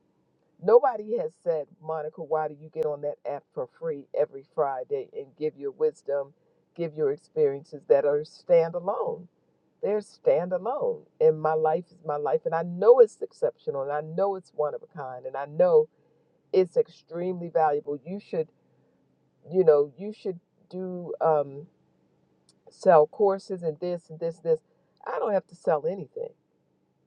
Speaker 1: nobody has said, Monica, why do you get on that app for free every Friday and give your wisdom, give your experiences that are standalone? They're standalone. And my life is my life. And I know it's exceptional and I know it's one of a kind and I know it's extremely valuable. You should, you know, you should do um sell courses and this and this this. I don't have to sell anything.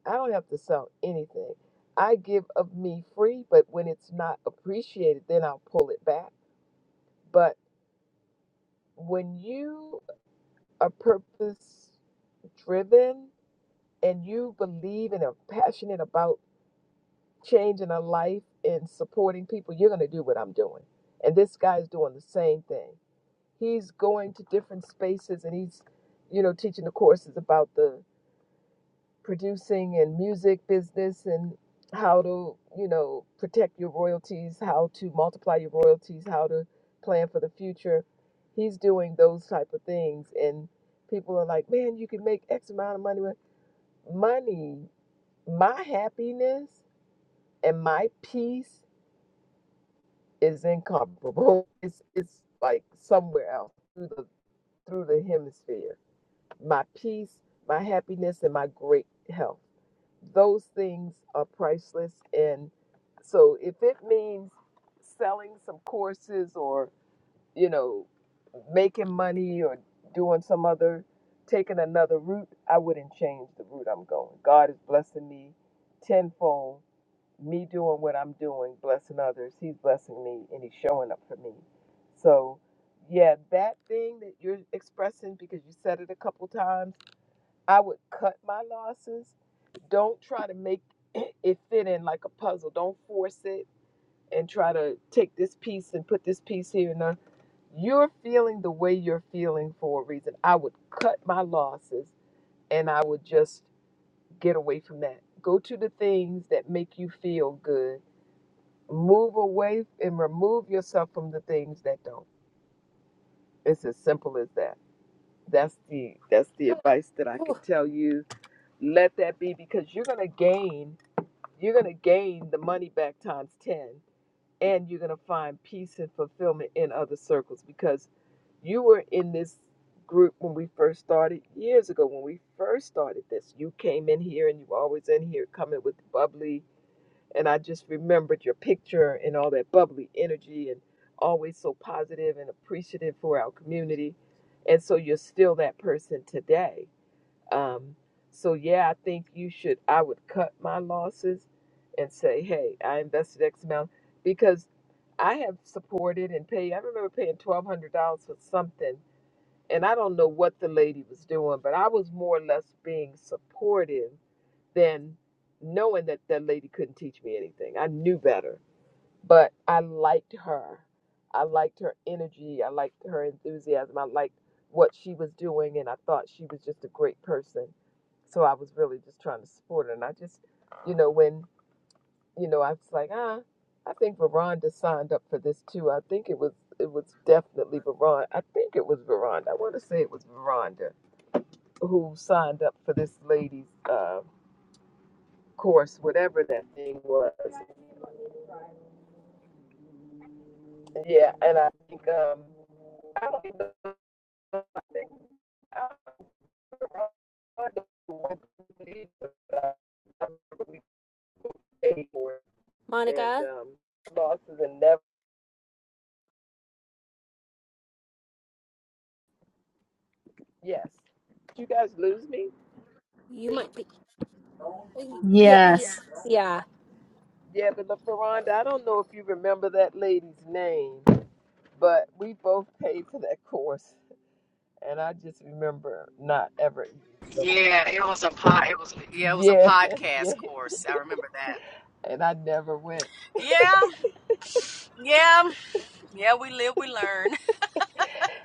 Speaker 1: I don't have to sell anything. I give of me free, but when it's not appreciated, then I'll pull it back. But when you are purpose driven and you believe and are passionate about changing a life and supporting people, you're going to do what I'm doing. And this guy's doing the same thing. He's going to different spaces and he's, you know, teaching the courses about the producing and music business and how to, you know, protect your royalties, how to multiply your royalties, how to plan for the future. He's doing those type of things and people are like, "Man, you can make X amount of money with money, my happiness and my peace is incomparable. *laughs* It's it's like somewhere else through the through the hemisphere. My peace, my happiness, and my great health. Those things are priceless. And so if it means selling some courses or, you know, making money or doing some other taking another route, I wouldn't change the route I'm going. God is blessing me tenfold me doing what I'm doing, blessing others, he's blessing me and he's showing up for me. So, yeah, that thing that you're expressing because you said it a couple times, I would cut my losses. Don't try to make *clears throat* it fit in like a puzzle. Don't force it and try to take this piece and put this piece here and there. You're feeling the way you're feeling for a reason. I would cut my losses and I would just get away from that. Go to the things that make you feel good move away and remove yourself from the things that don't. It's as simple as that. That's the that's the advice that I
Speaker 3: Whew,
Speaker 1: can tell you. Let that be because you're gonna gain you're gonna gain the money back times ten and you're gonna find peace and fulfillment in other circles because you were in this group when we first started years ago when we first started this. You came in here and you were always in here coming with the bubbly and I just remembered your picture and all that bubbly energy and always so positive and appreciative for our community. And so you're still that person today. Um, so yeah, I think you should. I would cut my losses and say, hey, I invested X amount because I have supported and paid. I remember paying twelve hundred dollars for something, and I don't know what the lady was doing, but I was more or less being supportive than knowing that that lady couldn't teach me anything. I knew better, but I liked her. I liked her energy. I liked her enthusiasm. I liked what she was doing, and I thought she was just a great person. So I was really just trying to support her. And I just, you know, when you know, I was like, ah, I think Veronda signed up for this too. I think it was it was definitely Veronda. I think it was Veronda. I want to say it was Veronda who signed up for this lady's. Uh, course, whatever that thing was. Yeah, and I think um, I don't even know. I think I don't know what I remember we paid for it,
Speaker 3: Monica,
Speaker 1: and um, losses and never. Yes, Did you guys lose me.
Speaker 3: you might be yeah, yeah. y- Yes.
Speaker 5: Yes.
Speaker 3: Yeah.
Speaker 1: Yeah, but the Ferranda, I don't know if you remember that lady's name, but we both paid for that course, and I just remember not ever even going.
Speaker 16: Yeah, it was a pod. It was yeah, it was a
Speaker 1: Yeah, *laughs* yeah,
Speaker 16: podcast course. I remember that.
Speaker 1: and I never went.
Speaker 16: Yeah, yeah, yeah. We live, we learn. *laughs*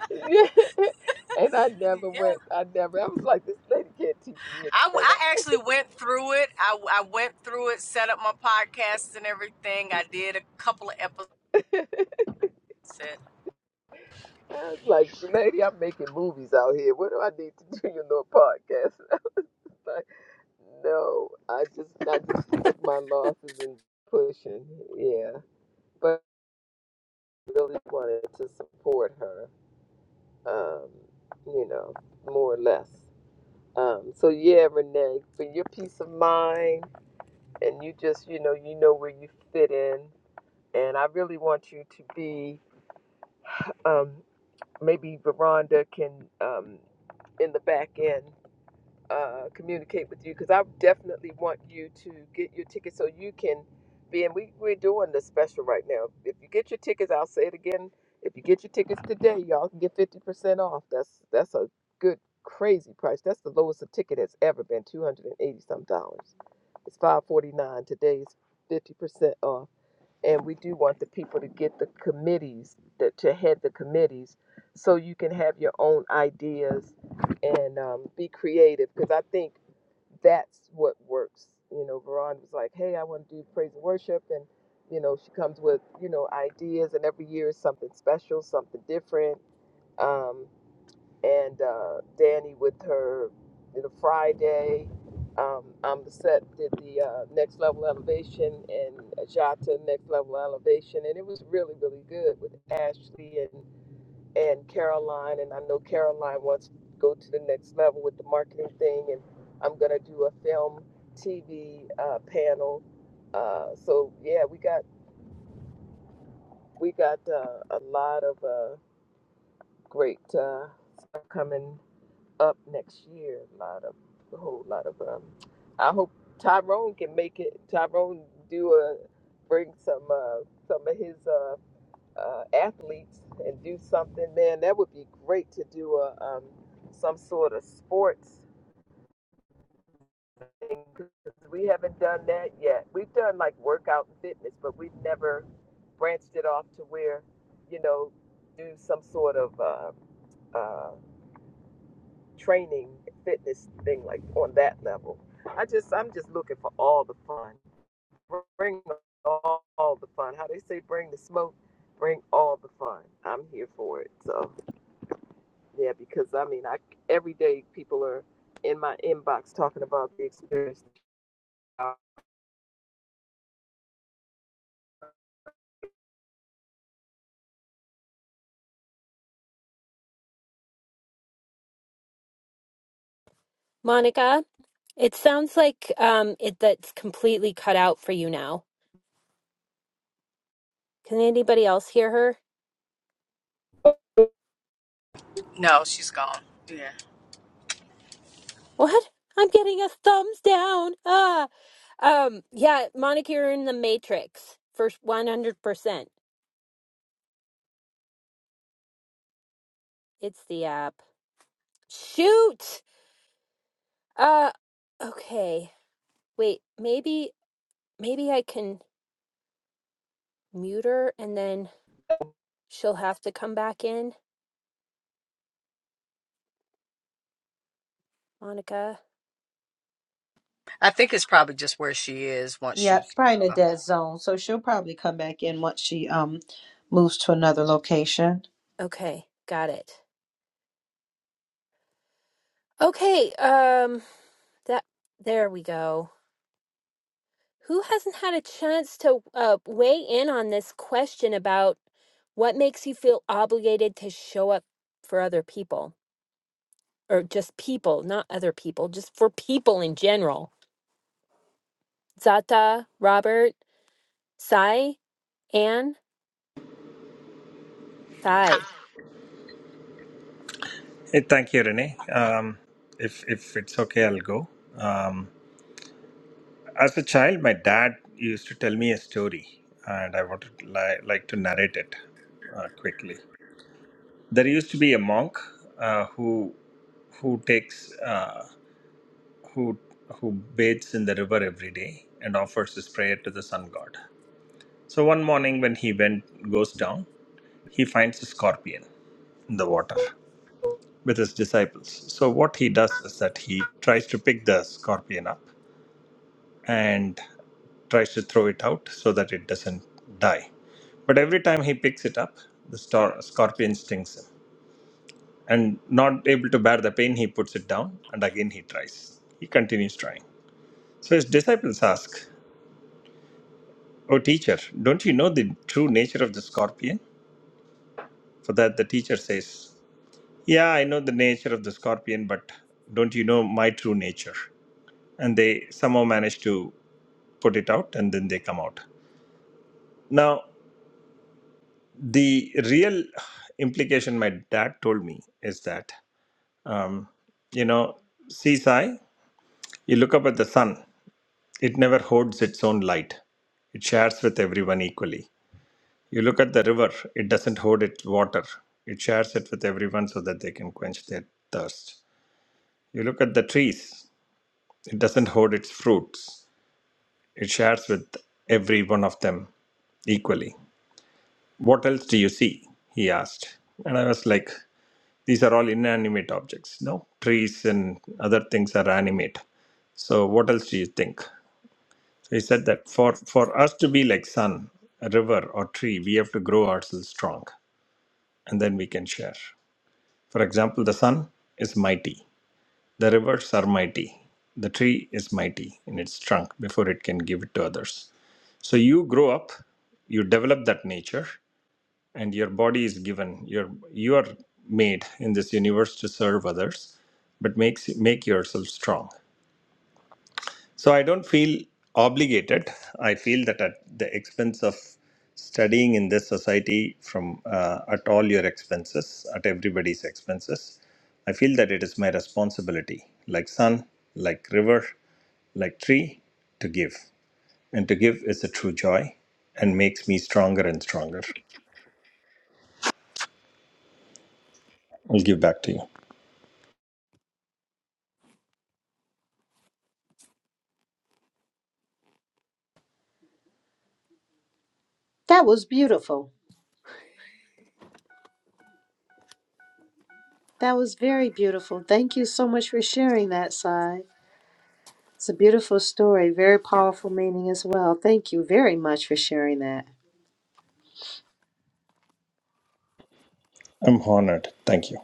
Speaker 1: *laughs* and I never
Speaker 16: Yeah,
Speaker 1: went. I never. I was like, this lady can't teach me
Speaker 16: I, w-
Speaker 1: anything.
Speaker 16: I actually went through it. I, I went through it, set up my podcasts and everything. I did a couple of episodes.
Speaker 1: I was like, lady, I'm making movies out here. What do I need to *laughs* do? You know, a podcast. *laughs* I was like, no, I just, I just took my losses and pushing. Yeah, but I really wanted to support her. Um, you know, more or less. Um, so yeah, Renee, for your peace of mind, and you just, you know, you know where you fit in, and I really want you to be um, maybe Veranda can um, in the back end uh, communicate with you because I definitely want you to get your tickets so you can be in. We, we're doing the special right now. If you get your tickets, I'll say it again. If you get your tickets today, y'all can get 50% off. That's that's a good, crazy price. That's the lowest a ticket has ever been 280 some dollars. It's 549 Today's 50% off and we do want the people to get the committees that to head the committees so you can have your own ideas and um, be creative because i think that's what works you know veron was like hey i want to do praise and worship and you know she comes with you know ideas and every year is something special something different Um, and uh, Danny with her, you know, Friday. Um, I'm the set did the uh, next level elevation and Jata next level elevation, and it was really really good with Ashley and and Caroline, and I know Caroline wants to go to the next level with the marketing thing, and I'm gonna do a film TV uh, panel. Uh, so yeah, we got we got uh, a lot of uh, great uh, stuff coming up next year. A lot of a whole lot of um. I hope Tyrone can make it. Tyrone do a bring some uh some of his uh, uh athletes and do something. Man, that would be great to do a um some sort of sports thing 'cause we haven't done that yet. We've done like workout and fitness, but we've never branched it off to where you know do some sort of. Uh, uh, training fitness thing like on that level. I just I'm just looking for all the fun. Bring all, all the fun. How they say bring the smoke, bring all the fun. I'm here for it. So yeah, because I mean I every day people are in my inbox talking about the experience. *laughs*
Speaker 3: Monica. It sounds like um it that's completely cut out for you now. Can anybody else hear her?
Speaker 16: No, she's gone. Yeah,
Speaker 3: What? I'm getting a thumbs down. Ah. Um yeah, Monica, you're in the Matrix for 100%. It's the app. Shoot. Uh okay. Wait, maybe maybe I can mute her and then she'll have to come back in. Monica.
Speaker 16: I think it's probably just where she is once
Speaker 5: yeah
Speaker 16: she.
Speaker 5: it's probably in a dead zone so she'll probably come back in once she um moves to another location
Speaker 3: Okay, got it. Okay, um that there we go. Who hasn't had a chance to uh, weigh in on this question about what makes you feel obligated to show up for other people or just people, not other people, just for people in general? Zata, Robert, Sai, Anne, Sai.
Speaker 17: Hey, thank you, Renee. Um, if if it's okay, I'll go. Um, as a child, my dad used to tell me a story, and I wanted li- like to narrate it uh, quickly. There used to be a monk uh, who who takes uh, who who bathes in the river every day and offers his prayer to the sun god. So one morning, when he went goes down, he finds a scorpion in the water. with his disciples. So, what he does is that he tries to pick the scorpion up and tries to throw it out so that it doesn't die. But every time he picks it up, the star- scorpion stings him. And not able to bear the pain, he puts it down and again he tries. He continues trying. So, his disciples ask, Oh, teacher, don't you know the true nature of the scorpion? For that, the teacher says, Yeah, I know the nature of the scorpion, but don't you know my true nature? and they somehow manage to put it out and then they come out now the real implication my dad told me is that um, you know see, Sai, you look up at the sun it never hoards its own light it shares with everyone equally you look at the river it doesn't hoard its water it shares it with everyone so that they can quench their thirst you look at the trees it doesn't hoard its fruits it shares with every one of them equally What else do you see? He asked. And I was like, These are all inanimate objects. No, trees and other things are animate. So what else do you think? So he said that for, for us to be like sun, a river, or tree, we have to grow ourselves strong and then we can share. For example, the sun is mighty, the rivers are mighty, the tree is mighty in its trunk before it can give it to others. So you grow up, you develop that nature, and your body is given You're you are made in this universe to serve others but makes make yourself strong so i don't feel obligated i feel that at the expense of studying in this society from uh, at all your expenses at everybody's expenses i feel that it is my responsibility like sun like river like tree to give and to give is a true joy and makes me stronger and stronger i'll give back to you
Speaker 5: that was beautiful That was very beautiful. Thank you so much for sharing that, Sai. It's a beautiful story, very powerful meaning as well. Thank you very much for sharing that.
Speaker 17: i'm honored thank you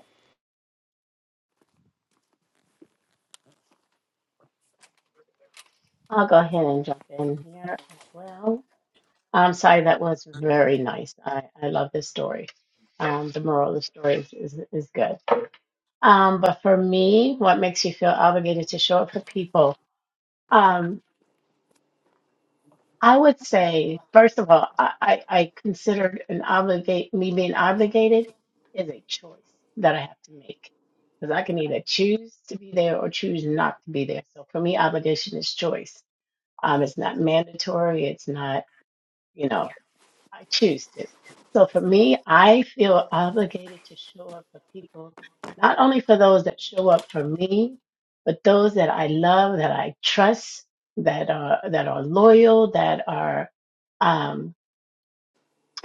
Speaker 18: I'll go ahead and jump in here as well. I'm sorry, that was very nice. I, I love this story. Um, the moral of the story is, is, is good. Um, but for me, what makes you feel obligated to show up for people? Um, I would say, first of all, I, I, I considered an obligate me being obligated is a choice that I have to make because I can either choose to be there or choose not to be there. So for me, obligation is choice. Um, it's not mandatory. It's not you know. I choose to. So for me, I feel obligated to show up for people, not only for those that show up for me, but those that I love, that I trust, that are that are loyal, that are um,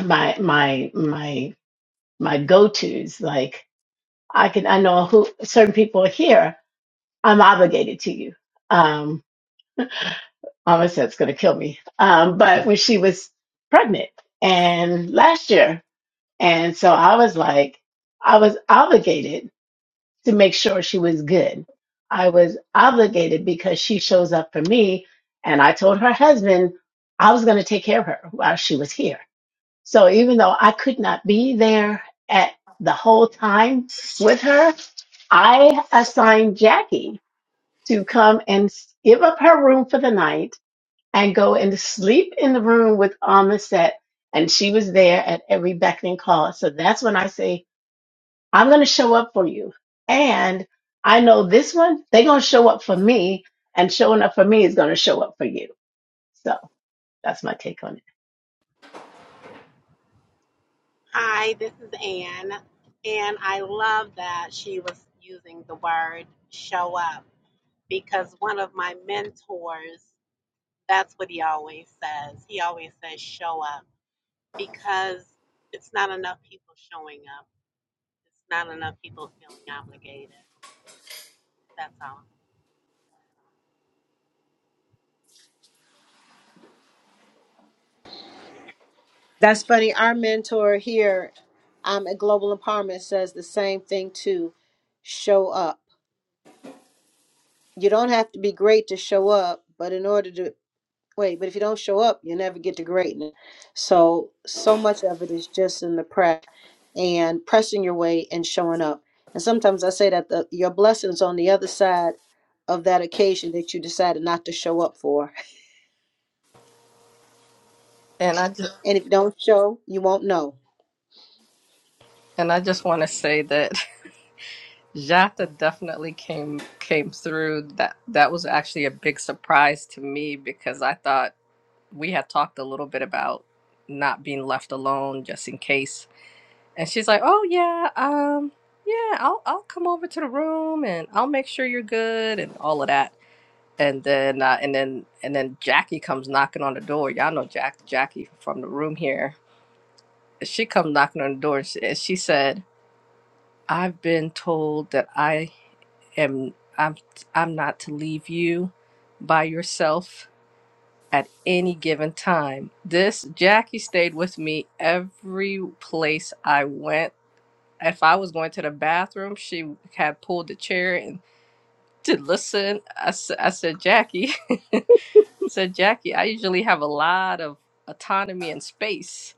Speaker 18: my my my my go tos. Like I can I know who certain people are here. I'm obligated to you. Um, Mama said it's gonna kill me. Um, but when she was pregnant and last year. And so I was like, I was obligated to make sure she was good. I was obligated because she shows up for me. And I told her husband I was going to take care of her while she was here. So even though I could not be there at the whole time with her, I assigned Jackie to come and give up her room for the night and go and sleep in the room with Amaset. And she was there at every beck and call. So that's when I say I'm going to show up for you. And I know this one, they're going to show up for me, and showing up for me is going to show up for you. So that's my take on it.
Speaker 19: Hi, this is Anne, and I love that she was using the word show up because one of my mentors, that's what he always says. He always says show up because it's not enough people showing up, it's not enough people feeling obligated. That's all.
Speaker 5: That's funny. Our mentor here um, at Global Empowerment says the same thing too show up. You don't have to be great to show up, but in order to wait, but if you don't show up, you never get to greatness. So, so much of it is just in the press and pressing your way and showing up. And sometimes I say that the, your blessings on the other side of that occasion that you decided not to show up for. *laughs*
Speaker 7: And I just
Speaker 5: And if you don't show, you won't know.
Speaker 7: and I just want to say that *laughs* Jata definitely came came through. That that was actually a big surprise to me because I thought. we had talked a little bit about not being left alone just in case. And she's like, "Oh yeah, um yeah, I'll I'll come over to the room and I'll make sure you're good and all of that." And then uh, and then and then Jackie comes knocking on the door. Y'all know Jack Jackie from the room here. She comes knocking on the door and she, and she said, "I've been told that I am I'm I'm not to leave you by yourself." at any given time. This Jackie stayed with me every place I went. If I was going to the bathroom, she had pulled the chair and to listen. I, s- I said, Jackie, *laughs* I said Jackie, I usually have a lot of autonomy and space.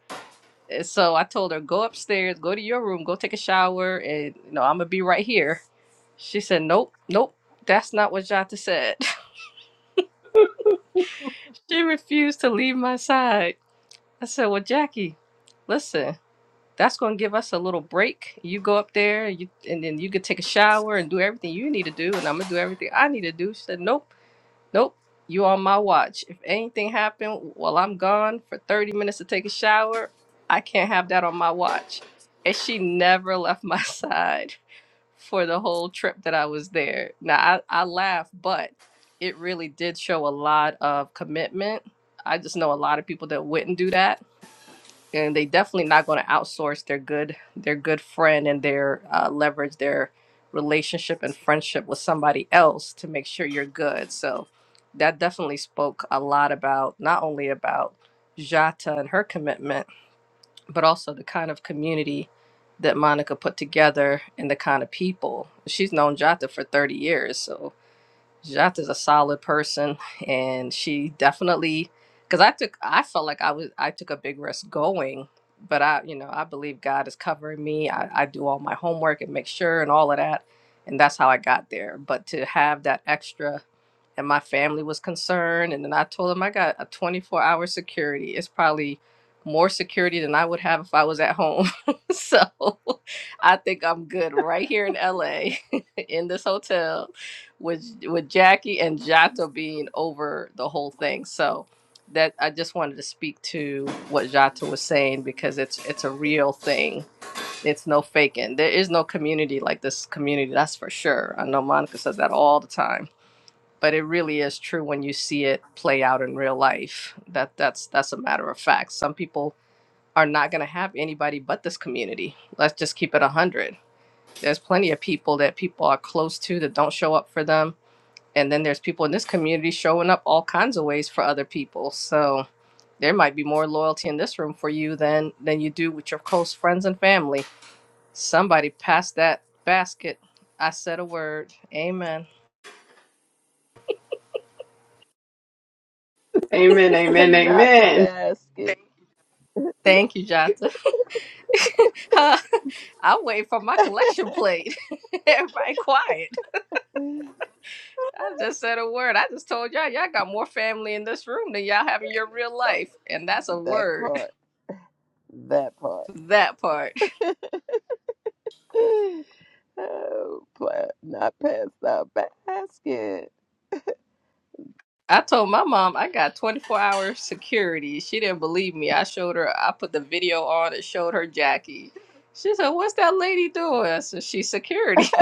Speaker 7: And so I told her, go upstairs, go to your room, go take a shower, and you know I'm gonna be right here. She said, nope, nope, that's not what Jata said. *laughs* she refused to leave my side. I said, well, Jackie, listen. That's going to give us a little break. You go up there, you and then you can take a shower and do everything you need to do, and I'm gonna do everything I need to do. She said, "Nope, nope, you on my watch. If anything happened while I'm gone for 30 minutes to take a shower, I can't have that on my watch." And she never left my *laughs* side for the whole trip that I was there. Now I, I laugh, but it really did show a lot of commitment. I just know a lot of people that wouldn't do that and they definitely not going to outsource their good their good friend and their uh, leverage their relationship and friendship with somebody else to make sure you're good so that definitely spoke a lot about not only about jata and her commitment but also the kind of community that monica put together and the kind of people she's known jata for 30 years so Jat is a solid person, and she definitely, because I took, I felt like I was, I took a big risk going, but I, you know, I believe God is covering me. I, I do all my homework and make sure and all of that, and that's how I got there. But to have that extra, and my family was concerned, and then I told them I got a 24 hour security. It's probably more security than I would have if I was at home. *laughs* so *laughs* I think I'm good right here in LA *laughs* in this hotel with with Jackie and Jato being over the whole thing. So that I just wanted to speak to what Jato was saying because it's it's a real thing. It's no faking. There is no community like this community, that's for sure. I know Monica says that all the time. But it really is true when you see it play out in real life. That that's that's a matter of fact. Some people are not gonna have anybody but this community. Let's just keep it a hundred. There's plenty of people that people are close to that don't show up for them and then there's people in this community showing up all kinds of ways for other people so there might be more loyalty in this room for you than than you do with your close friends and family somebody passed that basket i said a word amen
Speaker 18: Amen, amen,
Speaker 1: Not the
Speaker 18: amen.
Speaker 1: basket.
Speaker 7: thank you jata *laughs* i'm waiting for my collection plate *laughs* everybody quiet
Speaker 1: *laughs*
Speaker 7: i just said a word i just told y'all y'all got more family in this room than y'all have in your real life and that's a
Speaker 1: That
Speaker 7: word
Speaker 1: part. That part.
Speaker 7: *laughs*
Speaker 1: *sighs*
Speaker 7: that part
Speaker 1: *laughs* Oh, pla- not past the basket.
Speaker 7: I told my mom I got 24 hour security. She didn't believe me. I showed her, I put the video on and showed her Jackie. She said, What's that lady doing? I said, She's security. *laughs*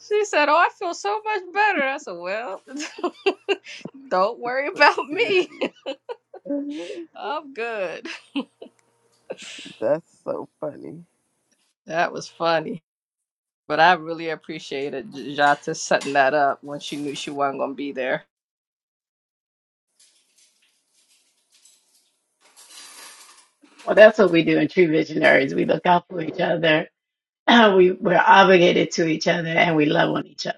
Speaker 7: She said, Oh, I feel so much better. I said, Well, *laughs* don't worry about me.
Speaker 1: Security. *laughs*
Speaker 7: I'm good.
Speaker 1: That's so funny.
Speaker 7: That was funny. But I really appreciated J- Jata setting that up when she knew she wasn't going to be there.
Speaker 18: Well, that's what we do in True Visionaries. We look out for each other, *clears throat* we, we're obligated to each other, and we love on each other.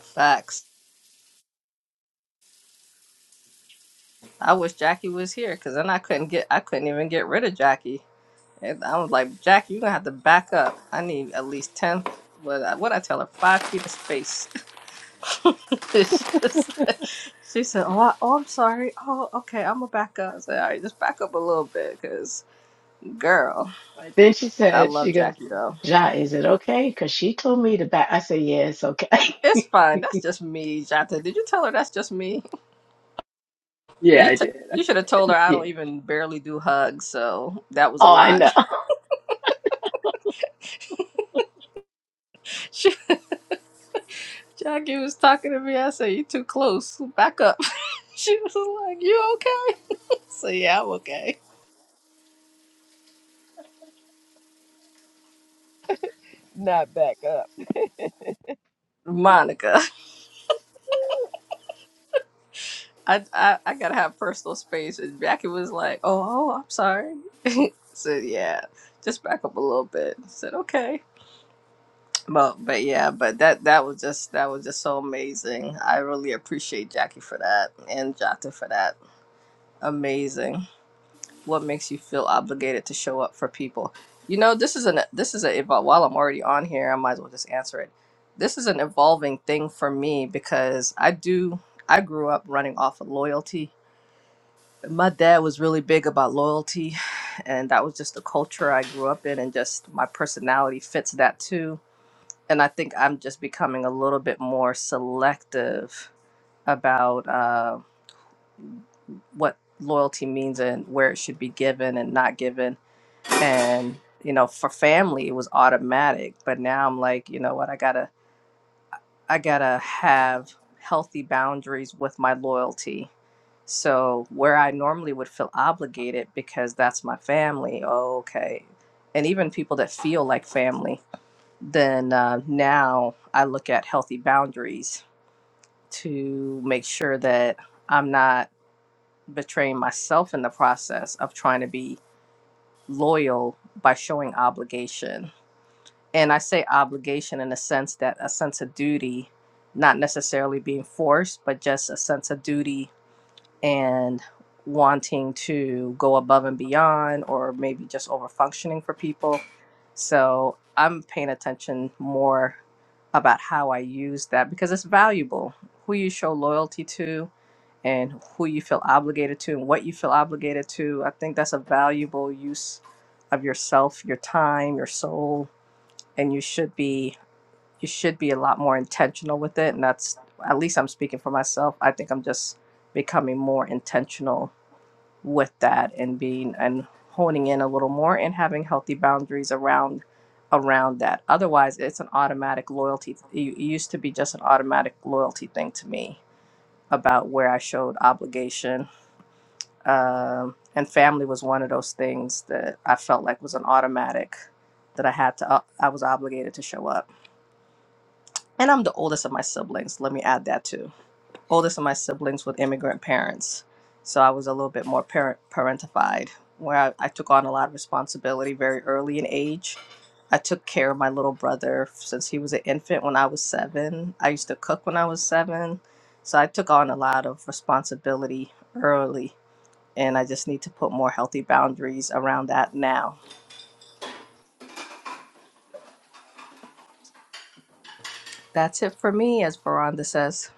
Speaker 7: Facts. I wish Jackie was here because then I couldn't get, I couldn't even get rid of Jackie. And I was like, Jackie, you're gonna have to back up. I need at least ten. What I, what I tell her, five feet of space. *laughs* It's just- she said, "Oh, I, oh, I'm sorry. Oh, okay, I'm gonna back up." I said, "All right, just back up a little bit, cause girl,
Speaker 18: Right. Then she
Speaker 7: I
Speaker 18: said,
Speaker 7: love
Speaker 18: she goes,
Speaker 7: Jackie though.
Speaker 18: Ja, is it okay? Because she told me to back. I said, yeah, it's okay.
Speaker 7: It's
Speaker 18: *laughs*
Speaker 7: fine. That's just me, Jata. Did you tell her that's just me? Do
Speaker 18: yeah,
Speaker 7: you?"
Speaker 18: I
Speaker 7: T-
Speaker 18: did.
Speaker 7: you
Speaker 18: I
Speaker 7: should have told her
Speaker 18: did. *laughs*
Speaker 7: I don't
Speaker 18: Yeah.
Speaker 7: even barely do hugs, so that was a
Speaker 18: Oh, I
Speaker 7: lot.
Speaker 18: know.
Speaker 7: *laughs*
Speaker 18: *laughs*
Speaker 7: She, Jackie was talking to me. I said, "You too close. Back up." *laughs* She was like, "You okay?" So yeah, I'm okay.
Speaker 1: not back up.
Speaker 7: Monica, *laughs* I, I I gotta have personal space. And Jackie was like, "Oh, oh, I'm sorry." So yeah, just back up a little bit. I said okay. But but yeah, but that that was just that was just so amazing. I really appreciate Jackie for that and Jata for that. Amazing. what makes you feel obligated to show up for people you know this is an this is a while i'm already on here i might as well just answer it this is an evolving thing for me because i do i grew up running off of loyalty my dad was really big about loyalty and that was just the culture i grew up in and just my personality fits that too and i think i'm just becoming a little bit more selective about uh, what loyalty means and where it should be given and not given and you know for family it was automatic but now i'm like you know what i gotta i gotta have healthy boundaries with my loyalty so where i normally would feel obligated because that's my family oh, okay and even people that feel like family then uh, now i look at healthy boundaries to make sure that i'm not betraying myself in the process of trying to be loyal by showing obligation and I say obligation in a sense that a sense of duty, not necessarily being forced, but just a sense of duty and wanting to go above and beyond, or maybe just over functioning for people. So I'm paying attention more about how I use that because it's valuable. Who you show loyalty to, and who you feel obligated to, and what you feel obligated to. I think that's a valuable use of yourself, your time, your soul, and you should be you should be a lot more intentional with it and that's at least i'm speaking for myself i think i'm just becoming more intentional with that and being and honing in a little more and having healthy boundaries around around that otherwise it's an automatic loyalty it used to be just an automatic loyalty thing to me about where i showed obligation um, and family was one of those things that i felt like was an automatic that i had to i was obligated to show up And I'm the oldest of my siblings. Let me add that too. Oldest of my siblings with immigrant parents. So I was a little bit more parent parentified, where I, I took on a lot of responsibility very early in age. I took care of my little brother since he was an infant when I was seven. I used to cook when I was seven. So I took on a lot of responsibility early. And I just need to put more healthy boundaries around that now. That's it for me, as Veranda says.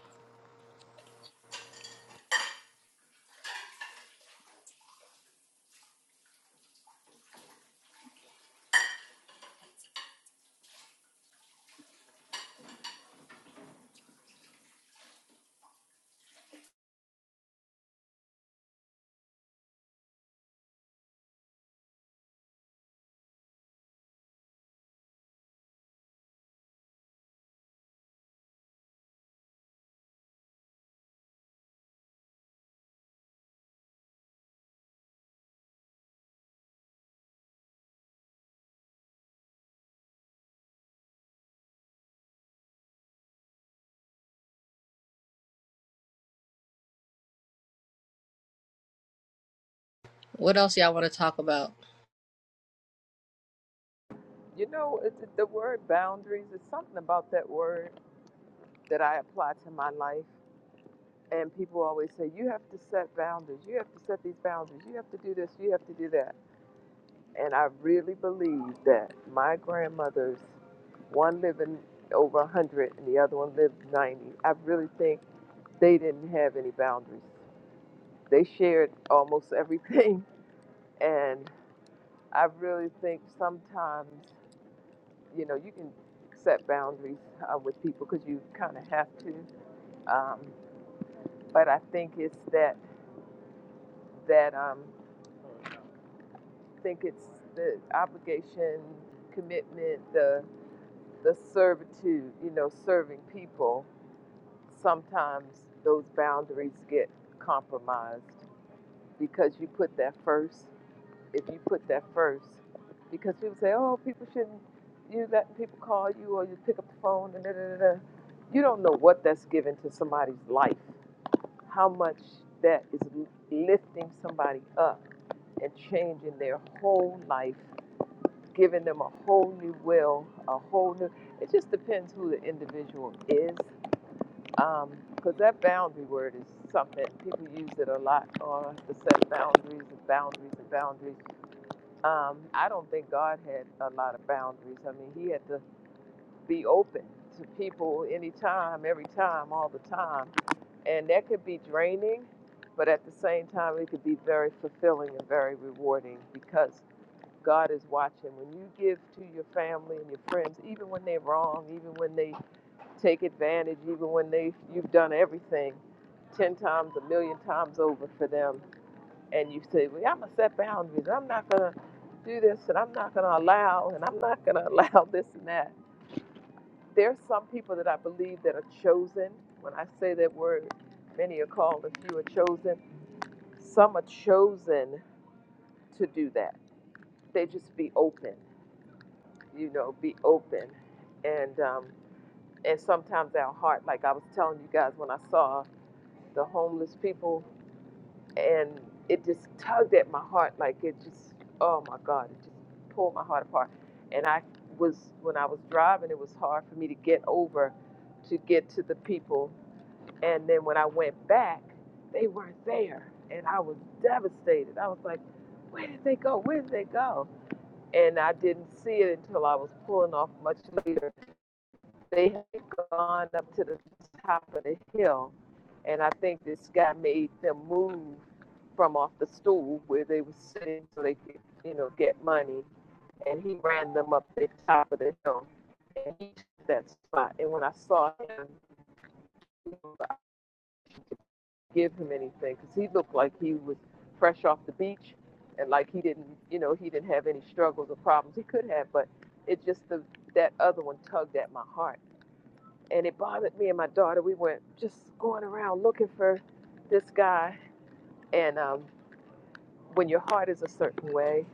Speaker 7: What else y'all want to talk about?
Speaker 1: You know, it's the word boundaries. is something about that word that I apply to my life. And people always say, you have to set boundaries. You have to set these boundaries. You have to do this. You have to do that. And I really believe that my grandmother's one living over 100 and the other one lived 90. I really think they didn't have any boundaries. They shared almost everything. *laughs* And I really think sometimes you know, you can set boundaries uh, with people because you kind of have to. Um, but I think it's that that um, I think it's the obligation, commitment, the the servitude, you know, serving people. Sometimes those boundaries get compromised because you put that first. if you put that first. Because people say, oh, people shouldn't, you let people call you or you pick up the phone and da da da. da." You don't know what that's given to somebody's life, how much that is lifting somebody up and changing their whole life, giving them a whole new will, a whole new. It just depends who the individual is. Because um, that boundary word is something people use it a lot on to set boundaries and boundaries and boundaries. Um, I don't think God had a lot of boundaries. I mean, He had to be open to people anytime, every time, all the time. And that could be draining, but at the same time, it could be very fulfilling and very rewarding because God is watching. When you give to your family and your friends, even when they're wrong, even when they take advantage, even when they you've done everything ten times, a million times over for them, and you say, well, I'm going to set boundaries. I'm not going to do this and I'm not going to allow and I'm not going to *laughs* allow this and that. There's some people that I believe that are chosen. When I say that word, many are called, a few are chosen. Some are chosen to do that. They just be open, you know, be open. And, um, and sometimes our heart, like I was telling you guys when I saw the homeless people and it just tugged at my heart like it just oh my god it just pulled my heart apart and i was when i was driving it was hard for me to get over to get to the people and then when i went back they weren't there and i was devastated i was like where did they go where did they go and i didn't see it until i was pulling off much later they had gone up to the top of the hill, and I think this guy made them move from off the stool where they were sitting so they could, you know, get money, and he ran them up the top of the hill, and he took that spot. And when I saw him, I didn't give him anything because he looked like he was fresh off the beach, and like he didn't, you know, he didn't have any struggles or problems. He could have, but it just the that other one tugged at my heart and it bothered me and my daughter. We went just going around looking for this guy. And um, when your heart is a certain way,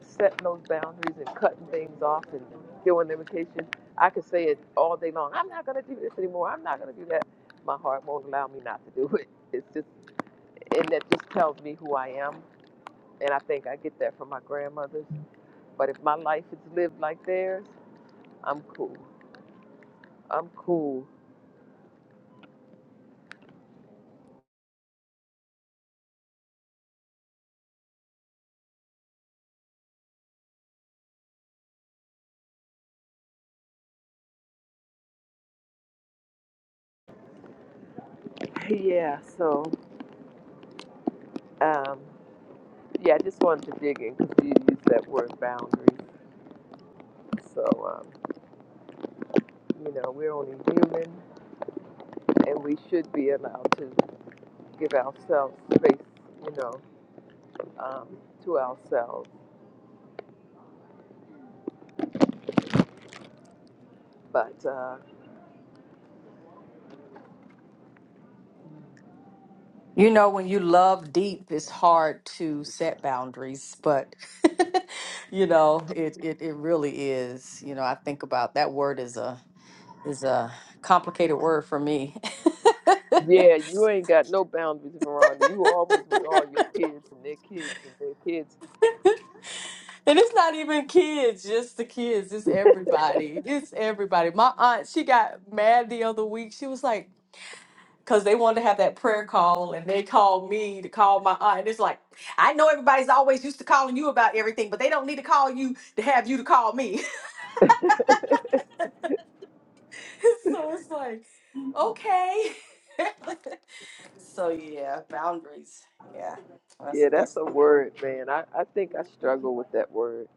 Speaker 1: setting those boundaries and cutting things off and doing limitations, I could say it all day long. I'm not going to do this anymore. I'm not going to do that. My heart won't allow me not to do it. It's just, and that just tells me who I am. And I think I get that from my grandmothers. But if my life is lived like theirs, I'm cool. I'm cool. Yeah, so um, Yeah, I just wanted to dig in because you used that word boundaries. So, um, you know, we're only human and we should be allowed to give ourselves space, you know, um, to ourselves. But uh,
Speaker 16: You know, when you love deep, it's hard to set boundaries, but *laughs* you know, it, it it really is. You know, I think about that word is a is a complicated word for me. *laughs*
Speaker 1: yeah, you ain't got no boundaries, Veronda. You always with all your kids and their kids and
Speaker 16: And it's not even kids, just the kids. It's everybody. It's everybody. My aunt, she got mad the other week. She was like, because they wanted to have that prayer call, and they called me to call my aunt. And it's like, I know everybody's always used to calling you about everything, but they don't need to call you to have you to call me.
Speaker 1: their kids.
Speaker 16: *laughs* so it's like, okay. *laughs* so yeah, boundaries. Yeah,
Speaker 1: *laughs*
Speaker 16: that's a,
Speaker 1: yeah, that's
Speaker 16: that's a
Speaker 1: a
Speaker 16: good word.
Speaker 1: word, man. I, I think I struggle with that word.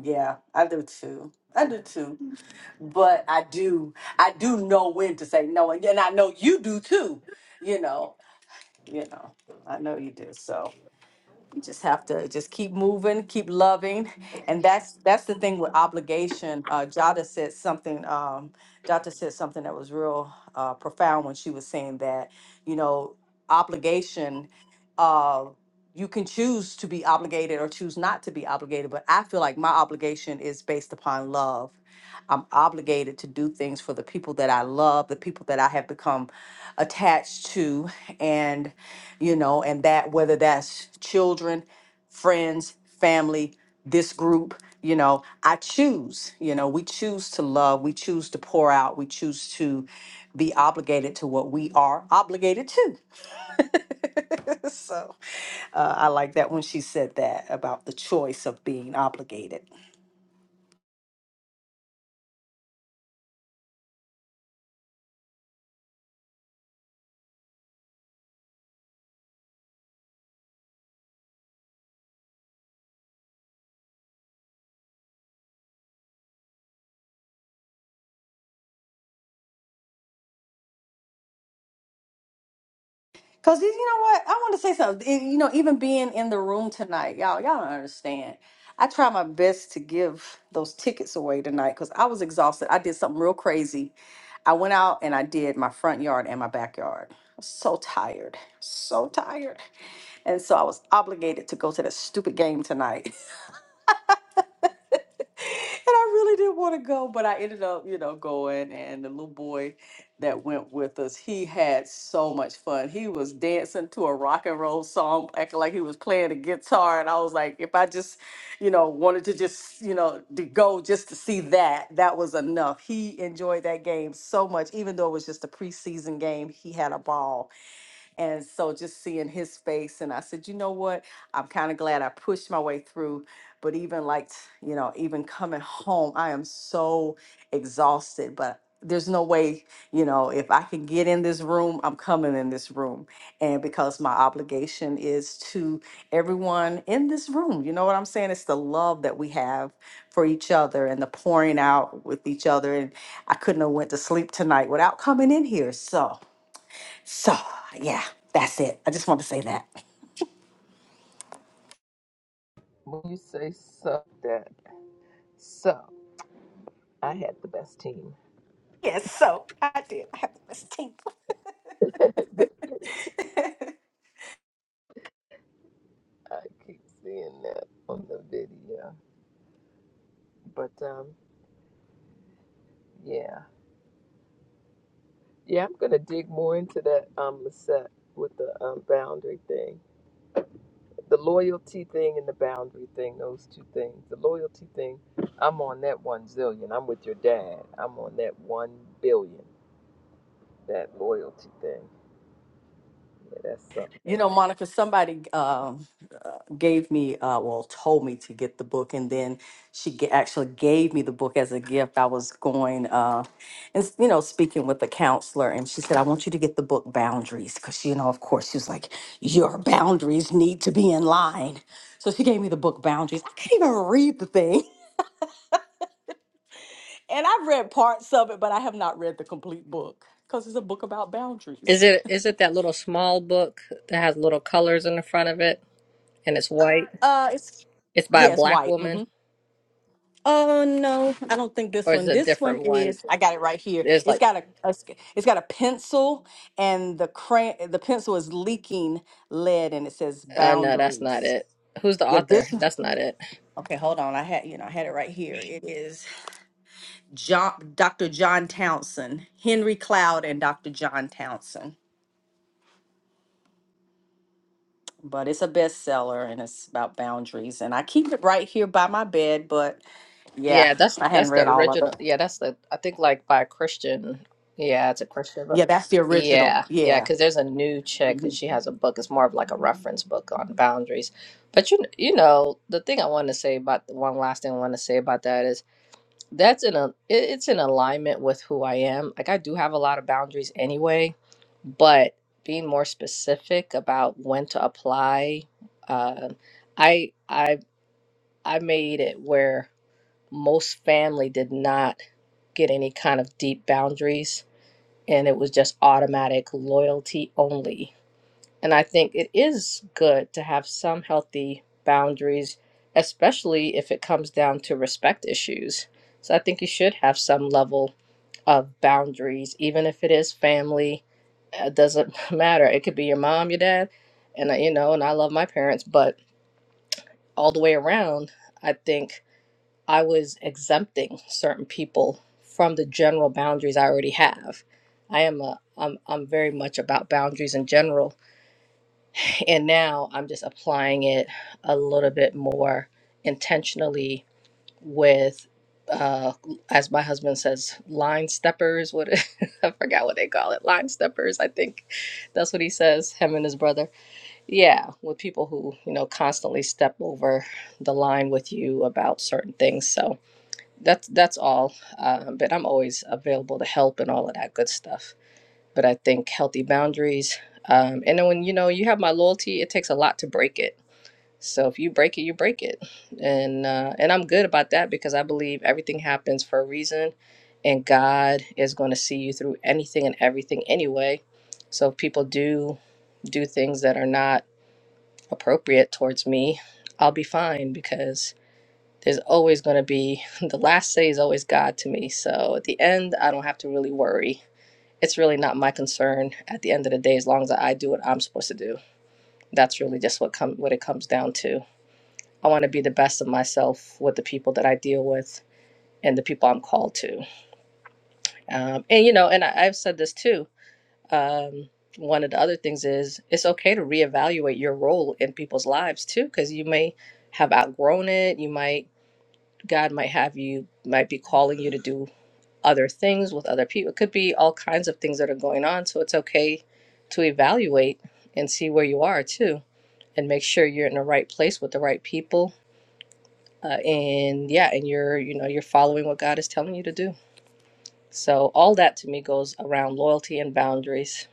Speaker 16: Yeah, I do too. I do too. But I do, I do know when to say no, and then I know you do too. You know, you know, I know you do. So. we just have to just keep moving, keep loving, and that's that's the thing with obligation. Uh, Jada said something. Um, Jada said something that was real uh, profound when she was saying that you know obligation. Uh, you can choose to be obligated or choose not to be obligated, but I feel like my obligation is based upon love. I'm obligated to do things for the people that I love, the people that I have become attached to, and you know, and that whether that's children, friends, family, this group, you know, I choose, you know, we choose to love, we choose to pour out, we choose to be obligated to what we are obligated to *laughs* so uh, I like that when she said that about the choice of being obligated. Cause you know what? I want to say something. And, You know, even being in the room tonight, y'all, y'all don't understand. I try my best to give those tickets away tonight because I was exhausted. I did something real crazy. I went out and I did my front yard and my backyard. I was so tired, so tired. And so I was obligated to go to that stupid game tonight. I really didn't want to go, but I ended up, you know, going. And the little boy that went with us, he had so much fun. He was dancing to a rock and roll song, acting like he was playing the guitar. And I was like, if I just, you know, wanted to just, you know, to go just to see that, that was enough. He enjoyed that game so much, even though it was just a preseason game. He had a ball and so just seeing his face, and I said, you know what? I'm kind of glad I pushed my way through. But even like, t- you know, even coming home, I am so exhausted, but there's no way, you know, if I can get in this room, I'm coming in this room. And because my obligation is to everyone in this room, you know what I'm saying? It's the love that we have for each other and the pouring out with each other. And I couldn't have went to sleep tonight without coming in here. So so, yeah, that's it. I just want to say that. *laughs*
Speaker 1: When you say so, that so, I had the best team.
Speaker 16: Yes, so I did I have a mistake.
Speaker 1: *laughs*
Speaker 16: *laughs*
Speaker 1: I keep seeing that on the video. But um, yeah, yeah, I'm gonna dig more into that um Lisette with the um boundary thing, the loyalty thing, and the boundary thing. Those two things. The loyalty thing, I'm on that one zillion. I'm with your dad. I'm on that one billion. That loyalty thing. Yeah, that's something.
Speaker 16: You know, Monica, somebody um, uh, gave me, uh, well, told me to get the book, and then she g- actually gave me the book as a gift. I was going uh, and, s- you know, speaking with a counselor, and she said, I want you to get the book Boundaries, because, you know, of course, she was like, Your boundaries need to be in line. So she gave me the book Boundaries. I can't even read the thing. And I've read parts of it, but I have not read the complete book because it's a book about
Speaker 7: Is
Speaker 16: boundaries.
Speaker 7: it is it that little small book that has little colors in the front of it and it's white?
Speaker 16: Uh, it's
Speaker 7: It's by a
Speaker 16: yeah, it's
Speaker 7: black
Speaker 16: white.
Speaker 7: woman
Speaker 16: hmm Oh no, I don't think this
Speaker 7: or is
Speaker 16: one.
Speaker 7: it a
Speaker 16: This one
Speaker 7: different one?
Speaker 16: is. I got it right here.
Speaker 7: There's
Speaker 16: It's
Speaker 7: like
Speaker 16: got a, a s- it's got a pencil, and the crayon, the pencil is leaking lead, and it says
Speaker 7: uh no, that's not
Speaker 16: boundaries.
Speaker 7: it. Who's the
Speaker 16: Yeah,
Speaker 7: author?
Speaker 16: this. one-
Speaker 7: That's not it.
Speaker 16: Okay, hold on. I had you know I had it right here. It is John, Dr. John Townsend, Henry Cloud, and Dr. John Townsend. but it's a bestseller and it's about boundaries. And I keep it right here by my bed, but yeah,
Speaker 7: Yeah, that's
Speaker 16: I hadn't
Speaker 7: that's the
Speaker 16: read all of it.
Speaker 7: original. Yeah, that's the I think like by a Christian. Yeah, it's a Christian
Speaker 16: Yeah,
Speaker 7: book.
Speaker 16: that's the original.
Speaker 7: Yeah, yeah,
Speaker 16: Yeah.
Speaker 7: because there's a new chick and
Speaker 16: Mhm.
Speaker 7: she has a book. It's more of like a reference book on boundaries. But you you know the thing I want to say about one last thing I want to say about that is that's in a it- it's in alignment with who I am. Like I do have a lot of boundaries anyway, but being more specific about when to apply, uh, I I I made it where most family did not get any kind of deep boundaries, and it was just automatic loyalty only and I think it is good to have some healthy boundaries, especially if it comes down to respect issues. So I think you should have some level of boundaries, even if it is family. uh, It doesn't *laughs* matter. It could be your mom, your dad, and I, you know, and I love my parents, but all the way around, I think I was exempting certain people from the general boundaries I already have. I am a, I'm, I'm very much about boundaries in general and now I'm just applying it a little bit more intentionally with, uh, as my husband says, line steppers. What *laughs* I forgot what they call it, line steppers. I think that's what he says. Him and his brother. Yeah, with people who you know constantly step over the line with you about certain things. So that's that's all. Uh, but I'm always available to help and all of that good stuff but I think healthy boundaries. Um, and then when you know you have my loyalty, it takes a lot to break it. So if you break it, you break it, and uh, and I'm good about that because I believe everything happens for a reason, and God is going to see you through anything and everything anyway. So if people do do things that are not appropriate towards me, I'll be fine because there's always going to be *laughs* the last say is always God to me. So at the end, I don't have to really worry it's really not my concern at the end of the day as long as i do what i'm supposed to do that's really just what come what it comes down to i want to be the best of myself with the people that i deal with and the people i'm called to um, and you know and I, i've said this too um, one of the other things is it's okay to reevaluate your role in people's lives too because you may have outgrown it you might god might have you might be calling you to do other things with other people. It could be all kinds of things that are going on. So it's okay to evaluate and see where you are too, and make sure you're in the right place with the right people. Uh, and yeah, and you're you know you're following what God is telling you to do. So all that to me goes around loyalty and boundaries.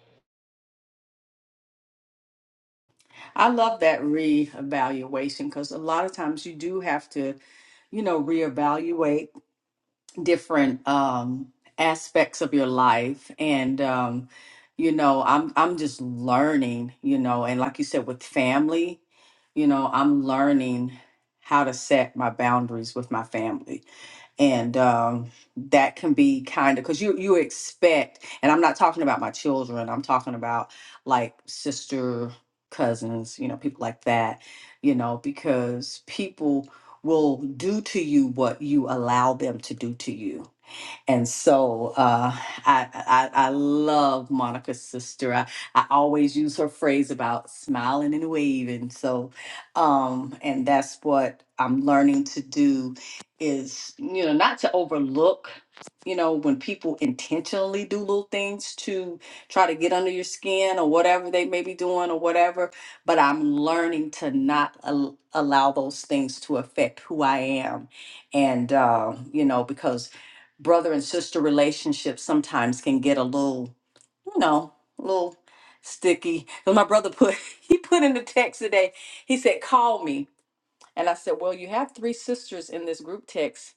Speaker 16: I love that reevaluation because a lot of times you do have to, you know, reevaluate different um, aspects of your life. And, um, you know, I'm I'm just learning, you know, and like you said, with family, you know, I'm learning how to set my boundaries with my family and um, that can be kind of because you you expect and i'm not talking about my children i'm talking about like sister cousins you know people like that you know because people will do to you what you allow them to do to you and so uh, I, I I love Monica's sister. I, I always use her phrase about smiling and waving. So um, and that's what I'm learning to do is you know not to overlook you know when people intentionally do little things to try to get under your skin or whatever they may be doing or whatever but i'm learning to not al- allow those things to affect who i am and uh, you know because brother and sister relationships sometimes can get a little, you know, a little sticky. Because my brother put *laughs* he put in the text today. He said, "Call me," and I said, "Well, you have three sisters in this group text."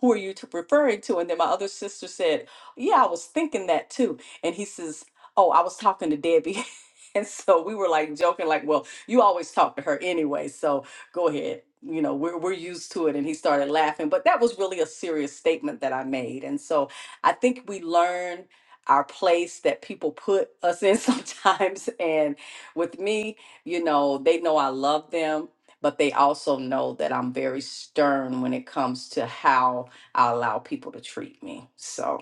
Speaker 16: who are you t- referring to? And then my other sister said, Yeah, I was thinking that too. And he says, Oh, I was talking to Debbie. *laughs* and so we were like joking, like, Well, you always talk to her anyway. So go ahead. You know, we're, we're used to it. And he started laughing. But that was really a serious statement that I made. And so I think we learn our place that people put us in *laughs* sometimes. And with me, you know, they know I love them but they also know that I'm very stern when it comes to how I allow people to treat me. So,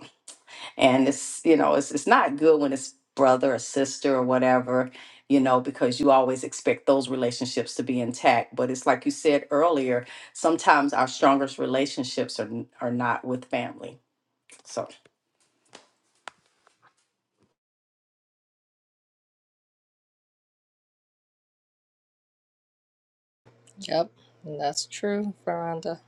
Speaker 16: and it's, you know, it's, it's not good when it's brother or sister or whatever, you know, because you always expect those relationships to be intact. But it's like you said earlier, sometimes our strongest relationships are, n- are not with family. So,
Speaker 7: Yep, that's true, Veranda.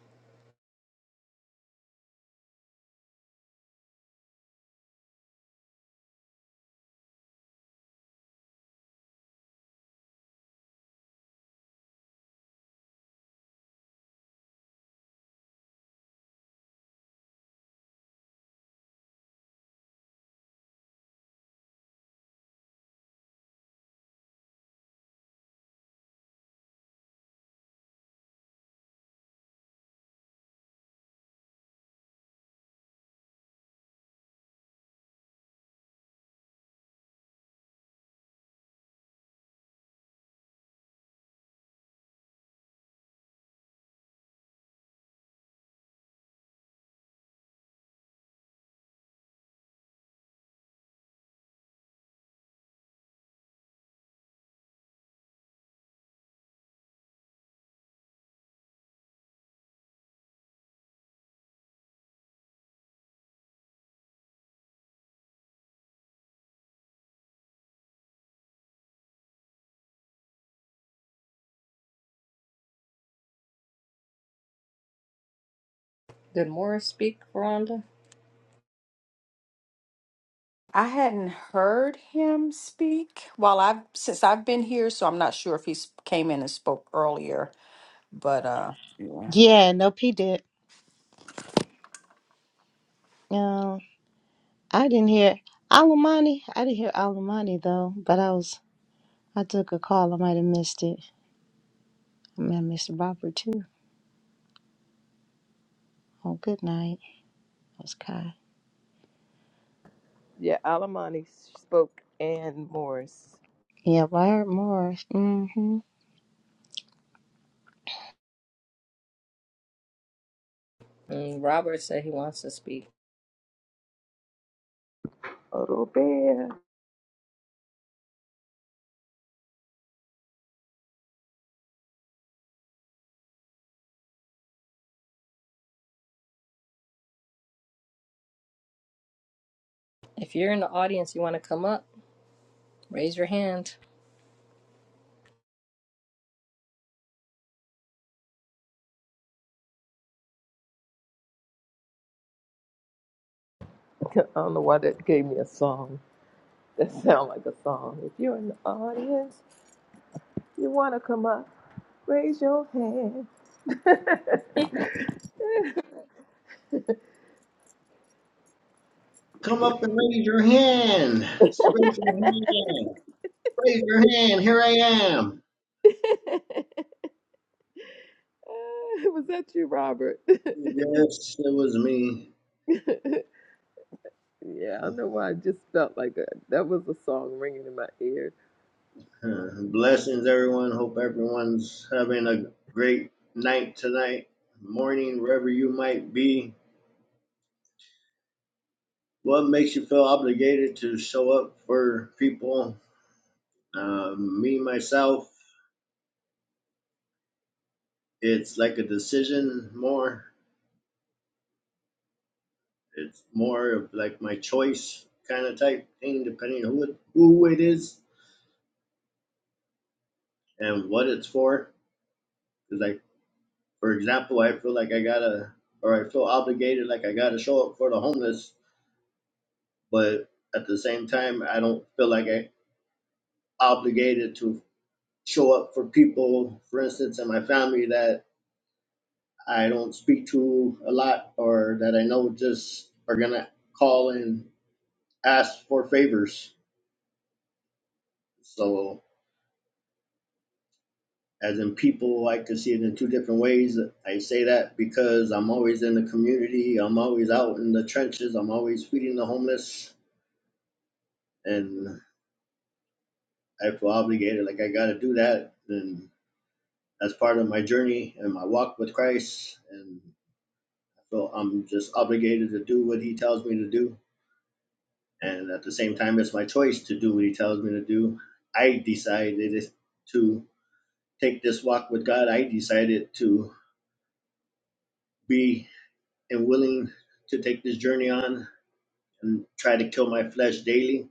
Speaker 7: Did Morris speak, Veranda?
Speaker 16: I hadn't heard him speak while I've since I've been here, so I'm not sure if he s- came in and spoke earlier. But uh, yeah.
Speaker 5: Yeah, no, P did. No, I didn't hear Alamani. I didn't hear Alamani though, but I was I took a call. I might have missed it. I might have missed Robert too. Oh, good night. That was Kai.
Speaker 1: Yeah, Alamani spoke and Morris.
Speaker 5: Yeah, Wyatt Morris. hmm
Speaker 7: Mm, Robert said he wants to speak.
Speaker 1: Oh, Robert. *laughs*
Speaker 7: If you're in the audience, you want to come up, raise your hand.
Speaker 1: I don't know why that gave me a song. That sound like a song. If you're in the audience, You want to come up? Raise your hand. *laughs*
Speaker 7: *laughs*
Speaker 20: Come up and raise your hand. I said, raise your hand. Raise your hand. Here I am.
Speaker 1: was that you, Robert? *laughs*
Speaker 20: Yes, it was me.
Speaker 1: yeah, I don't know why I just felt like that. That was a song ringing in my ear.
Speaker 20: Uh, Blessings, everyone. Hope everyone's having a great night tonight, morning, wherever you might be. What makes you feel obligated to show up for people? Um, me, myself, it's like a decision more. It's more of like my choice kind of type thing, depending on who it, who it is and what it's for. Because like, for example, I feel like I gotta, or I feel obligated, like I gotta show up for the homeless, but at the same time, I don't feel like I obligated to show up for people, for instance, in my family that I don't speak to a lot, or that I know just are gonna call and ask for favors. So as in people like to see it in two different ways. I say that because I'm always in the community, I'm always out in the trenches, I'm always feeding the homeless, and I feel obligated, like I got to do that, and that's part of my journey and my walk with Christ, and I feel I'm just obligated to do what He tells me to do, and at the same time, it's my choice to do what He tells me to do. I decided to take this walk with God. I decided to be and willing to take this journey on and try to kill my flesh daily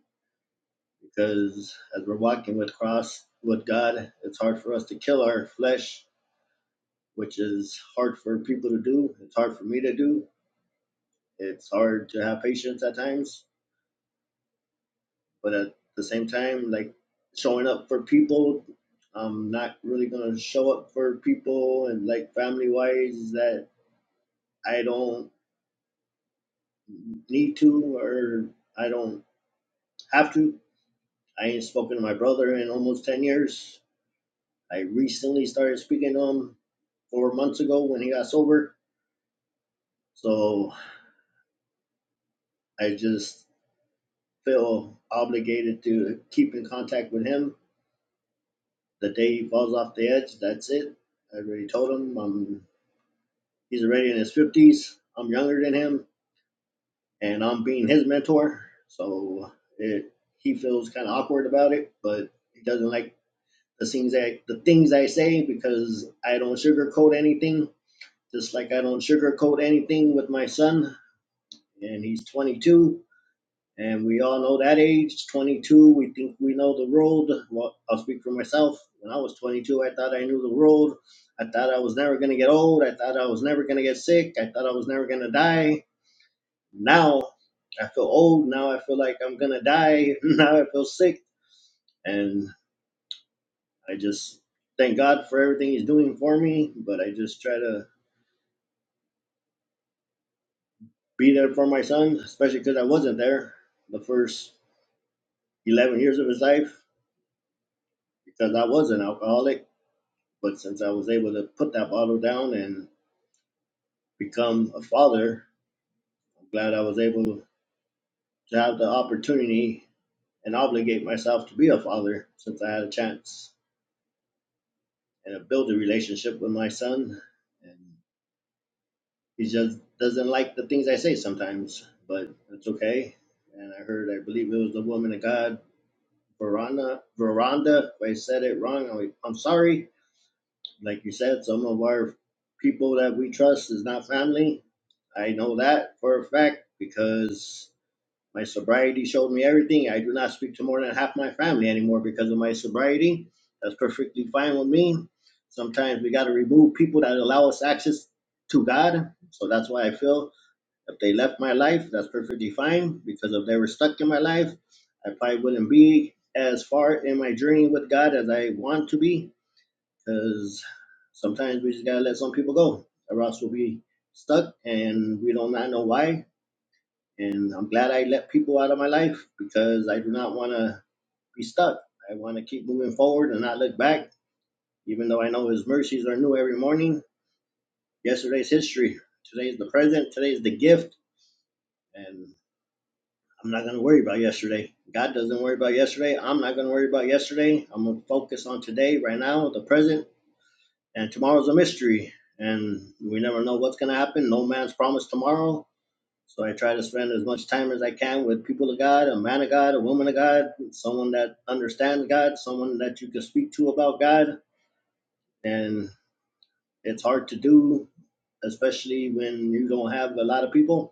Speaker 20: because as we're walking with cross with God, it's hard for us to kill our flesh, which is hard for people to do. It's hard for me to do. It's hard to have patience at times, but at the same time, like showing up for people, I'm not really gonna show up for people and like family wise that I don't need to or I don't have to. I ain't spoken to my brother in almost ten years I recently started speaking to him four months ago when he got sober. So I just feel obligated to keep in contact with him. The day he falls off the edge, that's it. I already told him I'm, he's already in his 50s. I'm younger than him, and I'm being his mentor. So it, he feels kind of awkward about it, but he doesn't like the things that the things I say because I don't sugarcoat anything. Just like I don't sugarcoat anything with my son, and he's 22. And we all know that age, 22. We think we know the road. Well, I'll speak for myself. When I was 22, I thought I knew the road. I thought I was never going to get old. I thought I was never going to get sick. I thought I was never going to die. Now I feel old. Now I feel like I'm going to die. *laughs* Now I feel sick. And I just thank God for everything He's doing for me. But I just try to be there for my son, especially because I wasn't there the first 11 years of his life. because I was an alcoholic. But since I was able to put that bottle down and become a father, I'm glad I was able to have the opportunity and obligate myself to be a father since I had a chance and to build a relationship with my son. And he just doesn't like the things I say sometimes, but it's okay. And I heard, I believe it was the woman of God, Veranda, Veranda. If I said it wrong, I'm I'm sorry like you said, some of our people that we trust is not family. I know that for a fact because my sobriety showed me everything. I do not speak to more than half my family anymore because of my sobriety. That's perfectly fine with me. Sometimes we got to remove people that allow us access to God. So that's why I feel if they left my life, that's perfectly fine because if they were stuck in my life, I probably wouldn't be as far in my journey with God as I want to be because sometimes we just gotta let some people go, or else we'll be stuck and we don't not know why. And I'm glad I let people out of my life because I do not want to be stuck. I want to keep moving forward and not look back, even though I know His mercies are new every morning. Yesterday's history, today's the present, today's the gift, and I'm not gonna worry about yesterday. God doesn't worry about yesterday. I'm not gonna worry about yesterday. I'm gonna focus on today, right now, the present, and tomorrow's a mystery and we never know what's going to happen no man's promised tomorrow so i try to spend as much time as i can with people of god a man of god a woman of god someone that understands god someone that you can speak to about god and it's hard to do especially when you don't have a lot of people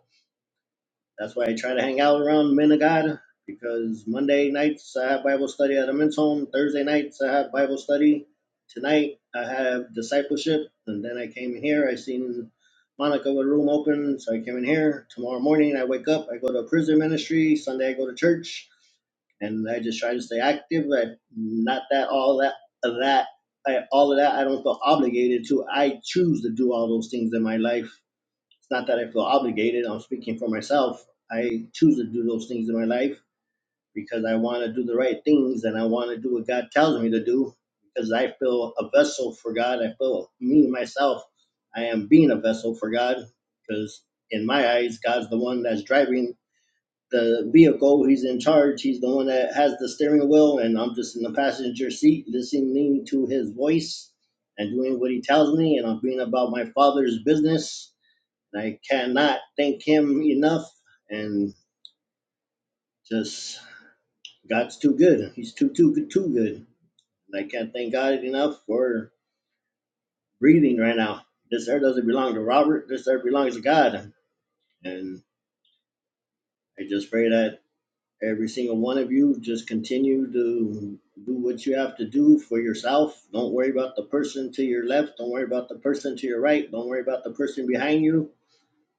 Speaker 20: That's why I try to hang out around men of God because Monday nights I have Bible study at a men's home. Thursday nights I have Bible study. Tonight I have discipleship, and then I came here. I seen Monica with a room open, so I came in here. Tomorrow morning I wake up. I go to a prison ministry. Sunday I go to church, and I just try to stay active. I not that all that of that. I, all of that I don't feel obligated to. I choose to do all those things in my life it's not that I feel obligated. I'm speaking for myself. I choose to do those things in my life because I want to do the right things and I want to do what God tells me to do because I feel a vessel for God. I feel me, myself, I am being a vessel for God because in my eyes, God's the one that's driving the vehicle. He's in charge. He's the one that has the steering wheel, and I'm just in the passenger seat listening to his voice and doing what he tells me, and I'm being about my father's business and I cannot thank him enough. And just God's too good. He's too too good too good. And I can't thank God enough for breathing right now. This earth doesn't belong to Robert. This earth belongs to God. And I just pray that every single one of you just continue to do what you have to do for yourself. Don't worry about the person to your left. Don't worry about the person to your right. Don't worry about the person behind you.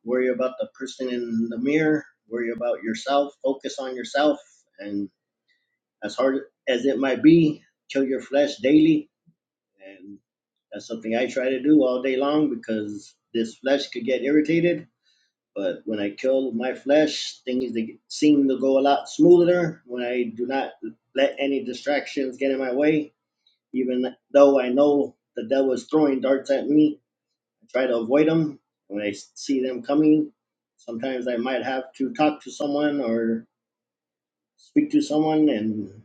Speaker 20: Worry about the person in the mirror. Worry about yourself. Focus on yourself and as hard as it might be, kill your flesh daily. And that's something I try to do all day long because this flesh could get irritated. But when I kill my flesh, things they seem to go a lot smoother when I do not let any distractions get in my way. Even though I know the devil is throwing darts at me, I try to avoid them. When I see them coming, sometimes I might have to talk to someone or speak to someone and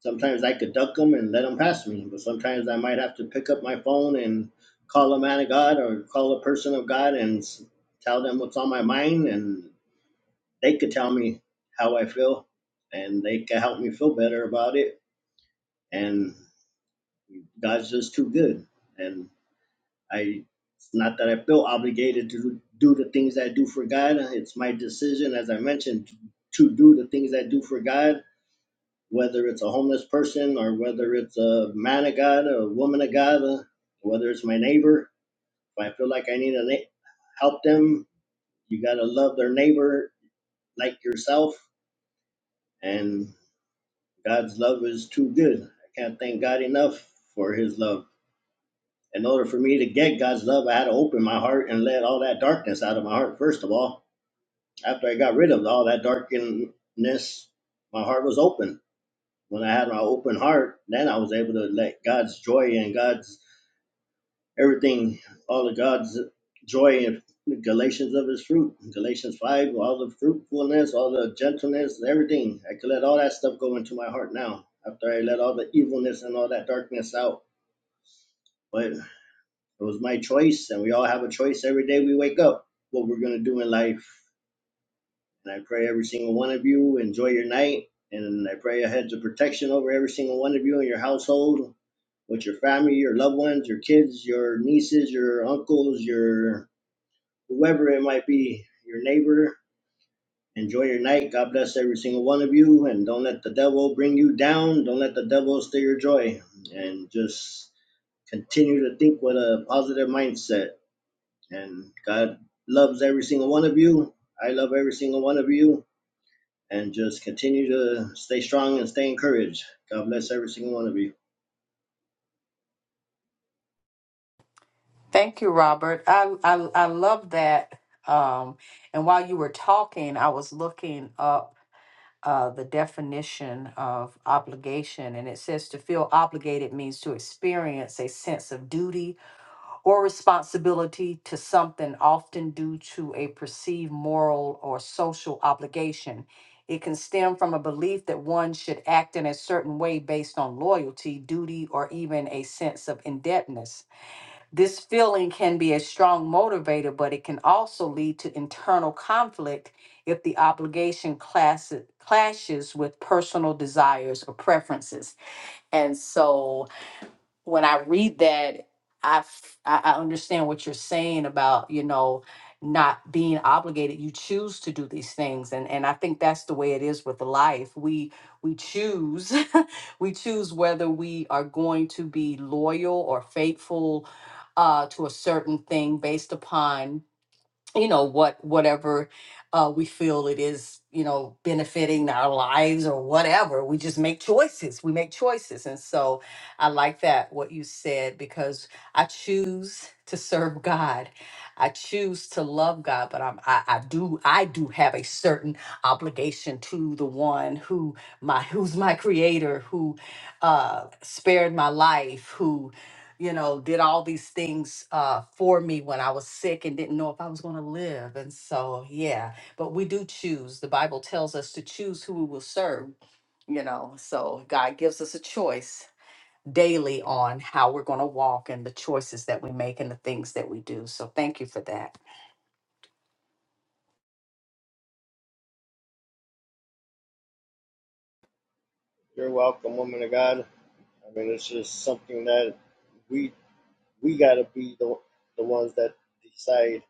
Speaker 20: sometimes I could duck them and let them pass me, but sometimes I might have to pick up my phone and call a man of God or call a person of God and s- tell them what's on my mind, and they could tell me how I feel, and they could help me feel better about it. And God's just too good, and I. It's not that I feel obligated to do the things I do for God. It's my decision, as I mentioned, to do the things I do for God whether it's a homeless person or whether it's a man of God, a woman of God, uh, whether it's my neighbor. If I feel like I need to na- help them, you got to love their neighbor like yourself. And God's love is too good. I can't thank God enough for his love. In order for me to get God's love, I had to open my heart and let all that darkness out of my heart, first of all. After I got rid of all that darkness, my heart was open when I had my open heart, then I was able to let God's joy and God's everything, all of God's joy and Galatians of his fruit, Galatians 5, all the fruitfulness, all the gentleness, everything. I could let all that stuff go into my heart now after I let all the evilness and all that darkness out. But it was my choice, and we all have a choice every day we wake up what we're going to do in life. And I pray every single one of you enjoy your night. And I pray a hedge of protection over every single one of you in your household, with your family, your loved ones, your kids, your nieces, your uncles, your whoever it might be, your neighbor. Enjoy your night. God bless every single one of you. And don't let the devil bring you down. Don't let the devil steal your joy. And just continue to think with a positive mindset. And God loves every single one of you. I love every single one of you. And just continue to stay strong and stay encouraged. God bless every single one of you.
Speaker 16: Thank you, Robert. I I, I love that. Um, and while you were talking, I was looking up uh, the definition of obligation, and it says to feel obligated means to experience a sense of duty or responsibility to something, often due to a perceived moral or social obligation. It can stem from a belief that one should act in a certain way based on loyalty, duty, or even a sense of indebtedness. This feeling can be a strong motivator, but it can also lead to internal conflict if the obligation class- clashes with personal desires or preferences. And so when I read that, I, f- I I understand what you're saying about you know not being obligated. You choose to do these things, and and I think that's the way it is with life. We we choose, *laughs* we choose whether we are going to be loyal or faithful uh, to a certain thing based upon you know what whatever uh, we feel it is you know benefiting our lives or whatever we just make choices we make choices and so i like that what you said because i choose to serve god i choose to love god but i'm i, I do i do have a certain obligation to the one who my who's my creator who uh spared my life who you know, did all these things uh, for me when I was sick and didn't know if I was going to live. And so, yeah, but we do choose. The Bible tells us to choose who we will serve, you know, so God gives us a choice daily on how we're going to walk and the choices that we make and the things that we do. So, thank you for that.
Speaker 20: You're welcome, woman of God. I mean, it's just something that we we gotta be the the ones that decide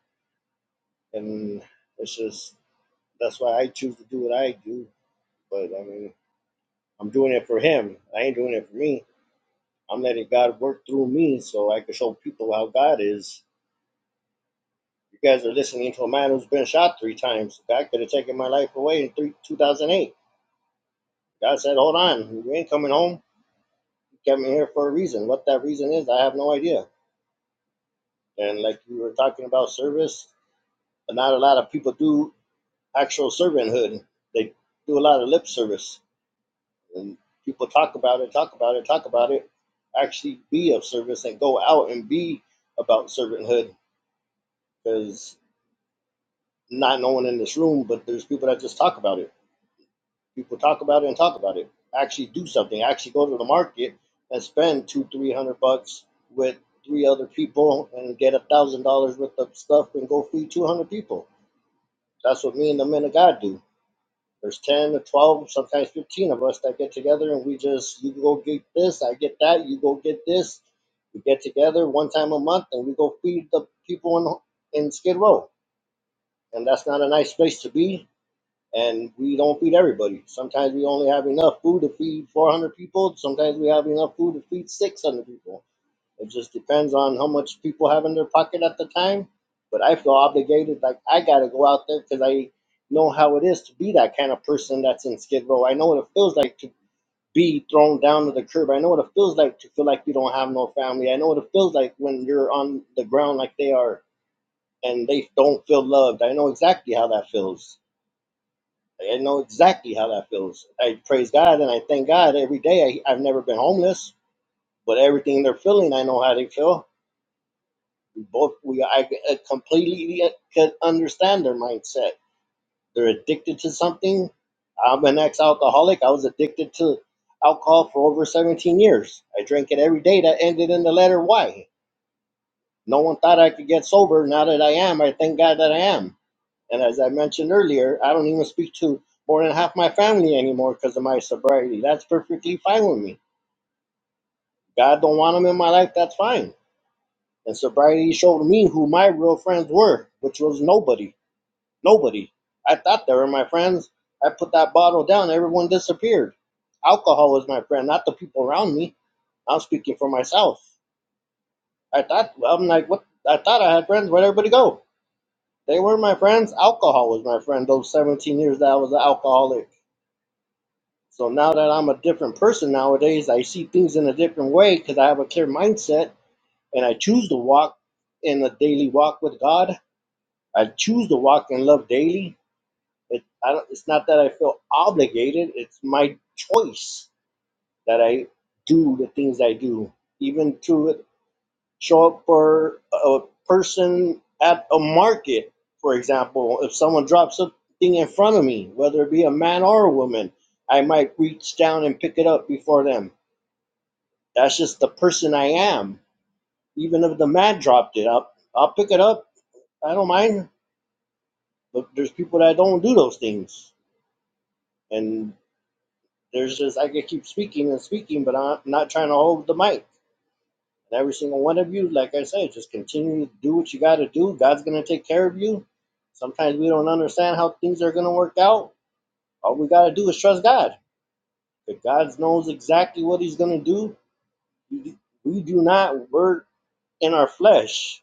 Speaker 20: and it's just that's why I choose to do what I do. But I mean, I'm doing it for him. I ain't doing it for me. I'm letting God work through me so I can show people how God is. You guys are listening to a man who's been shot three times. God could have taken my life away in three, 2008. God said, "Hold on, you ain't coming home. You kept me here for a reason. What that reason is, I have no idea." And like you were talking about service, not a lot of people do actual servanthood. They do a lot of lip service and people talk about it, talk about it, talk about it, actually be of service and go out and be about servanthood because not no one in this room, but there's people that just talk about it. People talk about it and talk about it. Actually do something. Actually go to the market and spend two, three hundred bucks with three other people and get a thousand dollars worth of stuff and go feed two hundred people. That's what me and the men of God do There's 10 or 12, sometimes 15 of us that get together and we just, you go get this, I get that, you go get this. We get together one time a month and we go feed the people in, in Skid Row. And that's not a nice place to be. And we don't feed everybody. Sometimes we only have enough food to feed 400 people. Sometimes we have enough food to feed 600 people it just depends on how much people have in their pocket at the time. But I feel obligated, like I gotta go out there because I know how it is to be that kind of person that's in Skid Row. I know what it feels like to be thrown down to the curb. I know what it feels like to feel like you don't have no family. I know what it feels like when you're on the ground like they are and they don't feel loved. I know exactly how that feels. I know exactly how that feels. I praise God and I thank God every day. I, I've never been homeless, but everything they're feeling, I know how they feel We both we I uh, completely could understand their mindset. They're addicted to something. I'm an ex-alcoholic. I was addicted to alcohol for over 17 years. I drank it every day. That ended in the letter Y. No one thought I could get sober. Now that I am, I thank God that I am. And as I mentioned earlier, I don't even speak to more than half my family anymore because of my sobriety. That's perfectly fine with me. God don't want them in my life. That's fine. And sobriety showed me who my real friends were, which was nobody Nobody. I thought they were my friends. I put that bottle down, everyone disappeared. Alcohol was my friend, not the people around me. I'm speaking for myself. I thought I'm like what I thought I had friends, where'd everybody go? They were my friends. Alcohol was my friend those seventeen years that I was an alcoholic. So now that I'm a different person nowadays, I see things in a different way because I have a clear mindset and I choose to walk in a daily walk with God. I choose to walk in love daily. It, I don't, it's not that I feel obligated. It's my choice that I do the things I do, even to show up for a person at a market, for example. If someone drops something in front of me, whether it be a man or a woman, I might reach down and pick it up before them. That's just the person I am. Even if the man dropped it, I'll, I'll pick it up. I don't mind. But there's people that don't do those things and there's just I could keep speaking and speaking, but I'm not trying to hold the mic. And every single one of you, like I said, just continue to do what you got to do. God's gonna take care of you. Sometimes we don't understand how things are gonna work out. All we gotta do is trust God. But God knows exactly what He's gonna do, we we do not work in our flesh.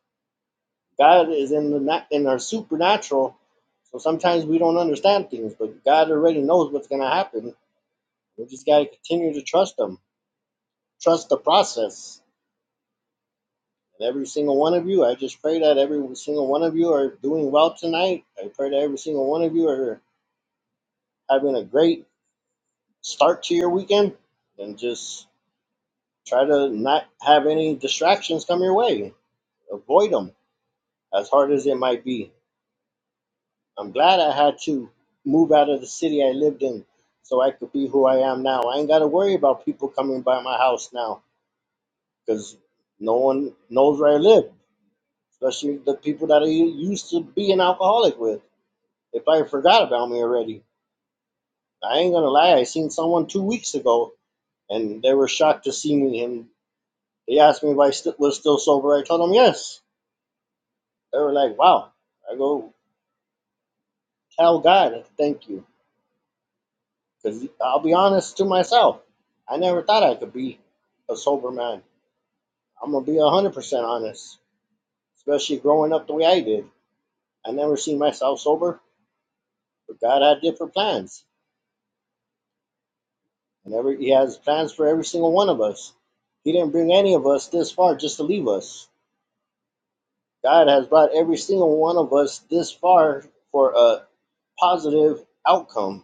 Speaker 20: God is in the in our supernatural. So sometimes we don't understand things, but God already knows what's gonna happen. We just gotta continue to trust Him. Trust the process And every single one of you, I just pray that every single one of you are doing well tonight. I pray that every single one of you are having a great start to your weekend and just try to not have any distractions come your way. Avoid them as hard as it might be. I'm glad I had to move out of the city I lived in so I could be who I am now. I ain't got to worry about people coming by my house now because no one knows where I live, especially the people that I used to be an alcoholic with. If I forgot about me already, I ain't gonna lie. I seen someone two weeks ago, and they were shocked to see me. And they asked me if I st- was still sober. I told them yes. They were like, "Wow." I go, "Tell God, thank you," because I'll be honest to myself. I never thought I could be a sober man. I'm gonna be one hundred percent honest, especially growing up the way I did. I never seen myself sober, but God had different plans. And every He has plans for every single one of us. He didn't bring any of us this far just to leave us God has brought every single one of us this far for a positive outcome.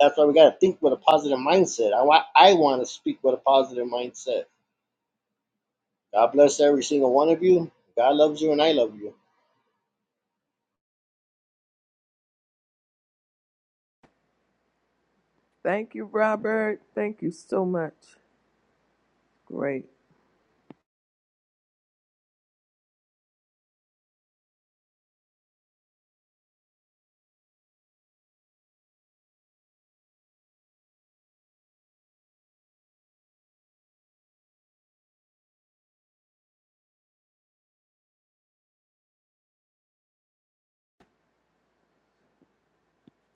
Speaker 20: That's why we got to think with a positive mindset. I want I want to speak with a positive mindset. God bless every single one of you. God loves you, and I love you.
Speaker 1: Thank you, Robert. Thank you so much. Great.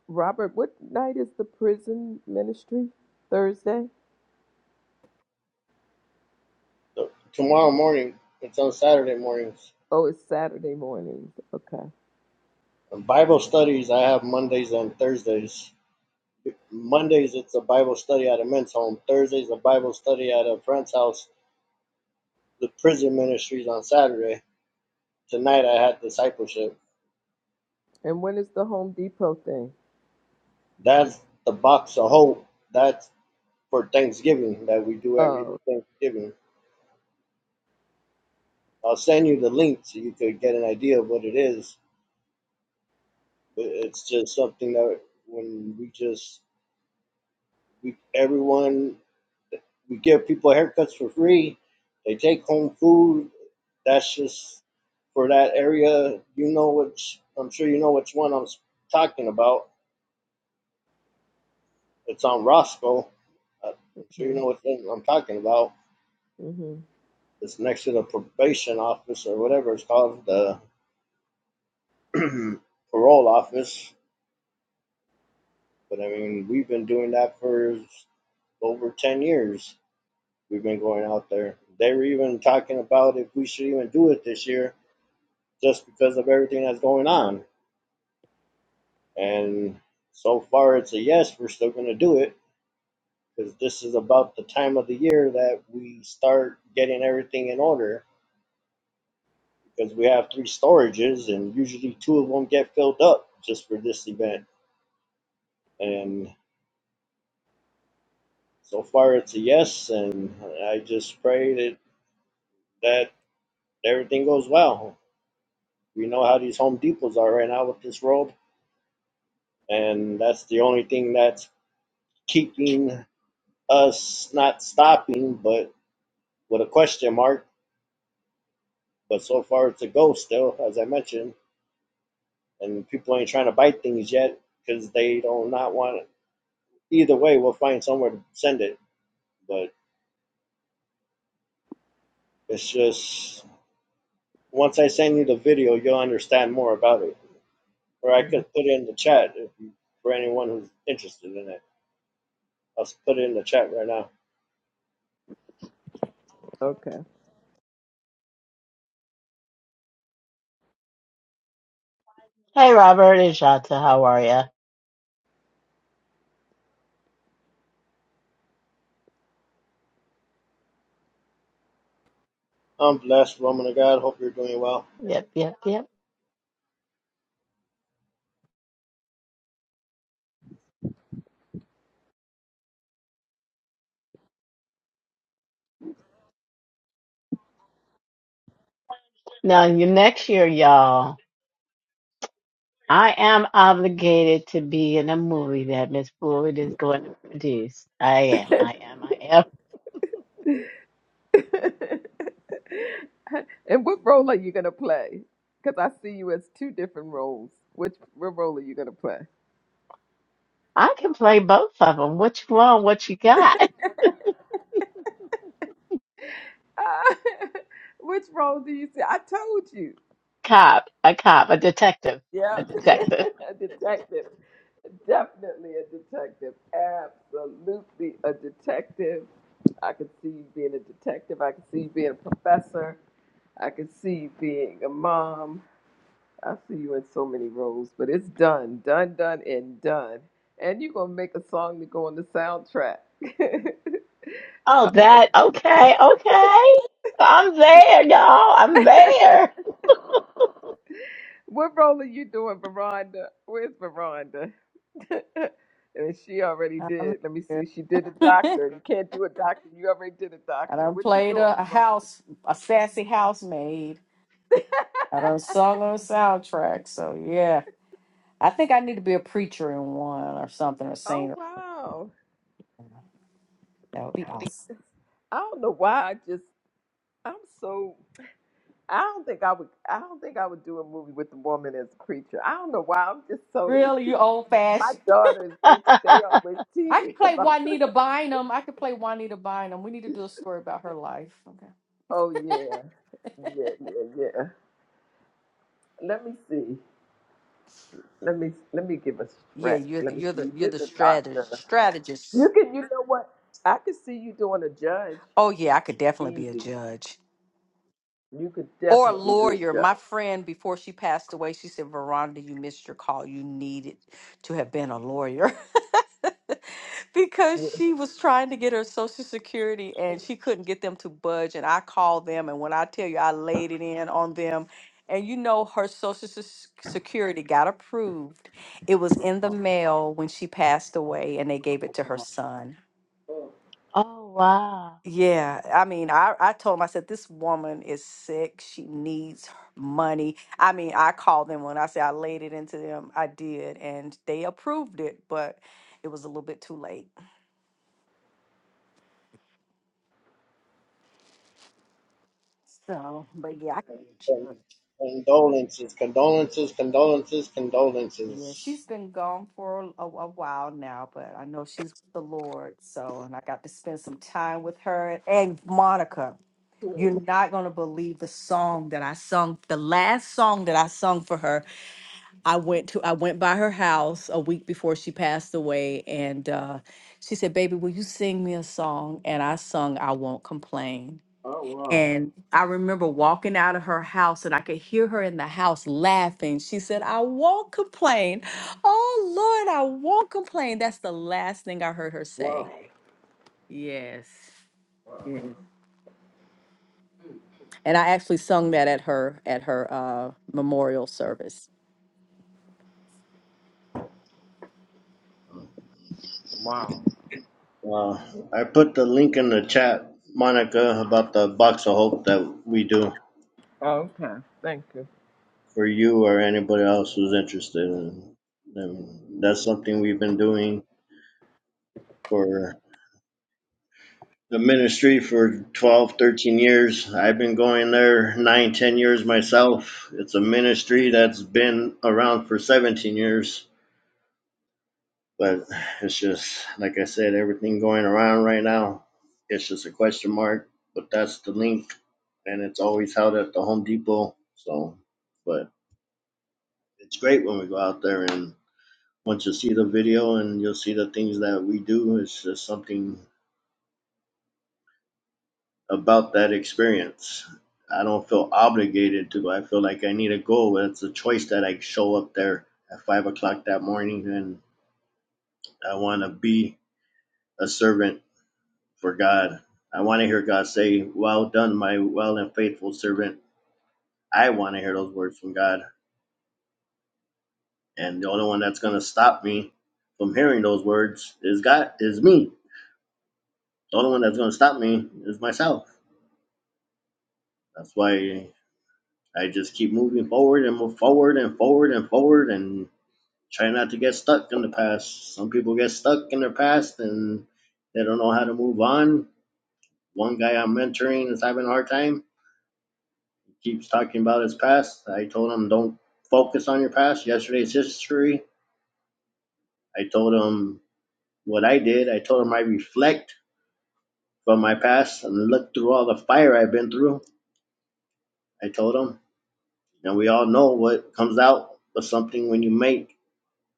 Speaker 1: Robert, what night is the prison ministry? Thursday?
Speaker 20: So tomorrow morning, it's on Saturday mornings.
Speaker 1: Oh, it's Saturday mornings. Okay.
Speaker 20: Um, Bible studies I have Mondays and Thursdays. Mondays it's a Bible study at a men's home. Thursdays a Bible study at a friend's house. The prison ministries on Saturday. Tonight I had discipleship
Speaker 1: And when is the Home Depot thing?
Speaker 20: That's the box of hope. That's for Thanksgiving that we do every
Speaker 1: Oh.
Speaker 20: Thanksgiving. I'll send you the link so you could get an idea of what it is. But it's just something that when we just we everyone we give people haircuts for free. They take home food. That's just for that area. You know which I'm sure you know which one I'm talking about. It's on Roscoe. Uh, I'm sure
Speaker 1: hmm
Speaker 20: you know what I'm talking about
Speaker 1: hmm
Speaker 20: it's next to the probation office or whatever it's called, the *clears throat* parole office. But I mean, we've been doing that for over 10 years. We've been going out there. They were even talking about if we should even do it this year just because of everything that's going on. And so far, it's a yes, we're still going to do it because this is about the time of the year that we start getting everything in order because we have three storages and usually two of them get filled up just for this event And so far, it's a yes. And I just pray that, that everything goes well. We know how these Home Depots are right now with this world, And that's the only thing that's keeping us not stopping, but with a question mark. But so far, it's a go still, as I mentioned. And people ain't trying to bite things yet because they don't not want it. Either way, we'll find somewhere to send it. But it's just once I send you the video, you'll understand more about it. or I
Speaker 1: hmm
Speaker 20: could put it in the chat if you, for anyone who's interested in it. I'll put it in the chat right now.
Speaker 1: Okay.
Speaker 18: Hey, Robert and Shanta, how are ya?
Speaker 20: I'm blessed, woman of God. Hope you're doing well.
Speaker 18: Yep, yep, yep. Now, you- next year, y'all, I am obligated to be in a movie that Miss Floyd is going to produce. I am,
Speaker 1: *laughs*
Speaker 18: I am, I am.
Speaker 1: *laughs* and what role are you gonna play? Because I see you as two different roles. Which what role are you gonna play? *laughs*
Speaker 18: I can play both of them. What you want? What you got? *laughs*
Speaker 1: Ah, *laughs* which role do you see? I told you.
Speaker 18: cop, a cop, a detective,
Speaker 1: Yeah,
Speaker 18: a detective.
Speaker 1: *laughs* a detective. Definitely a detective. Absolutely a detective. I could see you being a detective. I could see you being a professor. I could see you being a mom. I see you in so many roles, but it's done, done, done, and done. And you're gonna make a song to go on the soundtrack. *laughs*
Speaker 18: Oh,
Speaker 1: Oh,
Speaker 18: that okay, okay. I'm there, y'all. I'm
Speaker 1: God. *laughs*
Speaker 18: there. *laughs*
Speaker 1: what role are you doing, Veranda? Where's Veranda? *laughs* and she already
Speaker 16: I'm
Speaker 1: did. Let me
Speaker 16: here.
Speaker 1: see. She did a
Speaker 16: *laughs*
Speaker 1: doctor. You can't do a doctor. You already did a
Speaker 16: I
Speaker 1: doctor.
Speaker 16: done
Speaker 1: What you
Speaker 16: played
Speaker 1: doing,
Speaker 16: a, a
Speaker 1: Veranda?
Speaker 16: house, a sassy housemaid. I done sung on a soundtrack. So yeah, I think I need to be a preacher in one or something or
Speaker 1: Oh
Speaker 16: singer.
Speaker 1: wow.
Speaker 16: That would be awesome.
Speaker 1: I don't know why. I just I'm so. I don't think I would. I don't think I would do a movie with the woman as a creature. I don't know why. I'm just so.
Speaker 16: Really old
Speaker 1: My
Speaker 16: fashioned.
Speaker 1: daughters, they they always tease
Speaker 16: I
Speaker 1: me
Speaker 16: could play
Speaker 1: about.
Speaker 16: Juanita
Speaker 1: *laughs*
Speaker 16: Bynum. I could play Juanita Bynum. We need to do a story about her life. Okay.
Speaker 1: Oh yeah, yeah, yeah, yeah. Let me see. Let me let me give a
Speaker 16: Yeah,
Speaker 1: stretch.
Speaker 16: you're the,
Speaker 1: Let me
Speaker 16: you're
Speaker 1: see.
Speaker 16: the
Speaker 1: You
Speaker 16: you're the
Speaker 1: did the
Speaker 16: strategist.
Speaker 1: doctor.
Speaker 16: Strategist.
Speaker 1: You can. You know what? I could see you doing a judge.
Speaker 16: Oh yeah, I could definitely be a
Speaker 1: Easy.
Speaker 16: judge.
Speaker 1: You could
Speaker 16: or a
Speaker 1: definitely be a
Speaker 16: lawyer. My
Speaker 1: judge.
Speaker 16: friend, before she passed away, she said, Veronica, you missed your call. You needed to have been a lawyer *laughs* because
Speaker 1: Yeah.
Speaker 16: she was trying to get her Social Security and she couldn't get them to budge. And I called them, and when I tell you, I laid it in on them. And you know, her Social Se- Security got approved. It was in the mail when she passed away, and they gave it to her son
Speaker 18: Oh wow.
Speaker 16: yeah, I mean, I, I told him, I said, this woman is sick. She needs her money. I mean, I called them when I said I laid it into them. I did, and they approved it, but it was a little bit too late. So, but yeah, I can judge.
Speaker 20: And condolences, condolences, condolences,
Speaker 16: Yeah,
Speaker 20: condolences.
Speaker 16: she's been gone for a, a while now, but I know she's with the Lord. So, and I got to spend some time with her and Monica. You're not going to believe the song that I sung, the last song that I sung for her I went to I went by her house a week before she passed away, and uh, she said, "Baby, will you sing me a song?" And I sung "I Won't Complain."
Speaker 1: Oh wow,
Speaker 16: And I remember walking out of her house, and I could hear her in the house laughing. She said, "I won't complain." Oh Lord, I won't complain. That's the last thing I heard her
Speaker 1: wow,
Speaker 16: say. Yes. yes. And I actually sung that at her at her uh, memorial service.
Speaker 1: wow.
Speaker 20: Uh, I put the link in the chat, Monica, about the box of hope that we do
Speaker 1: Okay. Thank you.
Speaker 20: for you or anybody else who's interested. and that's something we've been doing for the ministry for 12, 13 years i've been going there 9, 10 years myself it's a ministry that's been around for 17 years but it's just like i said everything going around right now it's just a question mark but that's the link and it's always held at the home depot so but it's great when we go out there and once you see the video and you'll see the things that we do it's just something about that experience. I don't feel obligated to. go. I feel like I need to go, but it's a choice that I show up there at five o'clock that morning and I want to be a servant for God. I want to hear God say, Well done, my well and faithful servant. I want to hear those words from God. And the only one that's going to stop me from hearing those words is God, is me. The only one that's going to stop me is myself. That's why I just keep moving forward and move forward and forward and forward and Try not to get stuck in the past. Some people get stuck in their past and they don't know how to move on. One guy I'm mentoring is having a hard time. He keeps talking about his past. I told him, don't focus on your past. Yesterday's history. I told him what I did. I told him I reflect from my past and look through all the fire I've been through. I told him. And we all know what comes out of something when you make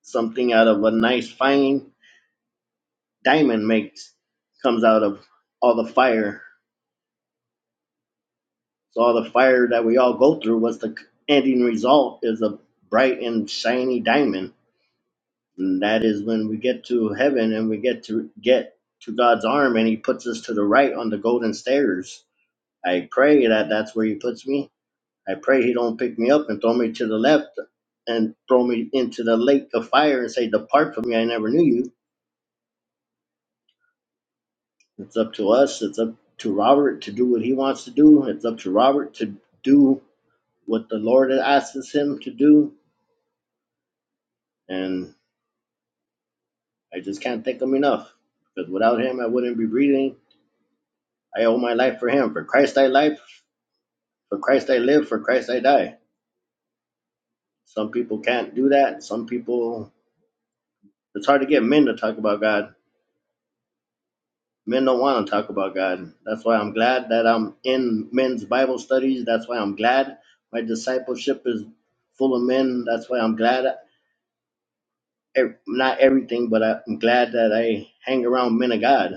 Speaker 20: something out of a nice, fine diamond makes comes out of all the fire So all the fire that we all go through, what's the ending result is a bright and shiny diamond. And that is when we get to heaven and we get to get to God's arm and he puts us to the right on the golden stairs. I pray that that's where he puts me. I pray he don't pick me up and throw me to the left and throw me into the lake of fire and say, depart from me. I never knew you. It's up to us. It's up to Robert to do what he wants to do. It's up to Robert to do what the Lord asks him to do and I just can't thank him enough because without him, I wouldn't be breathing. I owe my life for him. For Christ, I life. For Christ, I live. For Christ, I die. Some people can't do that. Some people, it's hard to get men to talk about God. Men don't want to talk about God. That's why I'm glad that I'm in men's Bible studies. That's why I'm glad my discipleship is full of men. That's why I'm glad, eh, not everything, but I'm glad that I hang around men of God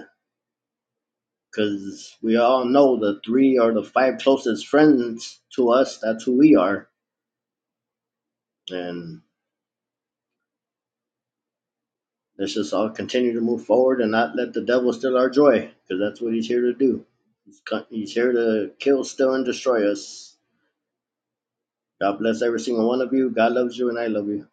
Speaker 20: because we all know the three or the five closest friends to us that's who we are and let's just all continue to move forward and not let the devil steal our joy because that's what he's here to do he's, he's here to kill steal and destroy us god bless every single one of you god loves you and i love you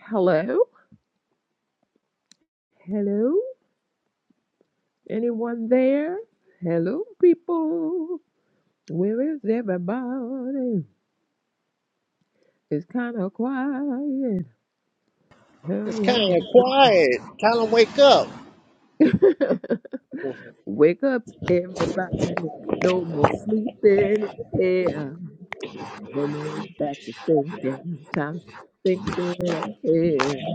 Speaker 1: Hello. Hello. Anyone there? Hello, people. Where is everybody? It's kind of quiet. Hello.
Speaker 20: Hey, tell him wake up.
Speaker 1: *laughs* Wake up, everybody. No more sleeping here. No more backwards thinking. Time to thinking ahead.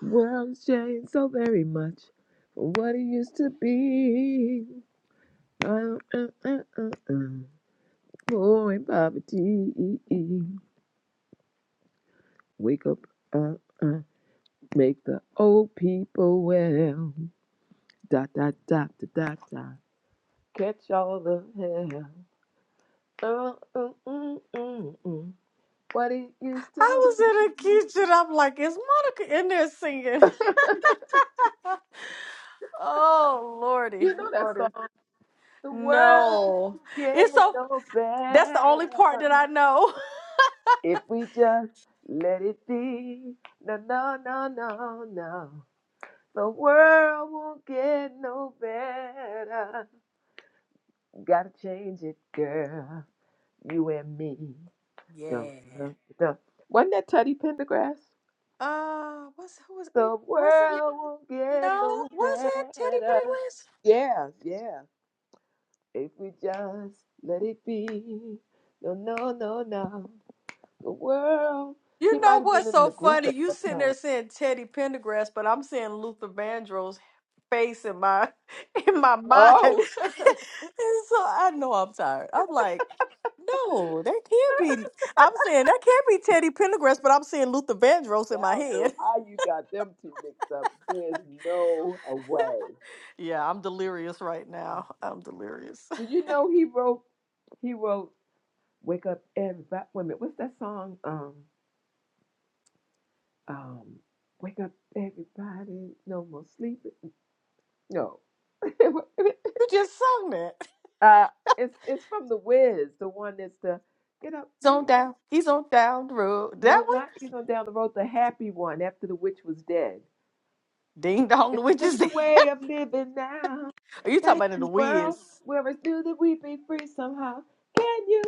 Speaker 1: World's changed so very much from what it used to be. Uh, uh, uh, uh, uh. More in poverty. Wake up. Uh, uh. Make the old people well. Dot, dot, dot, dot, dot, dot. Catch all the hell. Oh, mm, mm, mm, mm. What it used to
Speaker 16: I was
Speaker 1: look.
Speaker 16: in the kitchen. I'm like, is Monica in there singing?
Speaker 1: *laughs*
Speaker 16: Oh lordy,
Speaker 1: you know that
Speaker 16: lordy.
Speaker 1: song. The world
Speaker 16: No,
Speaker 1: get
Speaker 16: it's so.
Speaker 1: no
Speaker 16: That's the
Speaker 1: better
Speaker 16: only part that I know. *laughs*
Speaker 1: if we just let it be. No, no, no, no, no. The world won't get no better. Gotta change it, girl. You and me. Dun,
Speaker 16: Yeah.
Speaker 1: dun, dun. Wasn't that Teddy Pendergrass?
Speaker 16: Uh, what's who was
Speaker 1: The
Speaker 16: was it?
Speaker 1: world won't get
Speaker 16: No,
Speaker 1: no
Speaker 16: was it Teddy
Speaker 1: better.
Speaker 16: Pendergrass?
Speaker 1: Yeah, yeah. If we just let it be. No, no, no, no. The world. He
Speaker 16: You know
Speaker 1: might have been
Speaker 16: what's
Speaker 1: in
Speaker 16: so
Speaker 1: the group
Speaker 16: funny?
Speaker 1: at
Speaker 16: You
Speaker 1: that
Speaker 16: sitting there
Speaker 1: time.
Speaker 16: saying Teddy Pendergrass, but I'm seeing Luther Vandross face in my *laughs* in my mind. *laughs* and
Speaker 1: Oh, *laughs* now I
Speaker 16: so I know I'm tired. I'm like, no, that can't be. I'm saying that can't be Teddy Pendergrass, but I'm seeing Luther Vandross in my
Speaker 1: don't
Speaker 16: head.
Speaker 1: know how you got them two mixed up. There's no a way.
Speaker 16: Yeah, I'm delirious right now. I'm delirious. *laughs*
Speaker 1: Did you know he wrote? He wrote "Wake Up Everybody." Wait a minute. What's that song? Um, um, "Wake Up Everybody, No More Sleeping." No. *laughs*
Speaker 16: You just sung that.
Speaker 1: Uh, it's it's from the Wiz, the one that's the get up.
Speaker 16: He's on
Speaker 1: every
Speaker 16: down. He's on down the road. That
Speaker 1: No,
Speaker 16: one?
Speaker 1: not even down the road. The happy one after the witch was dead.
Speaker 16: Ding dong, the witches. ding.
Speaker 1: different way of living now.
Speaker 16: *laughs* Are you talking
Speaker 1: Thank
Speaker 16: about in the
Speaker 1: you, world.
Speaker 16: Wiz?
Speaker 1: Where it's new that we be free somehow. Can you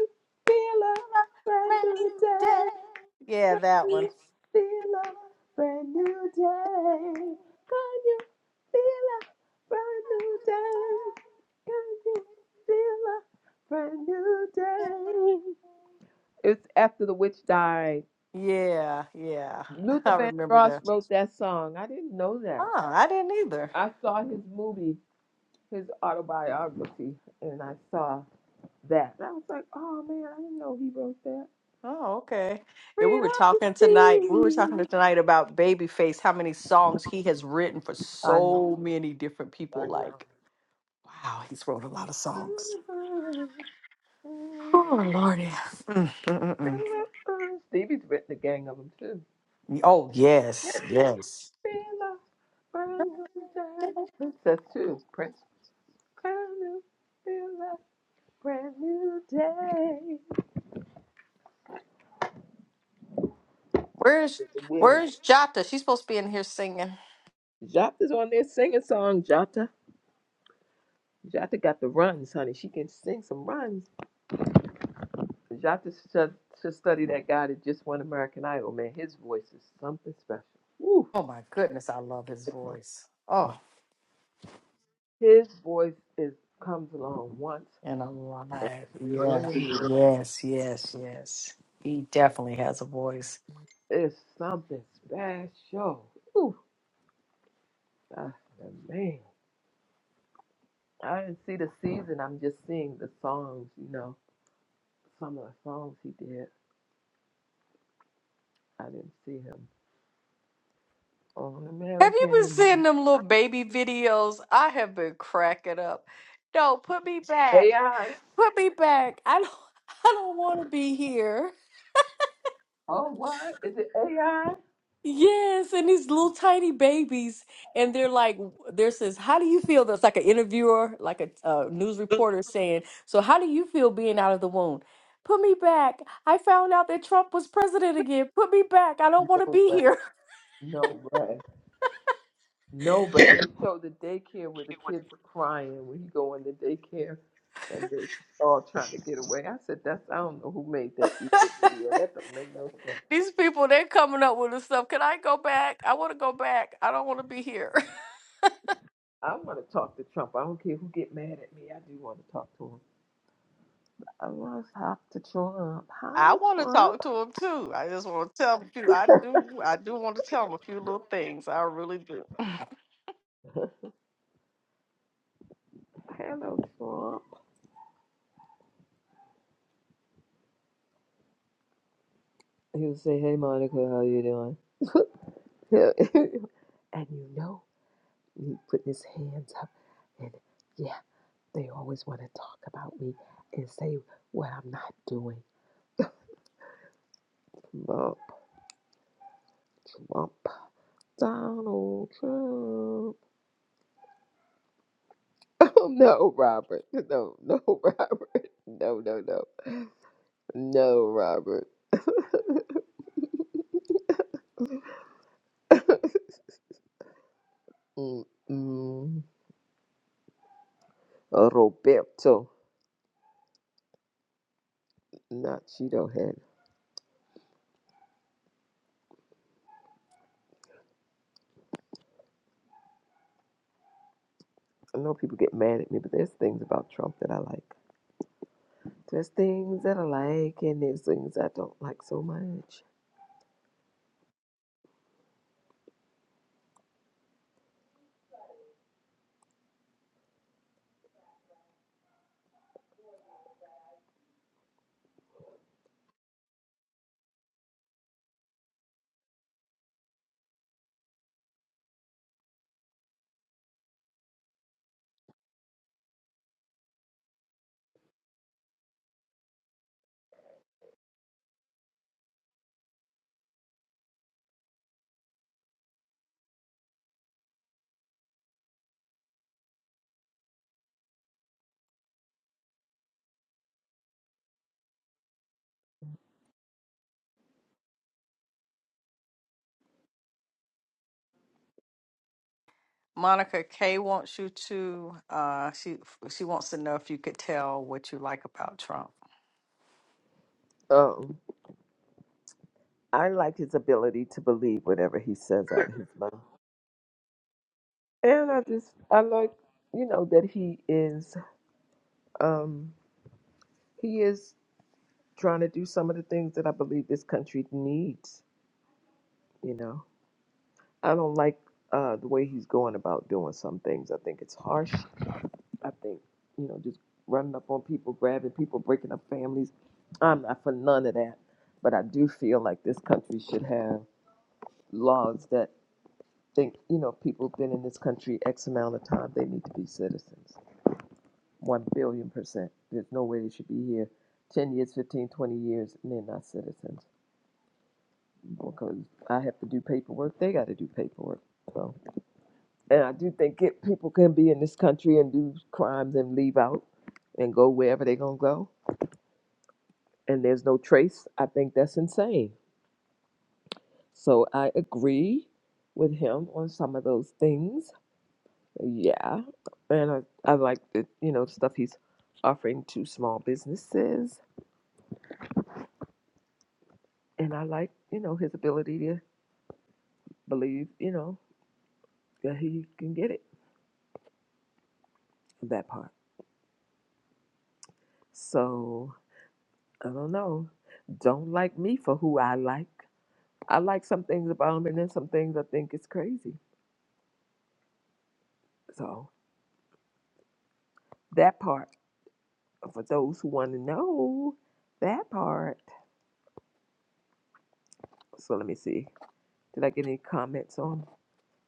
Speaker 1: feel a brand
Speaker 16: Brand
Speaker 1: new
Speaker 16: new day.
Speaker 1: day?
Speaker 16: Yeah, that
Speaker 1: Can
Speaker 16: one.
Speaker 1: you feel a brand new day? Can you feel a brand new day? Can you feel a brand new day? It's after the witch died.
Speaker 16: Yeah, yeah. *laughs*
Speaker 1: Luther
Speaker 16: I remember
Speaker 1: Vandross
Speaker 16: that.
Speaker 1: wrote that song. I didn't know that.
Speaker 16: Oh, I didn't either.
Speaker 1: I saw his movie, his autobiography, and I saw that. I was like, oh man, I didn't know he wrote that.
Speaker 16: Oh, okay. Yeah, we were
Speaker 1: Freedom
Speaker 16: talking
Speaker 1: is
Speaker 16: tonight. We were talking
Speaker 1: free.
Speaker 16: tonight about Babyface, how many songs he has written for
Speaker 1: I know,
Speaker 16: so many different people.
Speaker 1: I know.
Speaker 16: Like, wow, he's wrote a lot of songs. Oh, Lordy. Mm, mm, mm, mm.
Speaker 1: *laughs* Stevie's written a gang of them too.
Speaker 16: Oh, yes, yes.
Speaker 1: Feel us, Princess too. Prince. Brand new day.
Speaker 16: Where's
Speaker 1: When
Speaker 16: Where's Jota? She's supposed to be in here singing.
Speaker 1: Jata's on there singing song, Jata, Jata got the runs, honey. She can sing some runs. Jata should, should study that guy that just won American Idol, man. His voice is something special. Woo.
Speaker 16: Oh my goodness, I love his voice. Oh,
Speaker 1: His voice is comes along once,
Speaker 16: and alive. Yeah.
Speaker 1: billion years.
Speaker 16: Yes, yes, yes. He definitely has a voice.
Speaker 1: It's something special. Woo. Ah, man. I didn't see the season. I'm just seeing the songs, you know, some of the songs he did. I didn't see him. All
Speaker 16: Have you been seeing
Speaker 1: American.
Speaker 16: them little baby videos? I have been cracking up. No, put me back.
Speaker 1: AI.
Speaker 16: Put me back. I don't *laughs* I don't want to be here.
Speaker 1: Oh, what? Is it AI?
Speaker 16: Yes, and these little tiny babies, and they're like, there says, "How do you feel?" That's like an interviewer, like a uh, news reporter saying, "So how do you feel being out of the womb?" Put me back. I found out that Trump was president again. Put me back. I don't want to
Speaker 1: No
Speaker 16: be
Speaker 1: way.
Speaker 16: here.
Speaker 1: No way. No way. They showed the daycare where the kids were crying when he go in the daycare and they all trying to get away. I said, that's, I don't know who made that evil
Speaker 16: *laughs*
Speaker 1: video. That don't make no sense.
Speaker 16: These people, they're coming up with this stuff. Can I go back? I want to go back. I don't want to be here. *laughs*
Speaker 1: I want to talk to Trump. I don't care who get mad at me. I do want to talk to him. I want to talk to Trump. Hi,
Speaker 16: I want to
Speaker 1: Trump.
Speaker 16: talk to them too. I just want to tell them too. I
Speaker 1: *laughs*
Speaker 16: do. I do want to tell them a few little things. I really do. *laughs* *clears throat*
Speaker 1: Hello, Trump. He'll say, hey, Monica, how you doing? *laughs* and you know he put his hands up and yeah they always want to talk about me and say what i'm not doing trump trump donald trump *laughs* Oh no robert *laughs* no no robert no no no no robert *laughs* Mm-mm. roberto not cheeto head i know people get mad at me but there's things about trump that i like there's things that i like and there's things i don't like so much
Speaker 16: Monica K wants you to. Uh, she she wants to know if you could tell what you like about Trump.
Speaker 1: um I like his ability to believe whatever he says out of his *laughs* mouth. And I just I like, you know, that he is um he is trying to do some of the things that I believe this country needs, you know. I don't like uh the way he's going about doing some things. I think it's harsh. I think, you know, just running up on people, grabbing people, breaking up families. I'm not for none of that. But I do feel like this country should have laws that think, you know, people have been in this country X amount of time, they need to be citizens. One billion percent. There's no way they should be here 10 years, 15, 20 years, and they're not citizens. Because I have to do paperwork, they got to do paperwork. So, and I do think it, people can be in this country and do crimes and leave out and go wherever they're going to go, and there's no trace. I think that's insane. So I agree with him on some of those things Yeah, and I, I like the you know stuff he's offering to small businesses, and I like you know his ability to believe you know that he can get it that part. So I don't know. Don't like me for who I like. I like some things about him, and then some things I think is crazy. So that part for those who want to know that part. So let me see. Did I get any comments on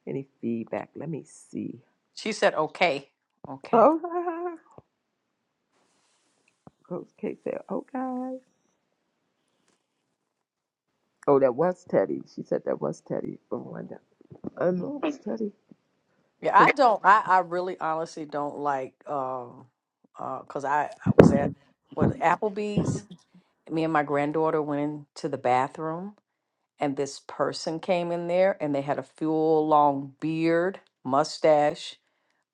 Speaker 1: any feedback? Let me see.
Speaker 16: She said, "Okay, okay."
Speaker 1: Oh. *laughs* Coach K said, okay. Oh, that was Teddy. She said that was Teddy, Veranda. I know it was Teddy.
Speaker 16: Yeah,
Speaker 1: Cause,
Speaker 16: I don't. I, I really honestly don't like um uh 'cause I I was at what Applebee's. Me and my granddaughter went into the bathroom and this person came in there and they had a full long beard, mustache,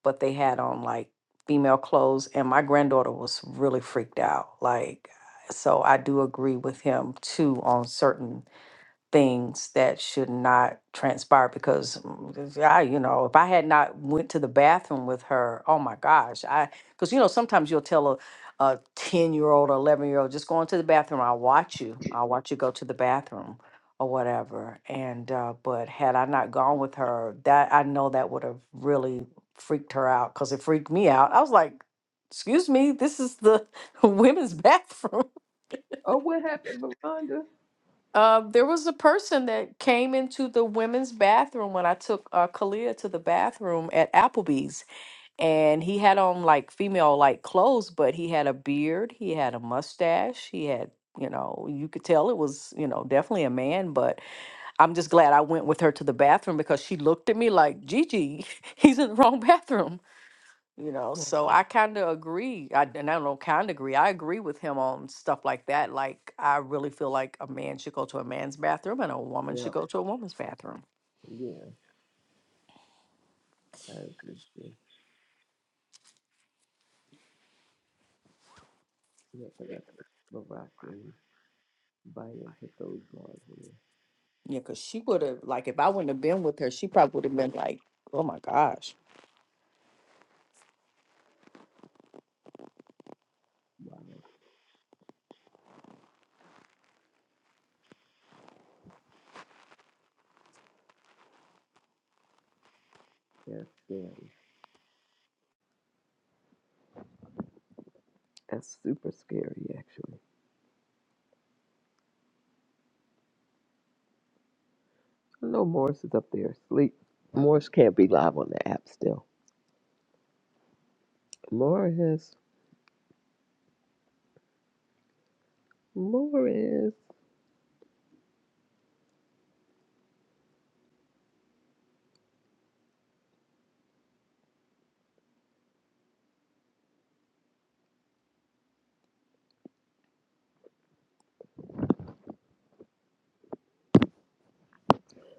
Speaker 16: but they had on like female clothes and my granddaughter was really freaked out. Like so I do agree with him too on certain things that should not transpire because mm, I, you know, if I had not went to the bathroom with her, oh my gosh, I because you know sometimes you'll tell a a ten year old or eleven year old just go into the bathroom. I'll watch you. I'll watch you go to the bathroom or whatever. And uh, but had I not gone with her, that I know that would have really freaked her out because it freaked me out. I was like, excuse me, this is the *laughs* women's bathroom.
Speaker 1: oh, what happened, Veranda?
Speaker 16: Uh, there was a person that came into the women's bathroom when I took uh, Kalia to the bathroom at Applebee's, and he had on like female like clothes, but he had a beard, he had a mustache, he had you know you could tell it was you know definitely a man but i'm just glad i went with her to the bathroom because she looked at me like gigi *laughs* he's in the wrong bathroom you know, so I kind of agree. I, and I don't know, kind of agree. I agree with him on stuff like that. Like, I really feel like a man should go to a man's bathroom and a woman
Speaker 1: Yeah,
Speaker 16: should go to a woman's bathroom.
Speaker 1: yeah, I agree. too. Yeah, because that's Barack and Biden put those laws in.
Speaker 16: Yeah, because she would have, like, if I wouldn't have been with her, she probably would have been like, oh my gosh.
Speaker 1: Wow, that's scary. That's super scary, actually. I know Morris is up there asleep. Morris can't be live on the app still. Morris, Morris.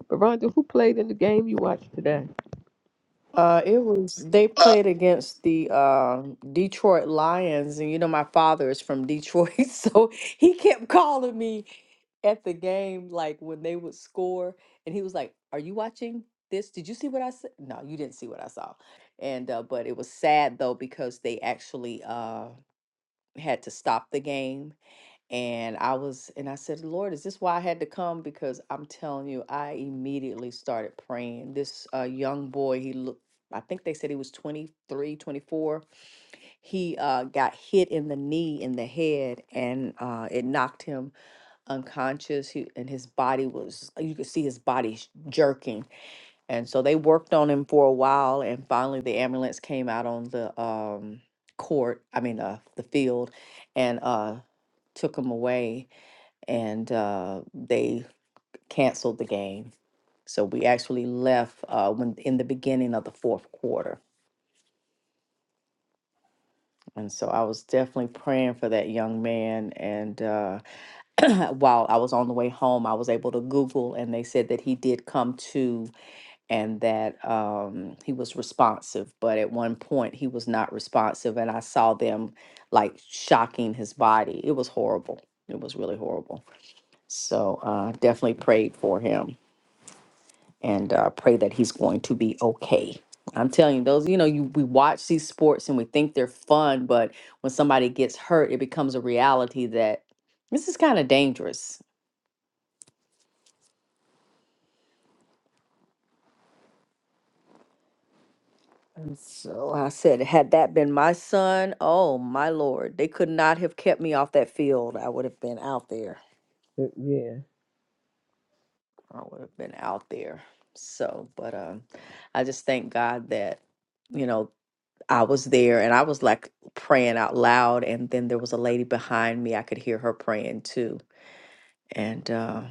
Speaker 1: Veranda, who played in the game you watched today?
Speaker 16: Uh, it was they played against the uh, Detroit Lions, and you know my father is from Detroit, *laughs* so he kept calling me at the game, like when they would score, and he was like, "Are you watching this? Did you see what I said? No, you didn't see what I saw." And uh, but it was sad though because they actually uh, had to stop the game and I was, and I said, Lord, is this why I had to come? Because I'm telling you, I immediately started praying. This uh, young boy, he looked, I think they said he was 23, 24. He uh, got hit in the knee, in the head, and uh, it knocked him unconscious. He, and his body was, you could see his body sh- jerking. And so they worked on him for a while. And finally, the ambulance came out on the um, court, I mean, uh, the field, and uh, took him away and uh, they canceled the game. So we actually left uh, when in the beginning of the fourth quarter. And so I was definitely praying for that young man. And uh, *clears throat* while I was on the way home, I was able to Google, and they said that he did come to and that um, he was responsive. But at one point, he was not responsive. And I saw them like shocking his body. It was horrible. It was really horrible. So uh, definitely prayed for him. and uh, pray that he's going to be okay. I'm telling you, those, you know, you we watch these sports and we think they're fun, but when somebody gets hurt, it becomes a reality that this is kind of dangerous. And so I said, had that been my son, oh my lord, they could not have kept me off that field. I would have been out there.
Speaker 1: Uh, Yeah.
Speaker 16: I would have been out there. So, but um, I just thank God that, you know, I was there and I was like praying out loud. And then there was a lady behind me. I could hear her praying too. And uh,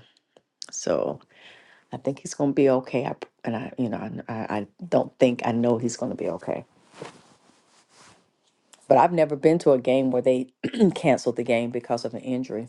Speaker 16: so I think he's going to be okay. I, and I, you know, I, I I don't think I know he's going to be okay. But I've never been to a game where they *clears throat* canceled the game because of an injury.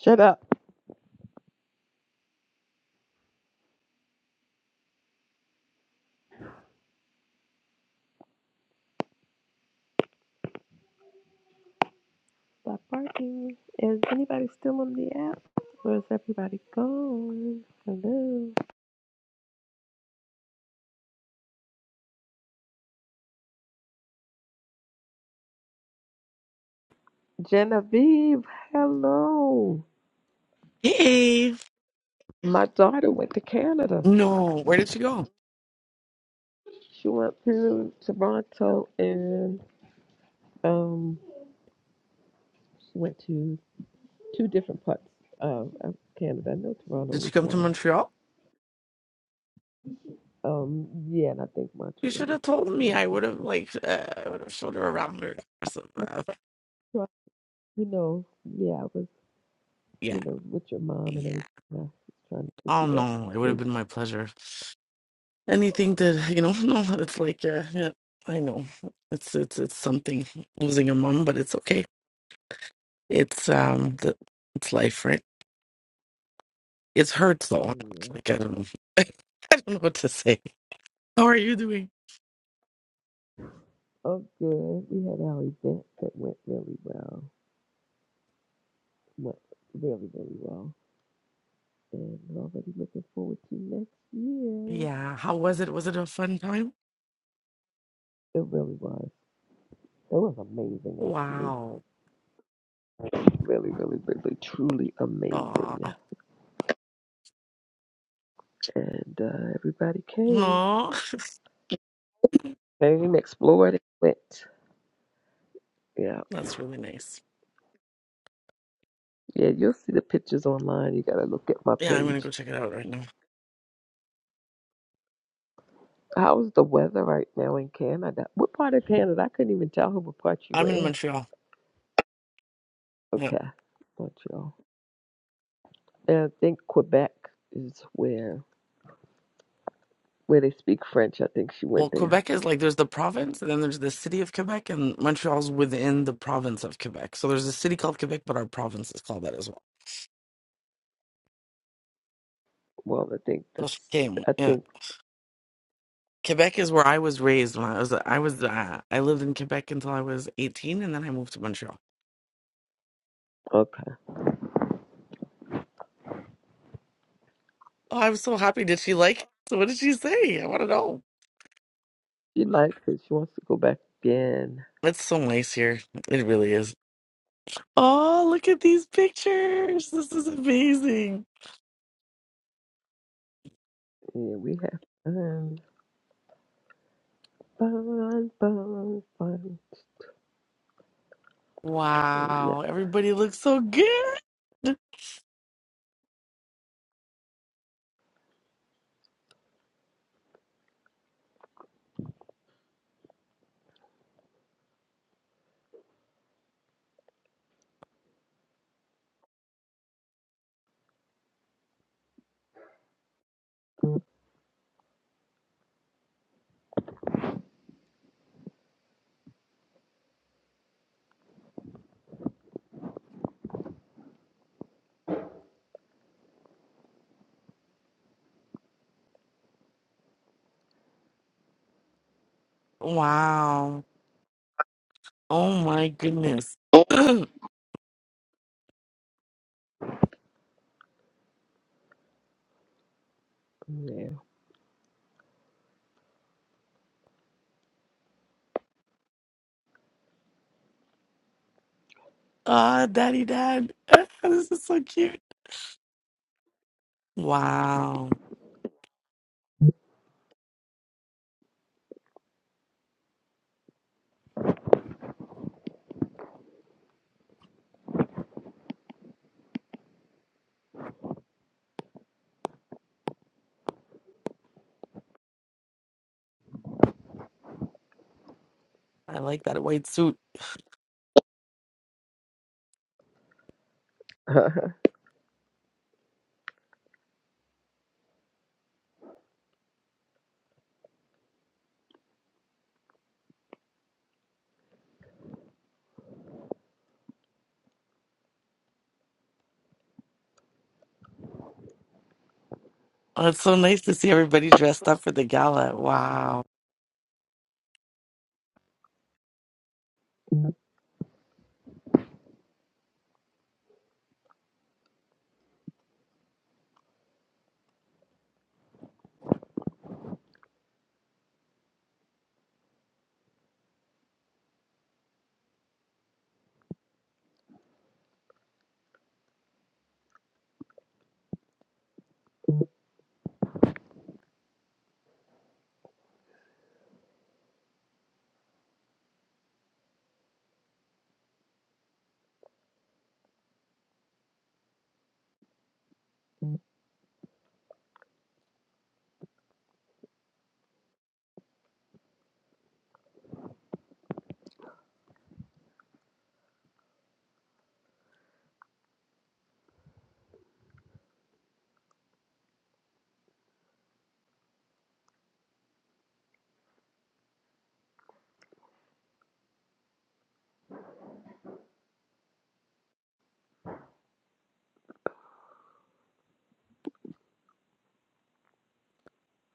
Speaker 1: Shut up. Stop barking. Is anybody still on the app? Where's everybody going? Hello. Genevieve, hello.
Speaker 21: Hey,
Speaker 1: My daughter went to Canada.
Speaker 21: no, where did she go?
Speaker 1: She went to Toronto and um went to two different parts of, of Canada. I know Toronto
Speaker 21: Did she
Speaker 1: was
Speaker 21: come to
Speaker 1: one.
Speaker 21: Montreal?
Speaker 1: Um, yeah, and I think
Speaker 21: You should
Speaker 1: Montreal.
Speaker 21: have told
Speaker 1: Yeah,
Speaker 21: me.
Speaker 1: I
Speaker 21: I
Speaker 1: think
Speaker 21: would
Speaker 1: she
Speaker 21: have
Speaker 1: was.
Speaker 21: like uh, I would have showed her around or something.
Speaker 1: No,
Speaker 21: Uh,
Speaker 1: Toronto, you know, yeah, I was, you
Speaker 21: yeah,
Speaker 1: know, with your mom and
Speaker 21: yeah.
Speaker 1: everything. I was trying to get
Speaker 21: Oh
Speaker 1: you that
Speaker 21: no, it would have
Speaker 1: space.
Speaker 21: been my pleasure. Anything that you know, *laughs* no, it's like uh, yeah, I know. It's it's it's something losing a mom, but it's okay. It's um, the, it's life, right? It's hurts though.
Speaker 1: Yeah.
Speaker 21: It's like I don't know, *laughs* I don't know what to say. How are you doing?
Speaker 1: Oh, good. We had our event that went really well. Went really, really well. And we're already looking forward to next year.
Speaker 21: Yeah. How was it? Was it a fun time?
Speaker 1: It really was. It was amazing, actually.
Speaker 21: Wow.
Speaker 1: Really, really, really, truly amazing. And uh, everybody came.
Speaker 21: Oh,
Speaker 1: Came, explored, and went. Yeah.
Speaker 21: *laughs* that's really nice.
Speaker 1: Yeah, you'll see the pictures online. You got to look at my
Speaker 21: Yeah, I'm gonna
Speaker 1: page.
Speaker 21: go check it out right now.
Speaker 1: How's the weather right now in Canada? What part of Canada? I couldn't even tell her what part you were
Speaker 21: I'm in
Speaker 1: in.
Speaker 21: Montreal. Yeah.
Speaker 1: Okay. Montreal. And I think Quebec is where where they speak French. I think she went
Speaker 21: Well,
Speaker 1: there.
Speaker 21: Quebec is like there's the province, and then there's the city of Quebec, and Montreal's within the province of Quebec. So there's a city called Quebec, but our province is called that as well.
Speaker 1: Well, I think
Speaker 21: So she
Speaker 1: this.
Speaker 21: came.
Speaker 1: I
Speaker 21: Yeah,
Speaker 1: think
Speaker 21: Quebec is where I was raised. When I was, I was, uh, I lived in Quebec until I was 18, and then I moved to Montreal.
Speaker 1: okay.
Speaker 21: Oh, I was so happy. Did she like? it? So what did she say? I want to know.
Speaker 1: She likes it. She wants to go back again.
Speaker 21: It's so nice here. It really is. Oh, look at these pictures. This is amazing.
Speaker 1: Yeah, we have fun, fun, fun, fun. Yeah,
Speaker 21: Wow. Everybody looks so good.
Speaker 1: mm,
Speaker 21: Wow. Oh my goodness. *clears throat*
Speaker 1: yeah.
Speaker 21: Ah, daddy dad. *laughs* This is so cute. Wow. I like that white suit.
Speaker 1: *laughs*
Speaker 21: Oh, it's so nice to see everybody dressed up for the gala. Wow.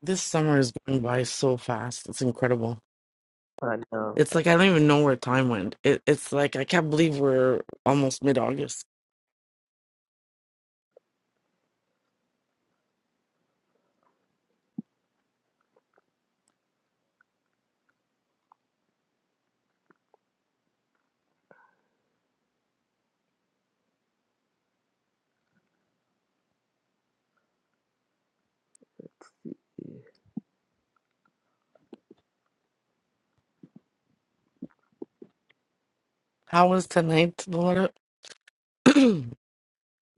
Speaker 21: This summer is going by so fast. It's incredible.
Speaker 1: I know.
Speaker 21: It's like I don't even know where time went. It, it's like I can't believe we're almost mid August. How was tonight, Laura? *clears throat*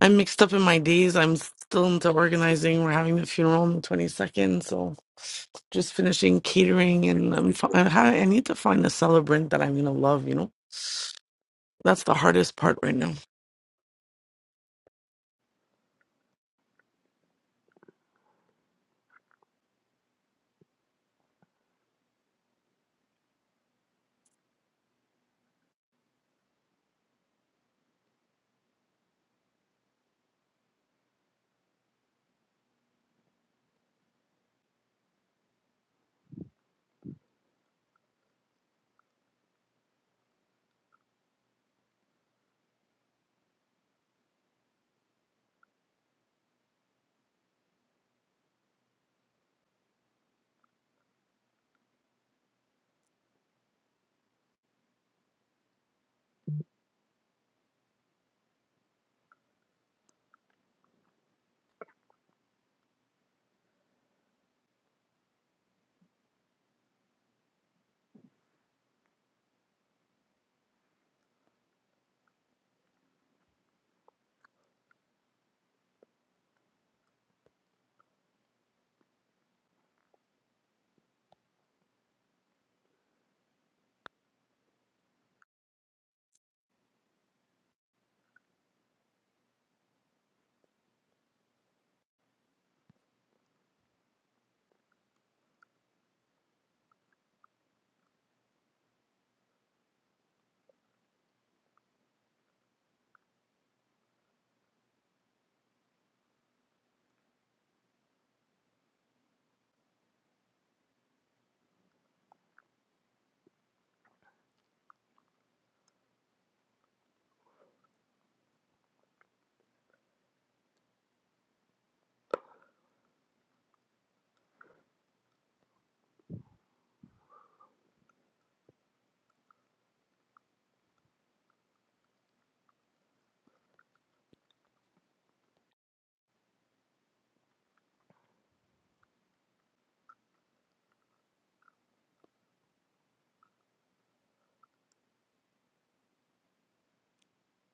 Speaker 21: I'm mixed up in my days. I'm still into organizing. We're having the funeral on the 22nd, so just finishing catering, and I'm fi- I ha- I need to find a celebrant that I'm gonna love. You know, that's the hardest part right now.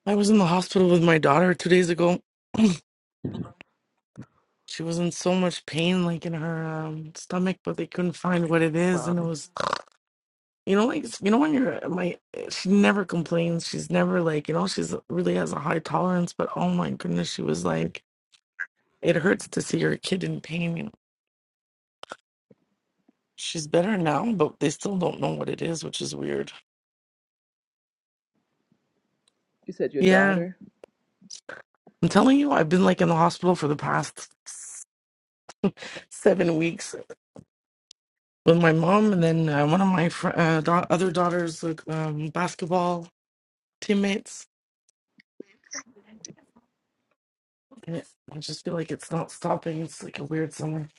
Speaker 21: I was in the hospital with my daughter two days ago. She was in so much pain, like in her um, stomach, but they couldn't find what it is,
Speaker 1: Wow.
Speaker 21: and it was, you know, like you know when you're uh, my. She never complains. She's never like you know she's uh, really has a high tolerance, but oh my goodness, she was like it hurts to see your kid in pain. You know? She's better now, but they still don't know what it is, which is weird.
Speaker 1: You said your
Speaker 21: Yeah,
Speaker 1: daughter?
Speaker 21: I'm telling you, I've been like in the hospital for the past s- seven weeks with my mom, and then uh, one of my fr- uh, da- other daughter's like, um, basketball teammates. And it- I just feel like it's not stopping. It's like a weird summer.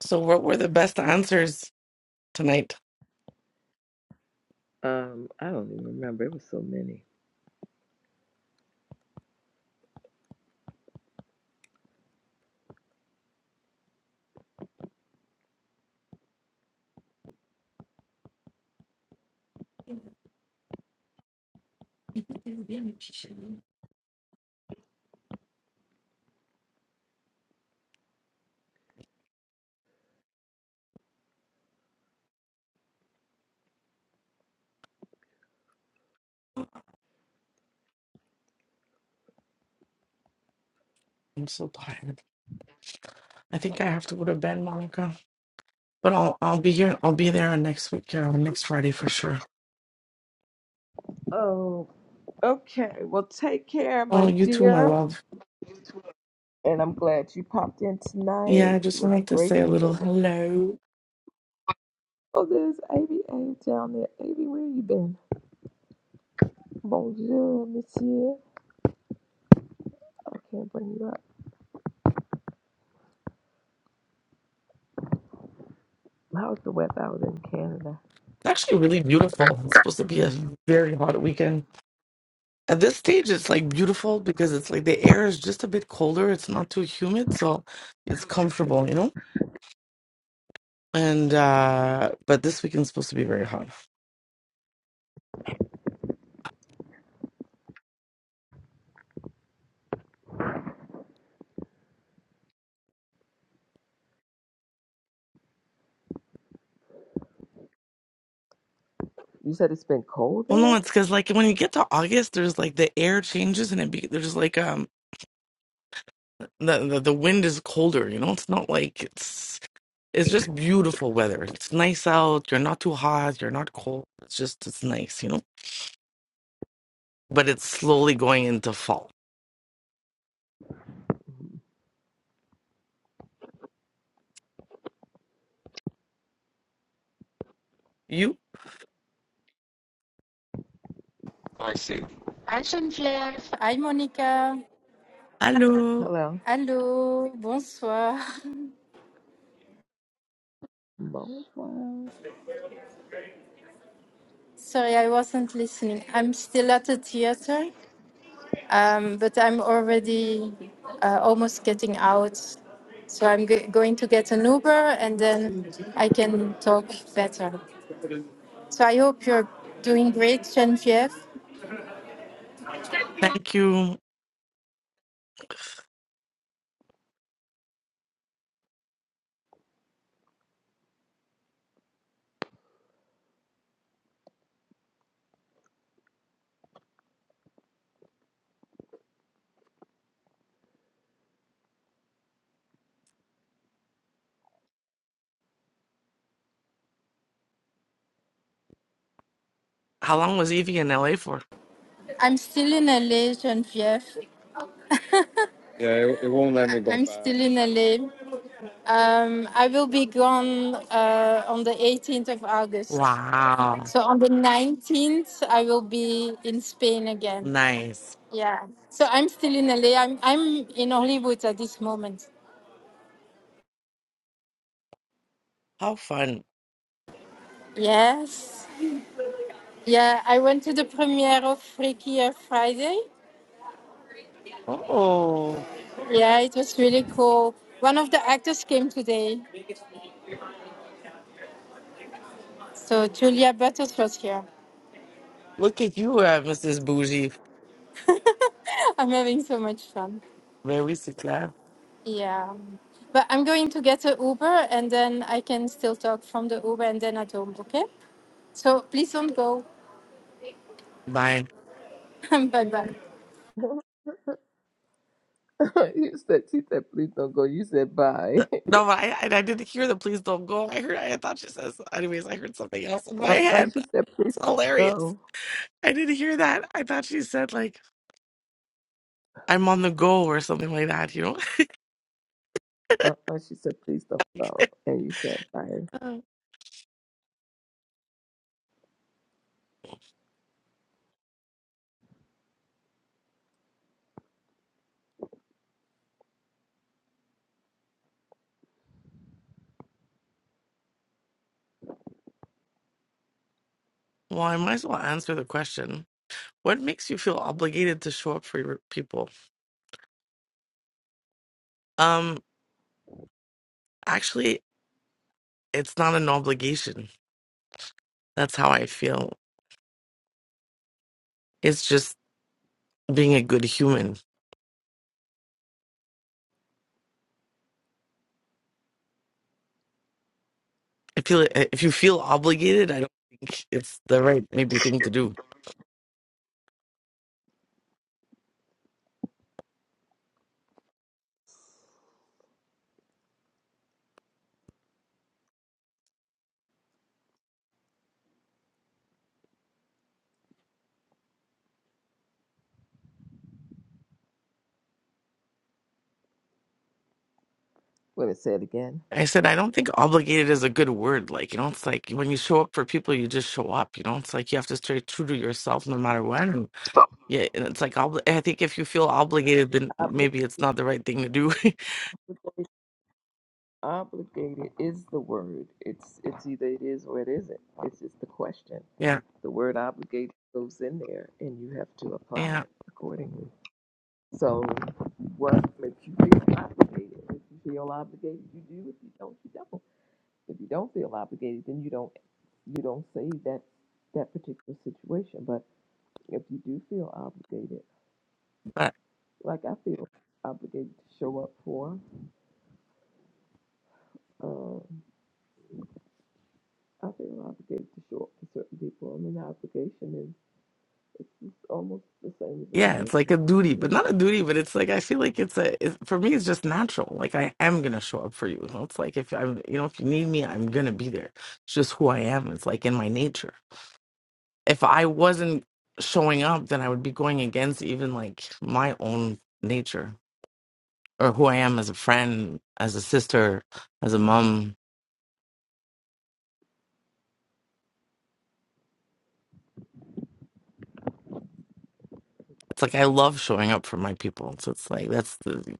Speaker 21: So, what were the best answers tonight?
Speaker 1: Um, I don't even remember. It was so many.
Speaker 21: I'm so tired. I think I have to go to bed, Monica. But I'll I'll be here. I'll be there on next week, uh, next Friday for sure.
Speaker 1: Oh, okay. Well, take care, my
Speaker 21: Oh, you too, my
Speaker 1: dear.
Speaker 21: love.
Speaker 1: And I'm glad you popped in
Speaker 21: Yeah,
Speaker 1: tonight.
Speaker 21: I
Speaker 1: It
Speaker 21: just
Speaker 1: was
Speaker 21: wanted to
Speaker 1: great.
Speaker 21: say a
Speaker 1: The
Speaker 21: little
Speaker 1: room was.
Speaker 21: hello.
Speaker 1: Oh, there's Amy Amy down there. Amy, where you been? Bonjour, monsieur. I can't bring you up. How's the weather out in Canada?
Speaker 21: It's actually really beautiful. It's supposed to be a very hot weekend. At this stage, it's like beautiful because it's like the air is just a bit colder. It's not too humid, so it's comfortable, you know? And, uh, but this weekend's supposed to be very hot.
Speaker 1: You said it's been cold
Speaker 21: Well, no,
Speaker 1: there?
Speaker 21: it's because like when you get to August, there's like the air changes and it be there's like um the, the the wind is colder, you know. It's not like it's It's just beautiful weather. It's nice out. You're not too hot. You're not cold. It's just, it's nice, you know? But it's slowly going into fall. You?
Speaker 22: Hi Geneviève. Hi Monica.
Speaker 21: Hello.
Speaker 1: Hello.
Speaker 22: Hello. Bonsoir.
Speaker 1: Bonjour.
Speaker 22: *laughs* Sorry, I wasn't listening. I'm still at the theater, um, but I'm already uh, almost getting out. So I'm g- going to get an Uber and then I can talk better. So I hope you're doing great, Geneviève.
Speaker 21: Thank you. How long was Evie in LA for?
Speaker 22: I'm still in LA, Geneviève. Yeah, it, it won't let me go I'm back. still in LA. Um, I will be gone uh, on the 18th of August.
Speaker 21: Wow.
Speaker 22: So on the 19th, I will be in Spain again.
Speaker 21: Nice.
Speaker 22: Yeah. So I'm still in LA. I'm, I'm in Hollywood at this moment.
Speaker 21: How fun.
Speaker 22: Yes. Yeah, I went to the premiere of Freakier Friday.
Speaker 21: Oh,
Speaker 22: Yeah, it was really cool. One of the actors came today. So Julia Butters was here.
Speaker 21: look at you, uh, Mrs. Bougie.
Speaker 22: *laughs* I'm having so much fun.
Speaker 21: Very secure.
Speaker 22: Yeah. But I'm going to get a Uber and then I can still talk from the Uber and then at home, okay? So please don't go.
Speaker 21: Bye.
Speaker 22: *laughs* bye bye.
Speaker 1: *laughs* you said, she said, please don't go. You said, bye.
Speaker 21: Uh, No, but I, I I didn't hear the please don't go. I heard, I thought she says, anyways, I heard something else in my
Speaker 1: *laughs*
Speaker 21: *laughs*
Speaker 1: uh-uh.
Speaker 21: head.
Speaker 1: She said, please
Speaker 21: It's
Speaker 1: don't
Speaker 21: hilarious.
Speaker 1: go.
Speaker 21: I didn't hear that. I thought she said, like, I'm on the go or something like that, you
Speaker 1: Uh-uh. She said, please don't go.
Speaker 21: know?
Speaker 1: And you said, bye.
Speaker 21: *laughs* well, I might as well answer the question. What makes you feel obligated to show up for your people? Um, actually, it's not an obligation. That's how I feel. It's just being a good human. I feel if you feel obligated, I don't think it's the right maybe thing to do.
Speaker 1: Let me say it again.
Speaker 21: I said I don't think obligated is a good word. Like you know, it's like when you show up for people, you just show up. You know, it's like you have to stay true to yourself no matter what. Yeah, and it's like obli I think if you feel obligated, then maybe it's not the right thing to do. *laughs*
Speaker 1: Obligated is the word. It's it's either it is or it isn't. It's just the question.
Speaker 21: Yeah,
Speaker 1: The word obligated goes in there, and you have to apply
Speaker 21: yeah,
Speaker 1: it accordingly. So, what makes you feel obligated? If you feel obligated, you do. If you don't, you don't. If you don't feel obligated, then you don't. You don't say that that particular situation. But if you do feel obligated,
Speaker 21: but
Speaker 1: like I feel obligated to show up for, um, I feel obligated to show up for certain people. I mean, the obligation is. It's Almost the same as a
Speaker 21: yeah, it's like
Speaker 1: commitment
Speaker 21: a duty,
Speaker 1: to
Speaker 21: but
Speaker 1: me.
Speaker 21: not a duty, but it's like I feel like it's a it's, for me, it's just natural. Like I am gonna show up for you. You know, it's like if I'm, you know, if you need me, I'm gonna be there. It's just who I am. It's like in my nature. If I wasn't showing up, then I would be going against even like my own nature or who I am as a friend, as a sister, as a mom. It's like I love showing up for my people. So it's like that's the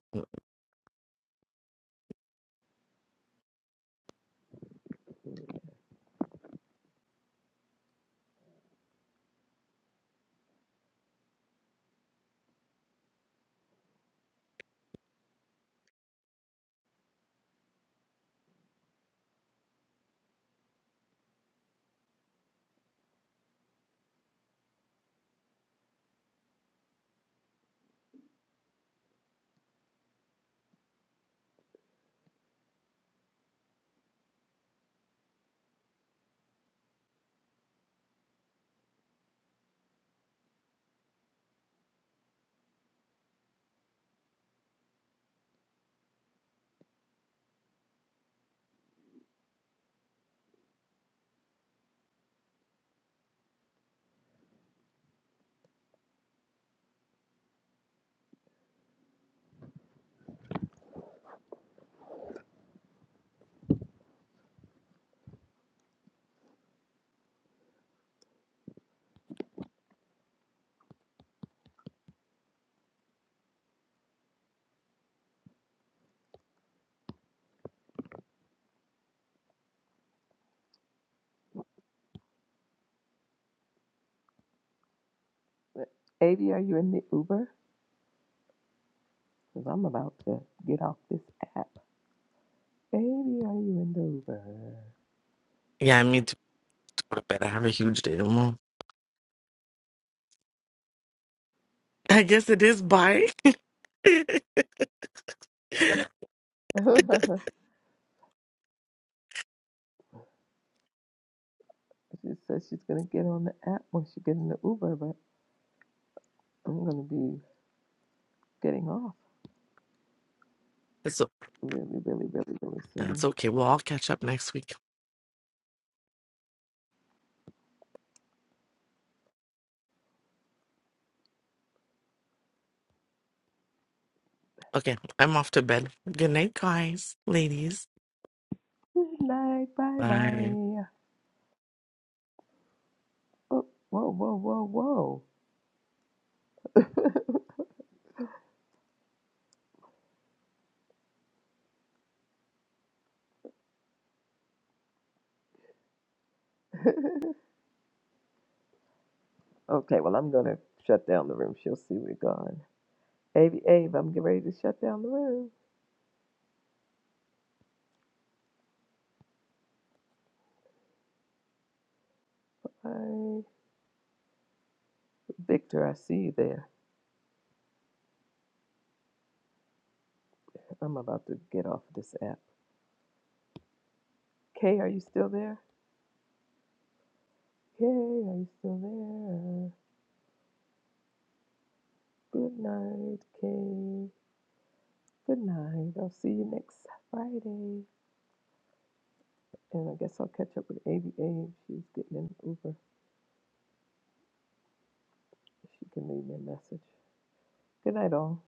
Speaker 1: But, Baby, are you in the Uber? Because I'm about to get off this app. Baby, are you in the Uber?
Speaker 21: yeah. I need to go to bed. I have a huge day tomorrow. *laughs* I guess it is bye. *laughs* it's
Speaker 1: *laughs* she says she's going to get on the app when she gets in the Uber, but I'm going to be getting off
Speaker 21: o-
Speaker 1: really, really, really, really
Speaker 21: yeah, it's
Speaker 1: soon.
Speaker 21: okay. We'll all catch up next week. Okay, I'm off to bed. Good night, guys, ladies.
Speaker 1: Good night. Bye
Speaker 21: Bye.
Speaker 1: bye. Oh, whoa, whoa, whoa, whoa. *laughs* Okay, well, I'm going to shut down the room. She'll see we're gone. Ave, Ave, I'm getting ready to shut down the room. Bye. Victor, I see you there. I'm about to get off this app. Kay, are you still there? Kay, are you still there? Good night, Kay. Good night. I'll see you next Friday. And I guess I'll catch up with ABA. She's getting an Uber. She can leave me a message. Good night, all.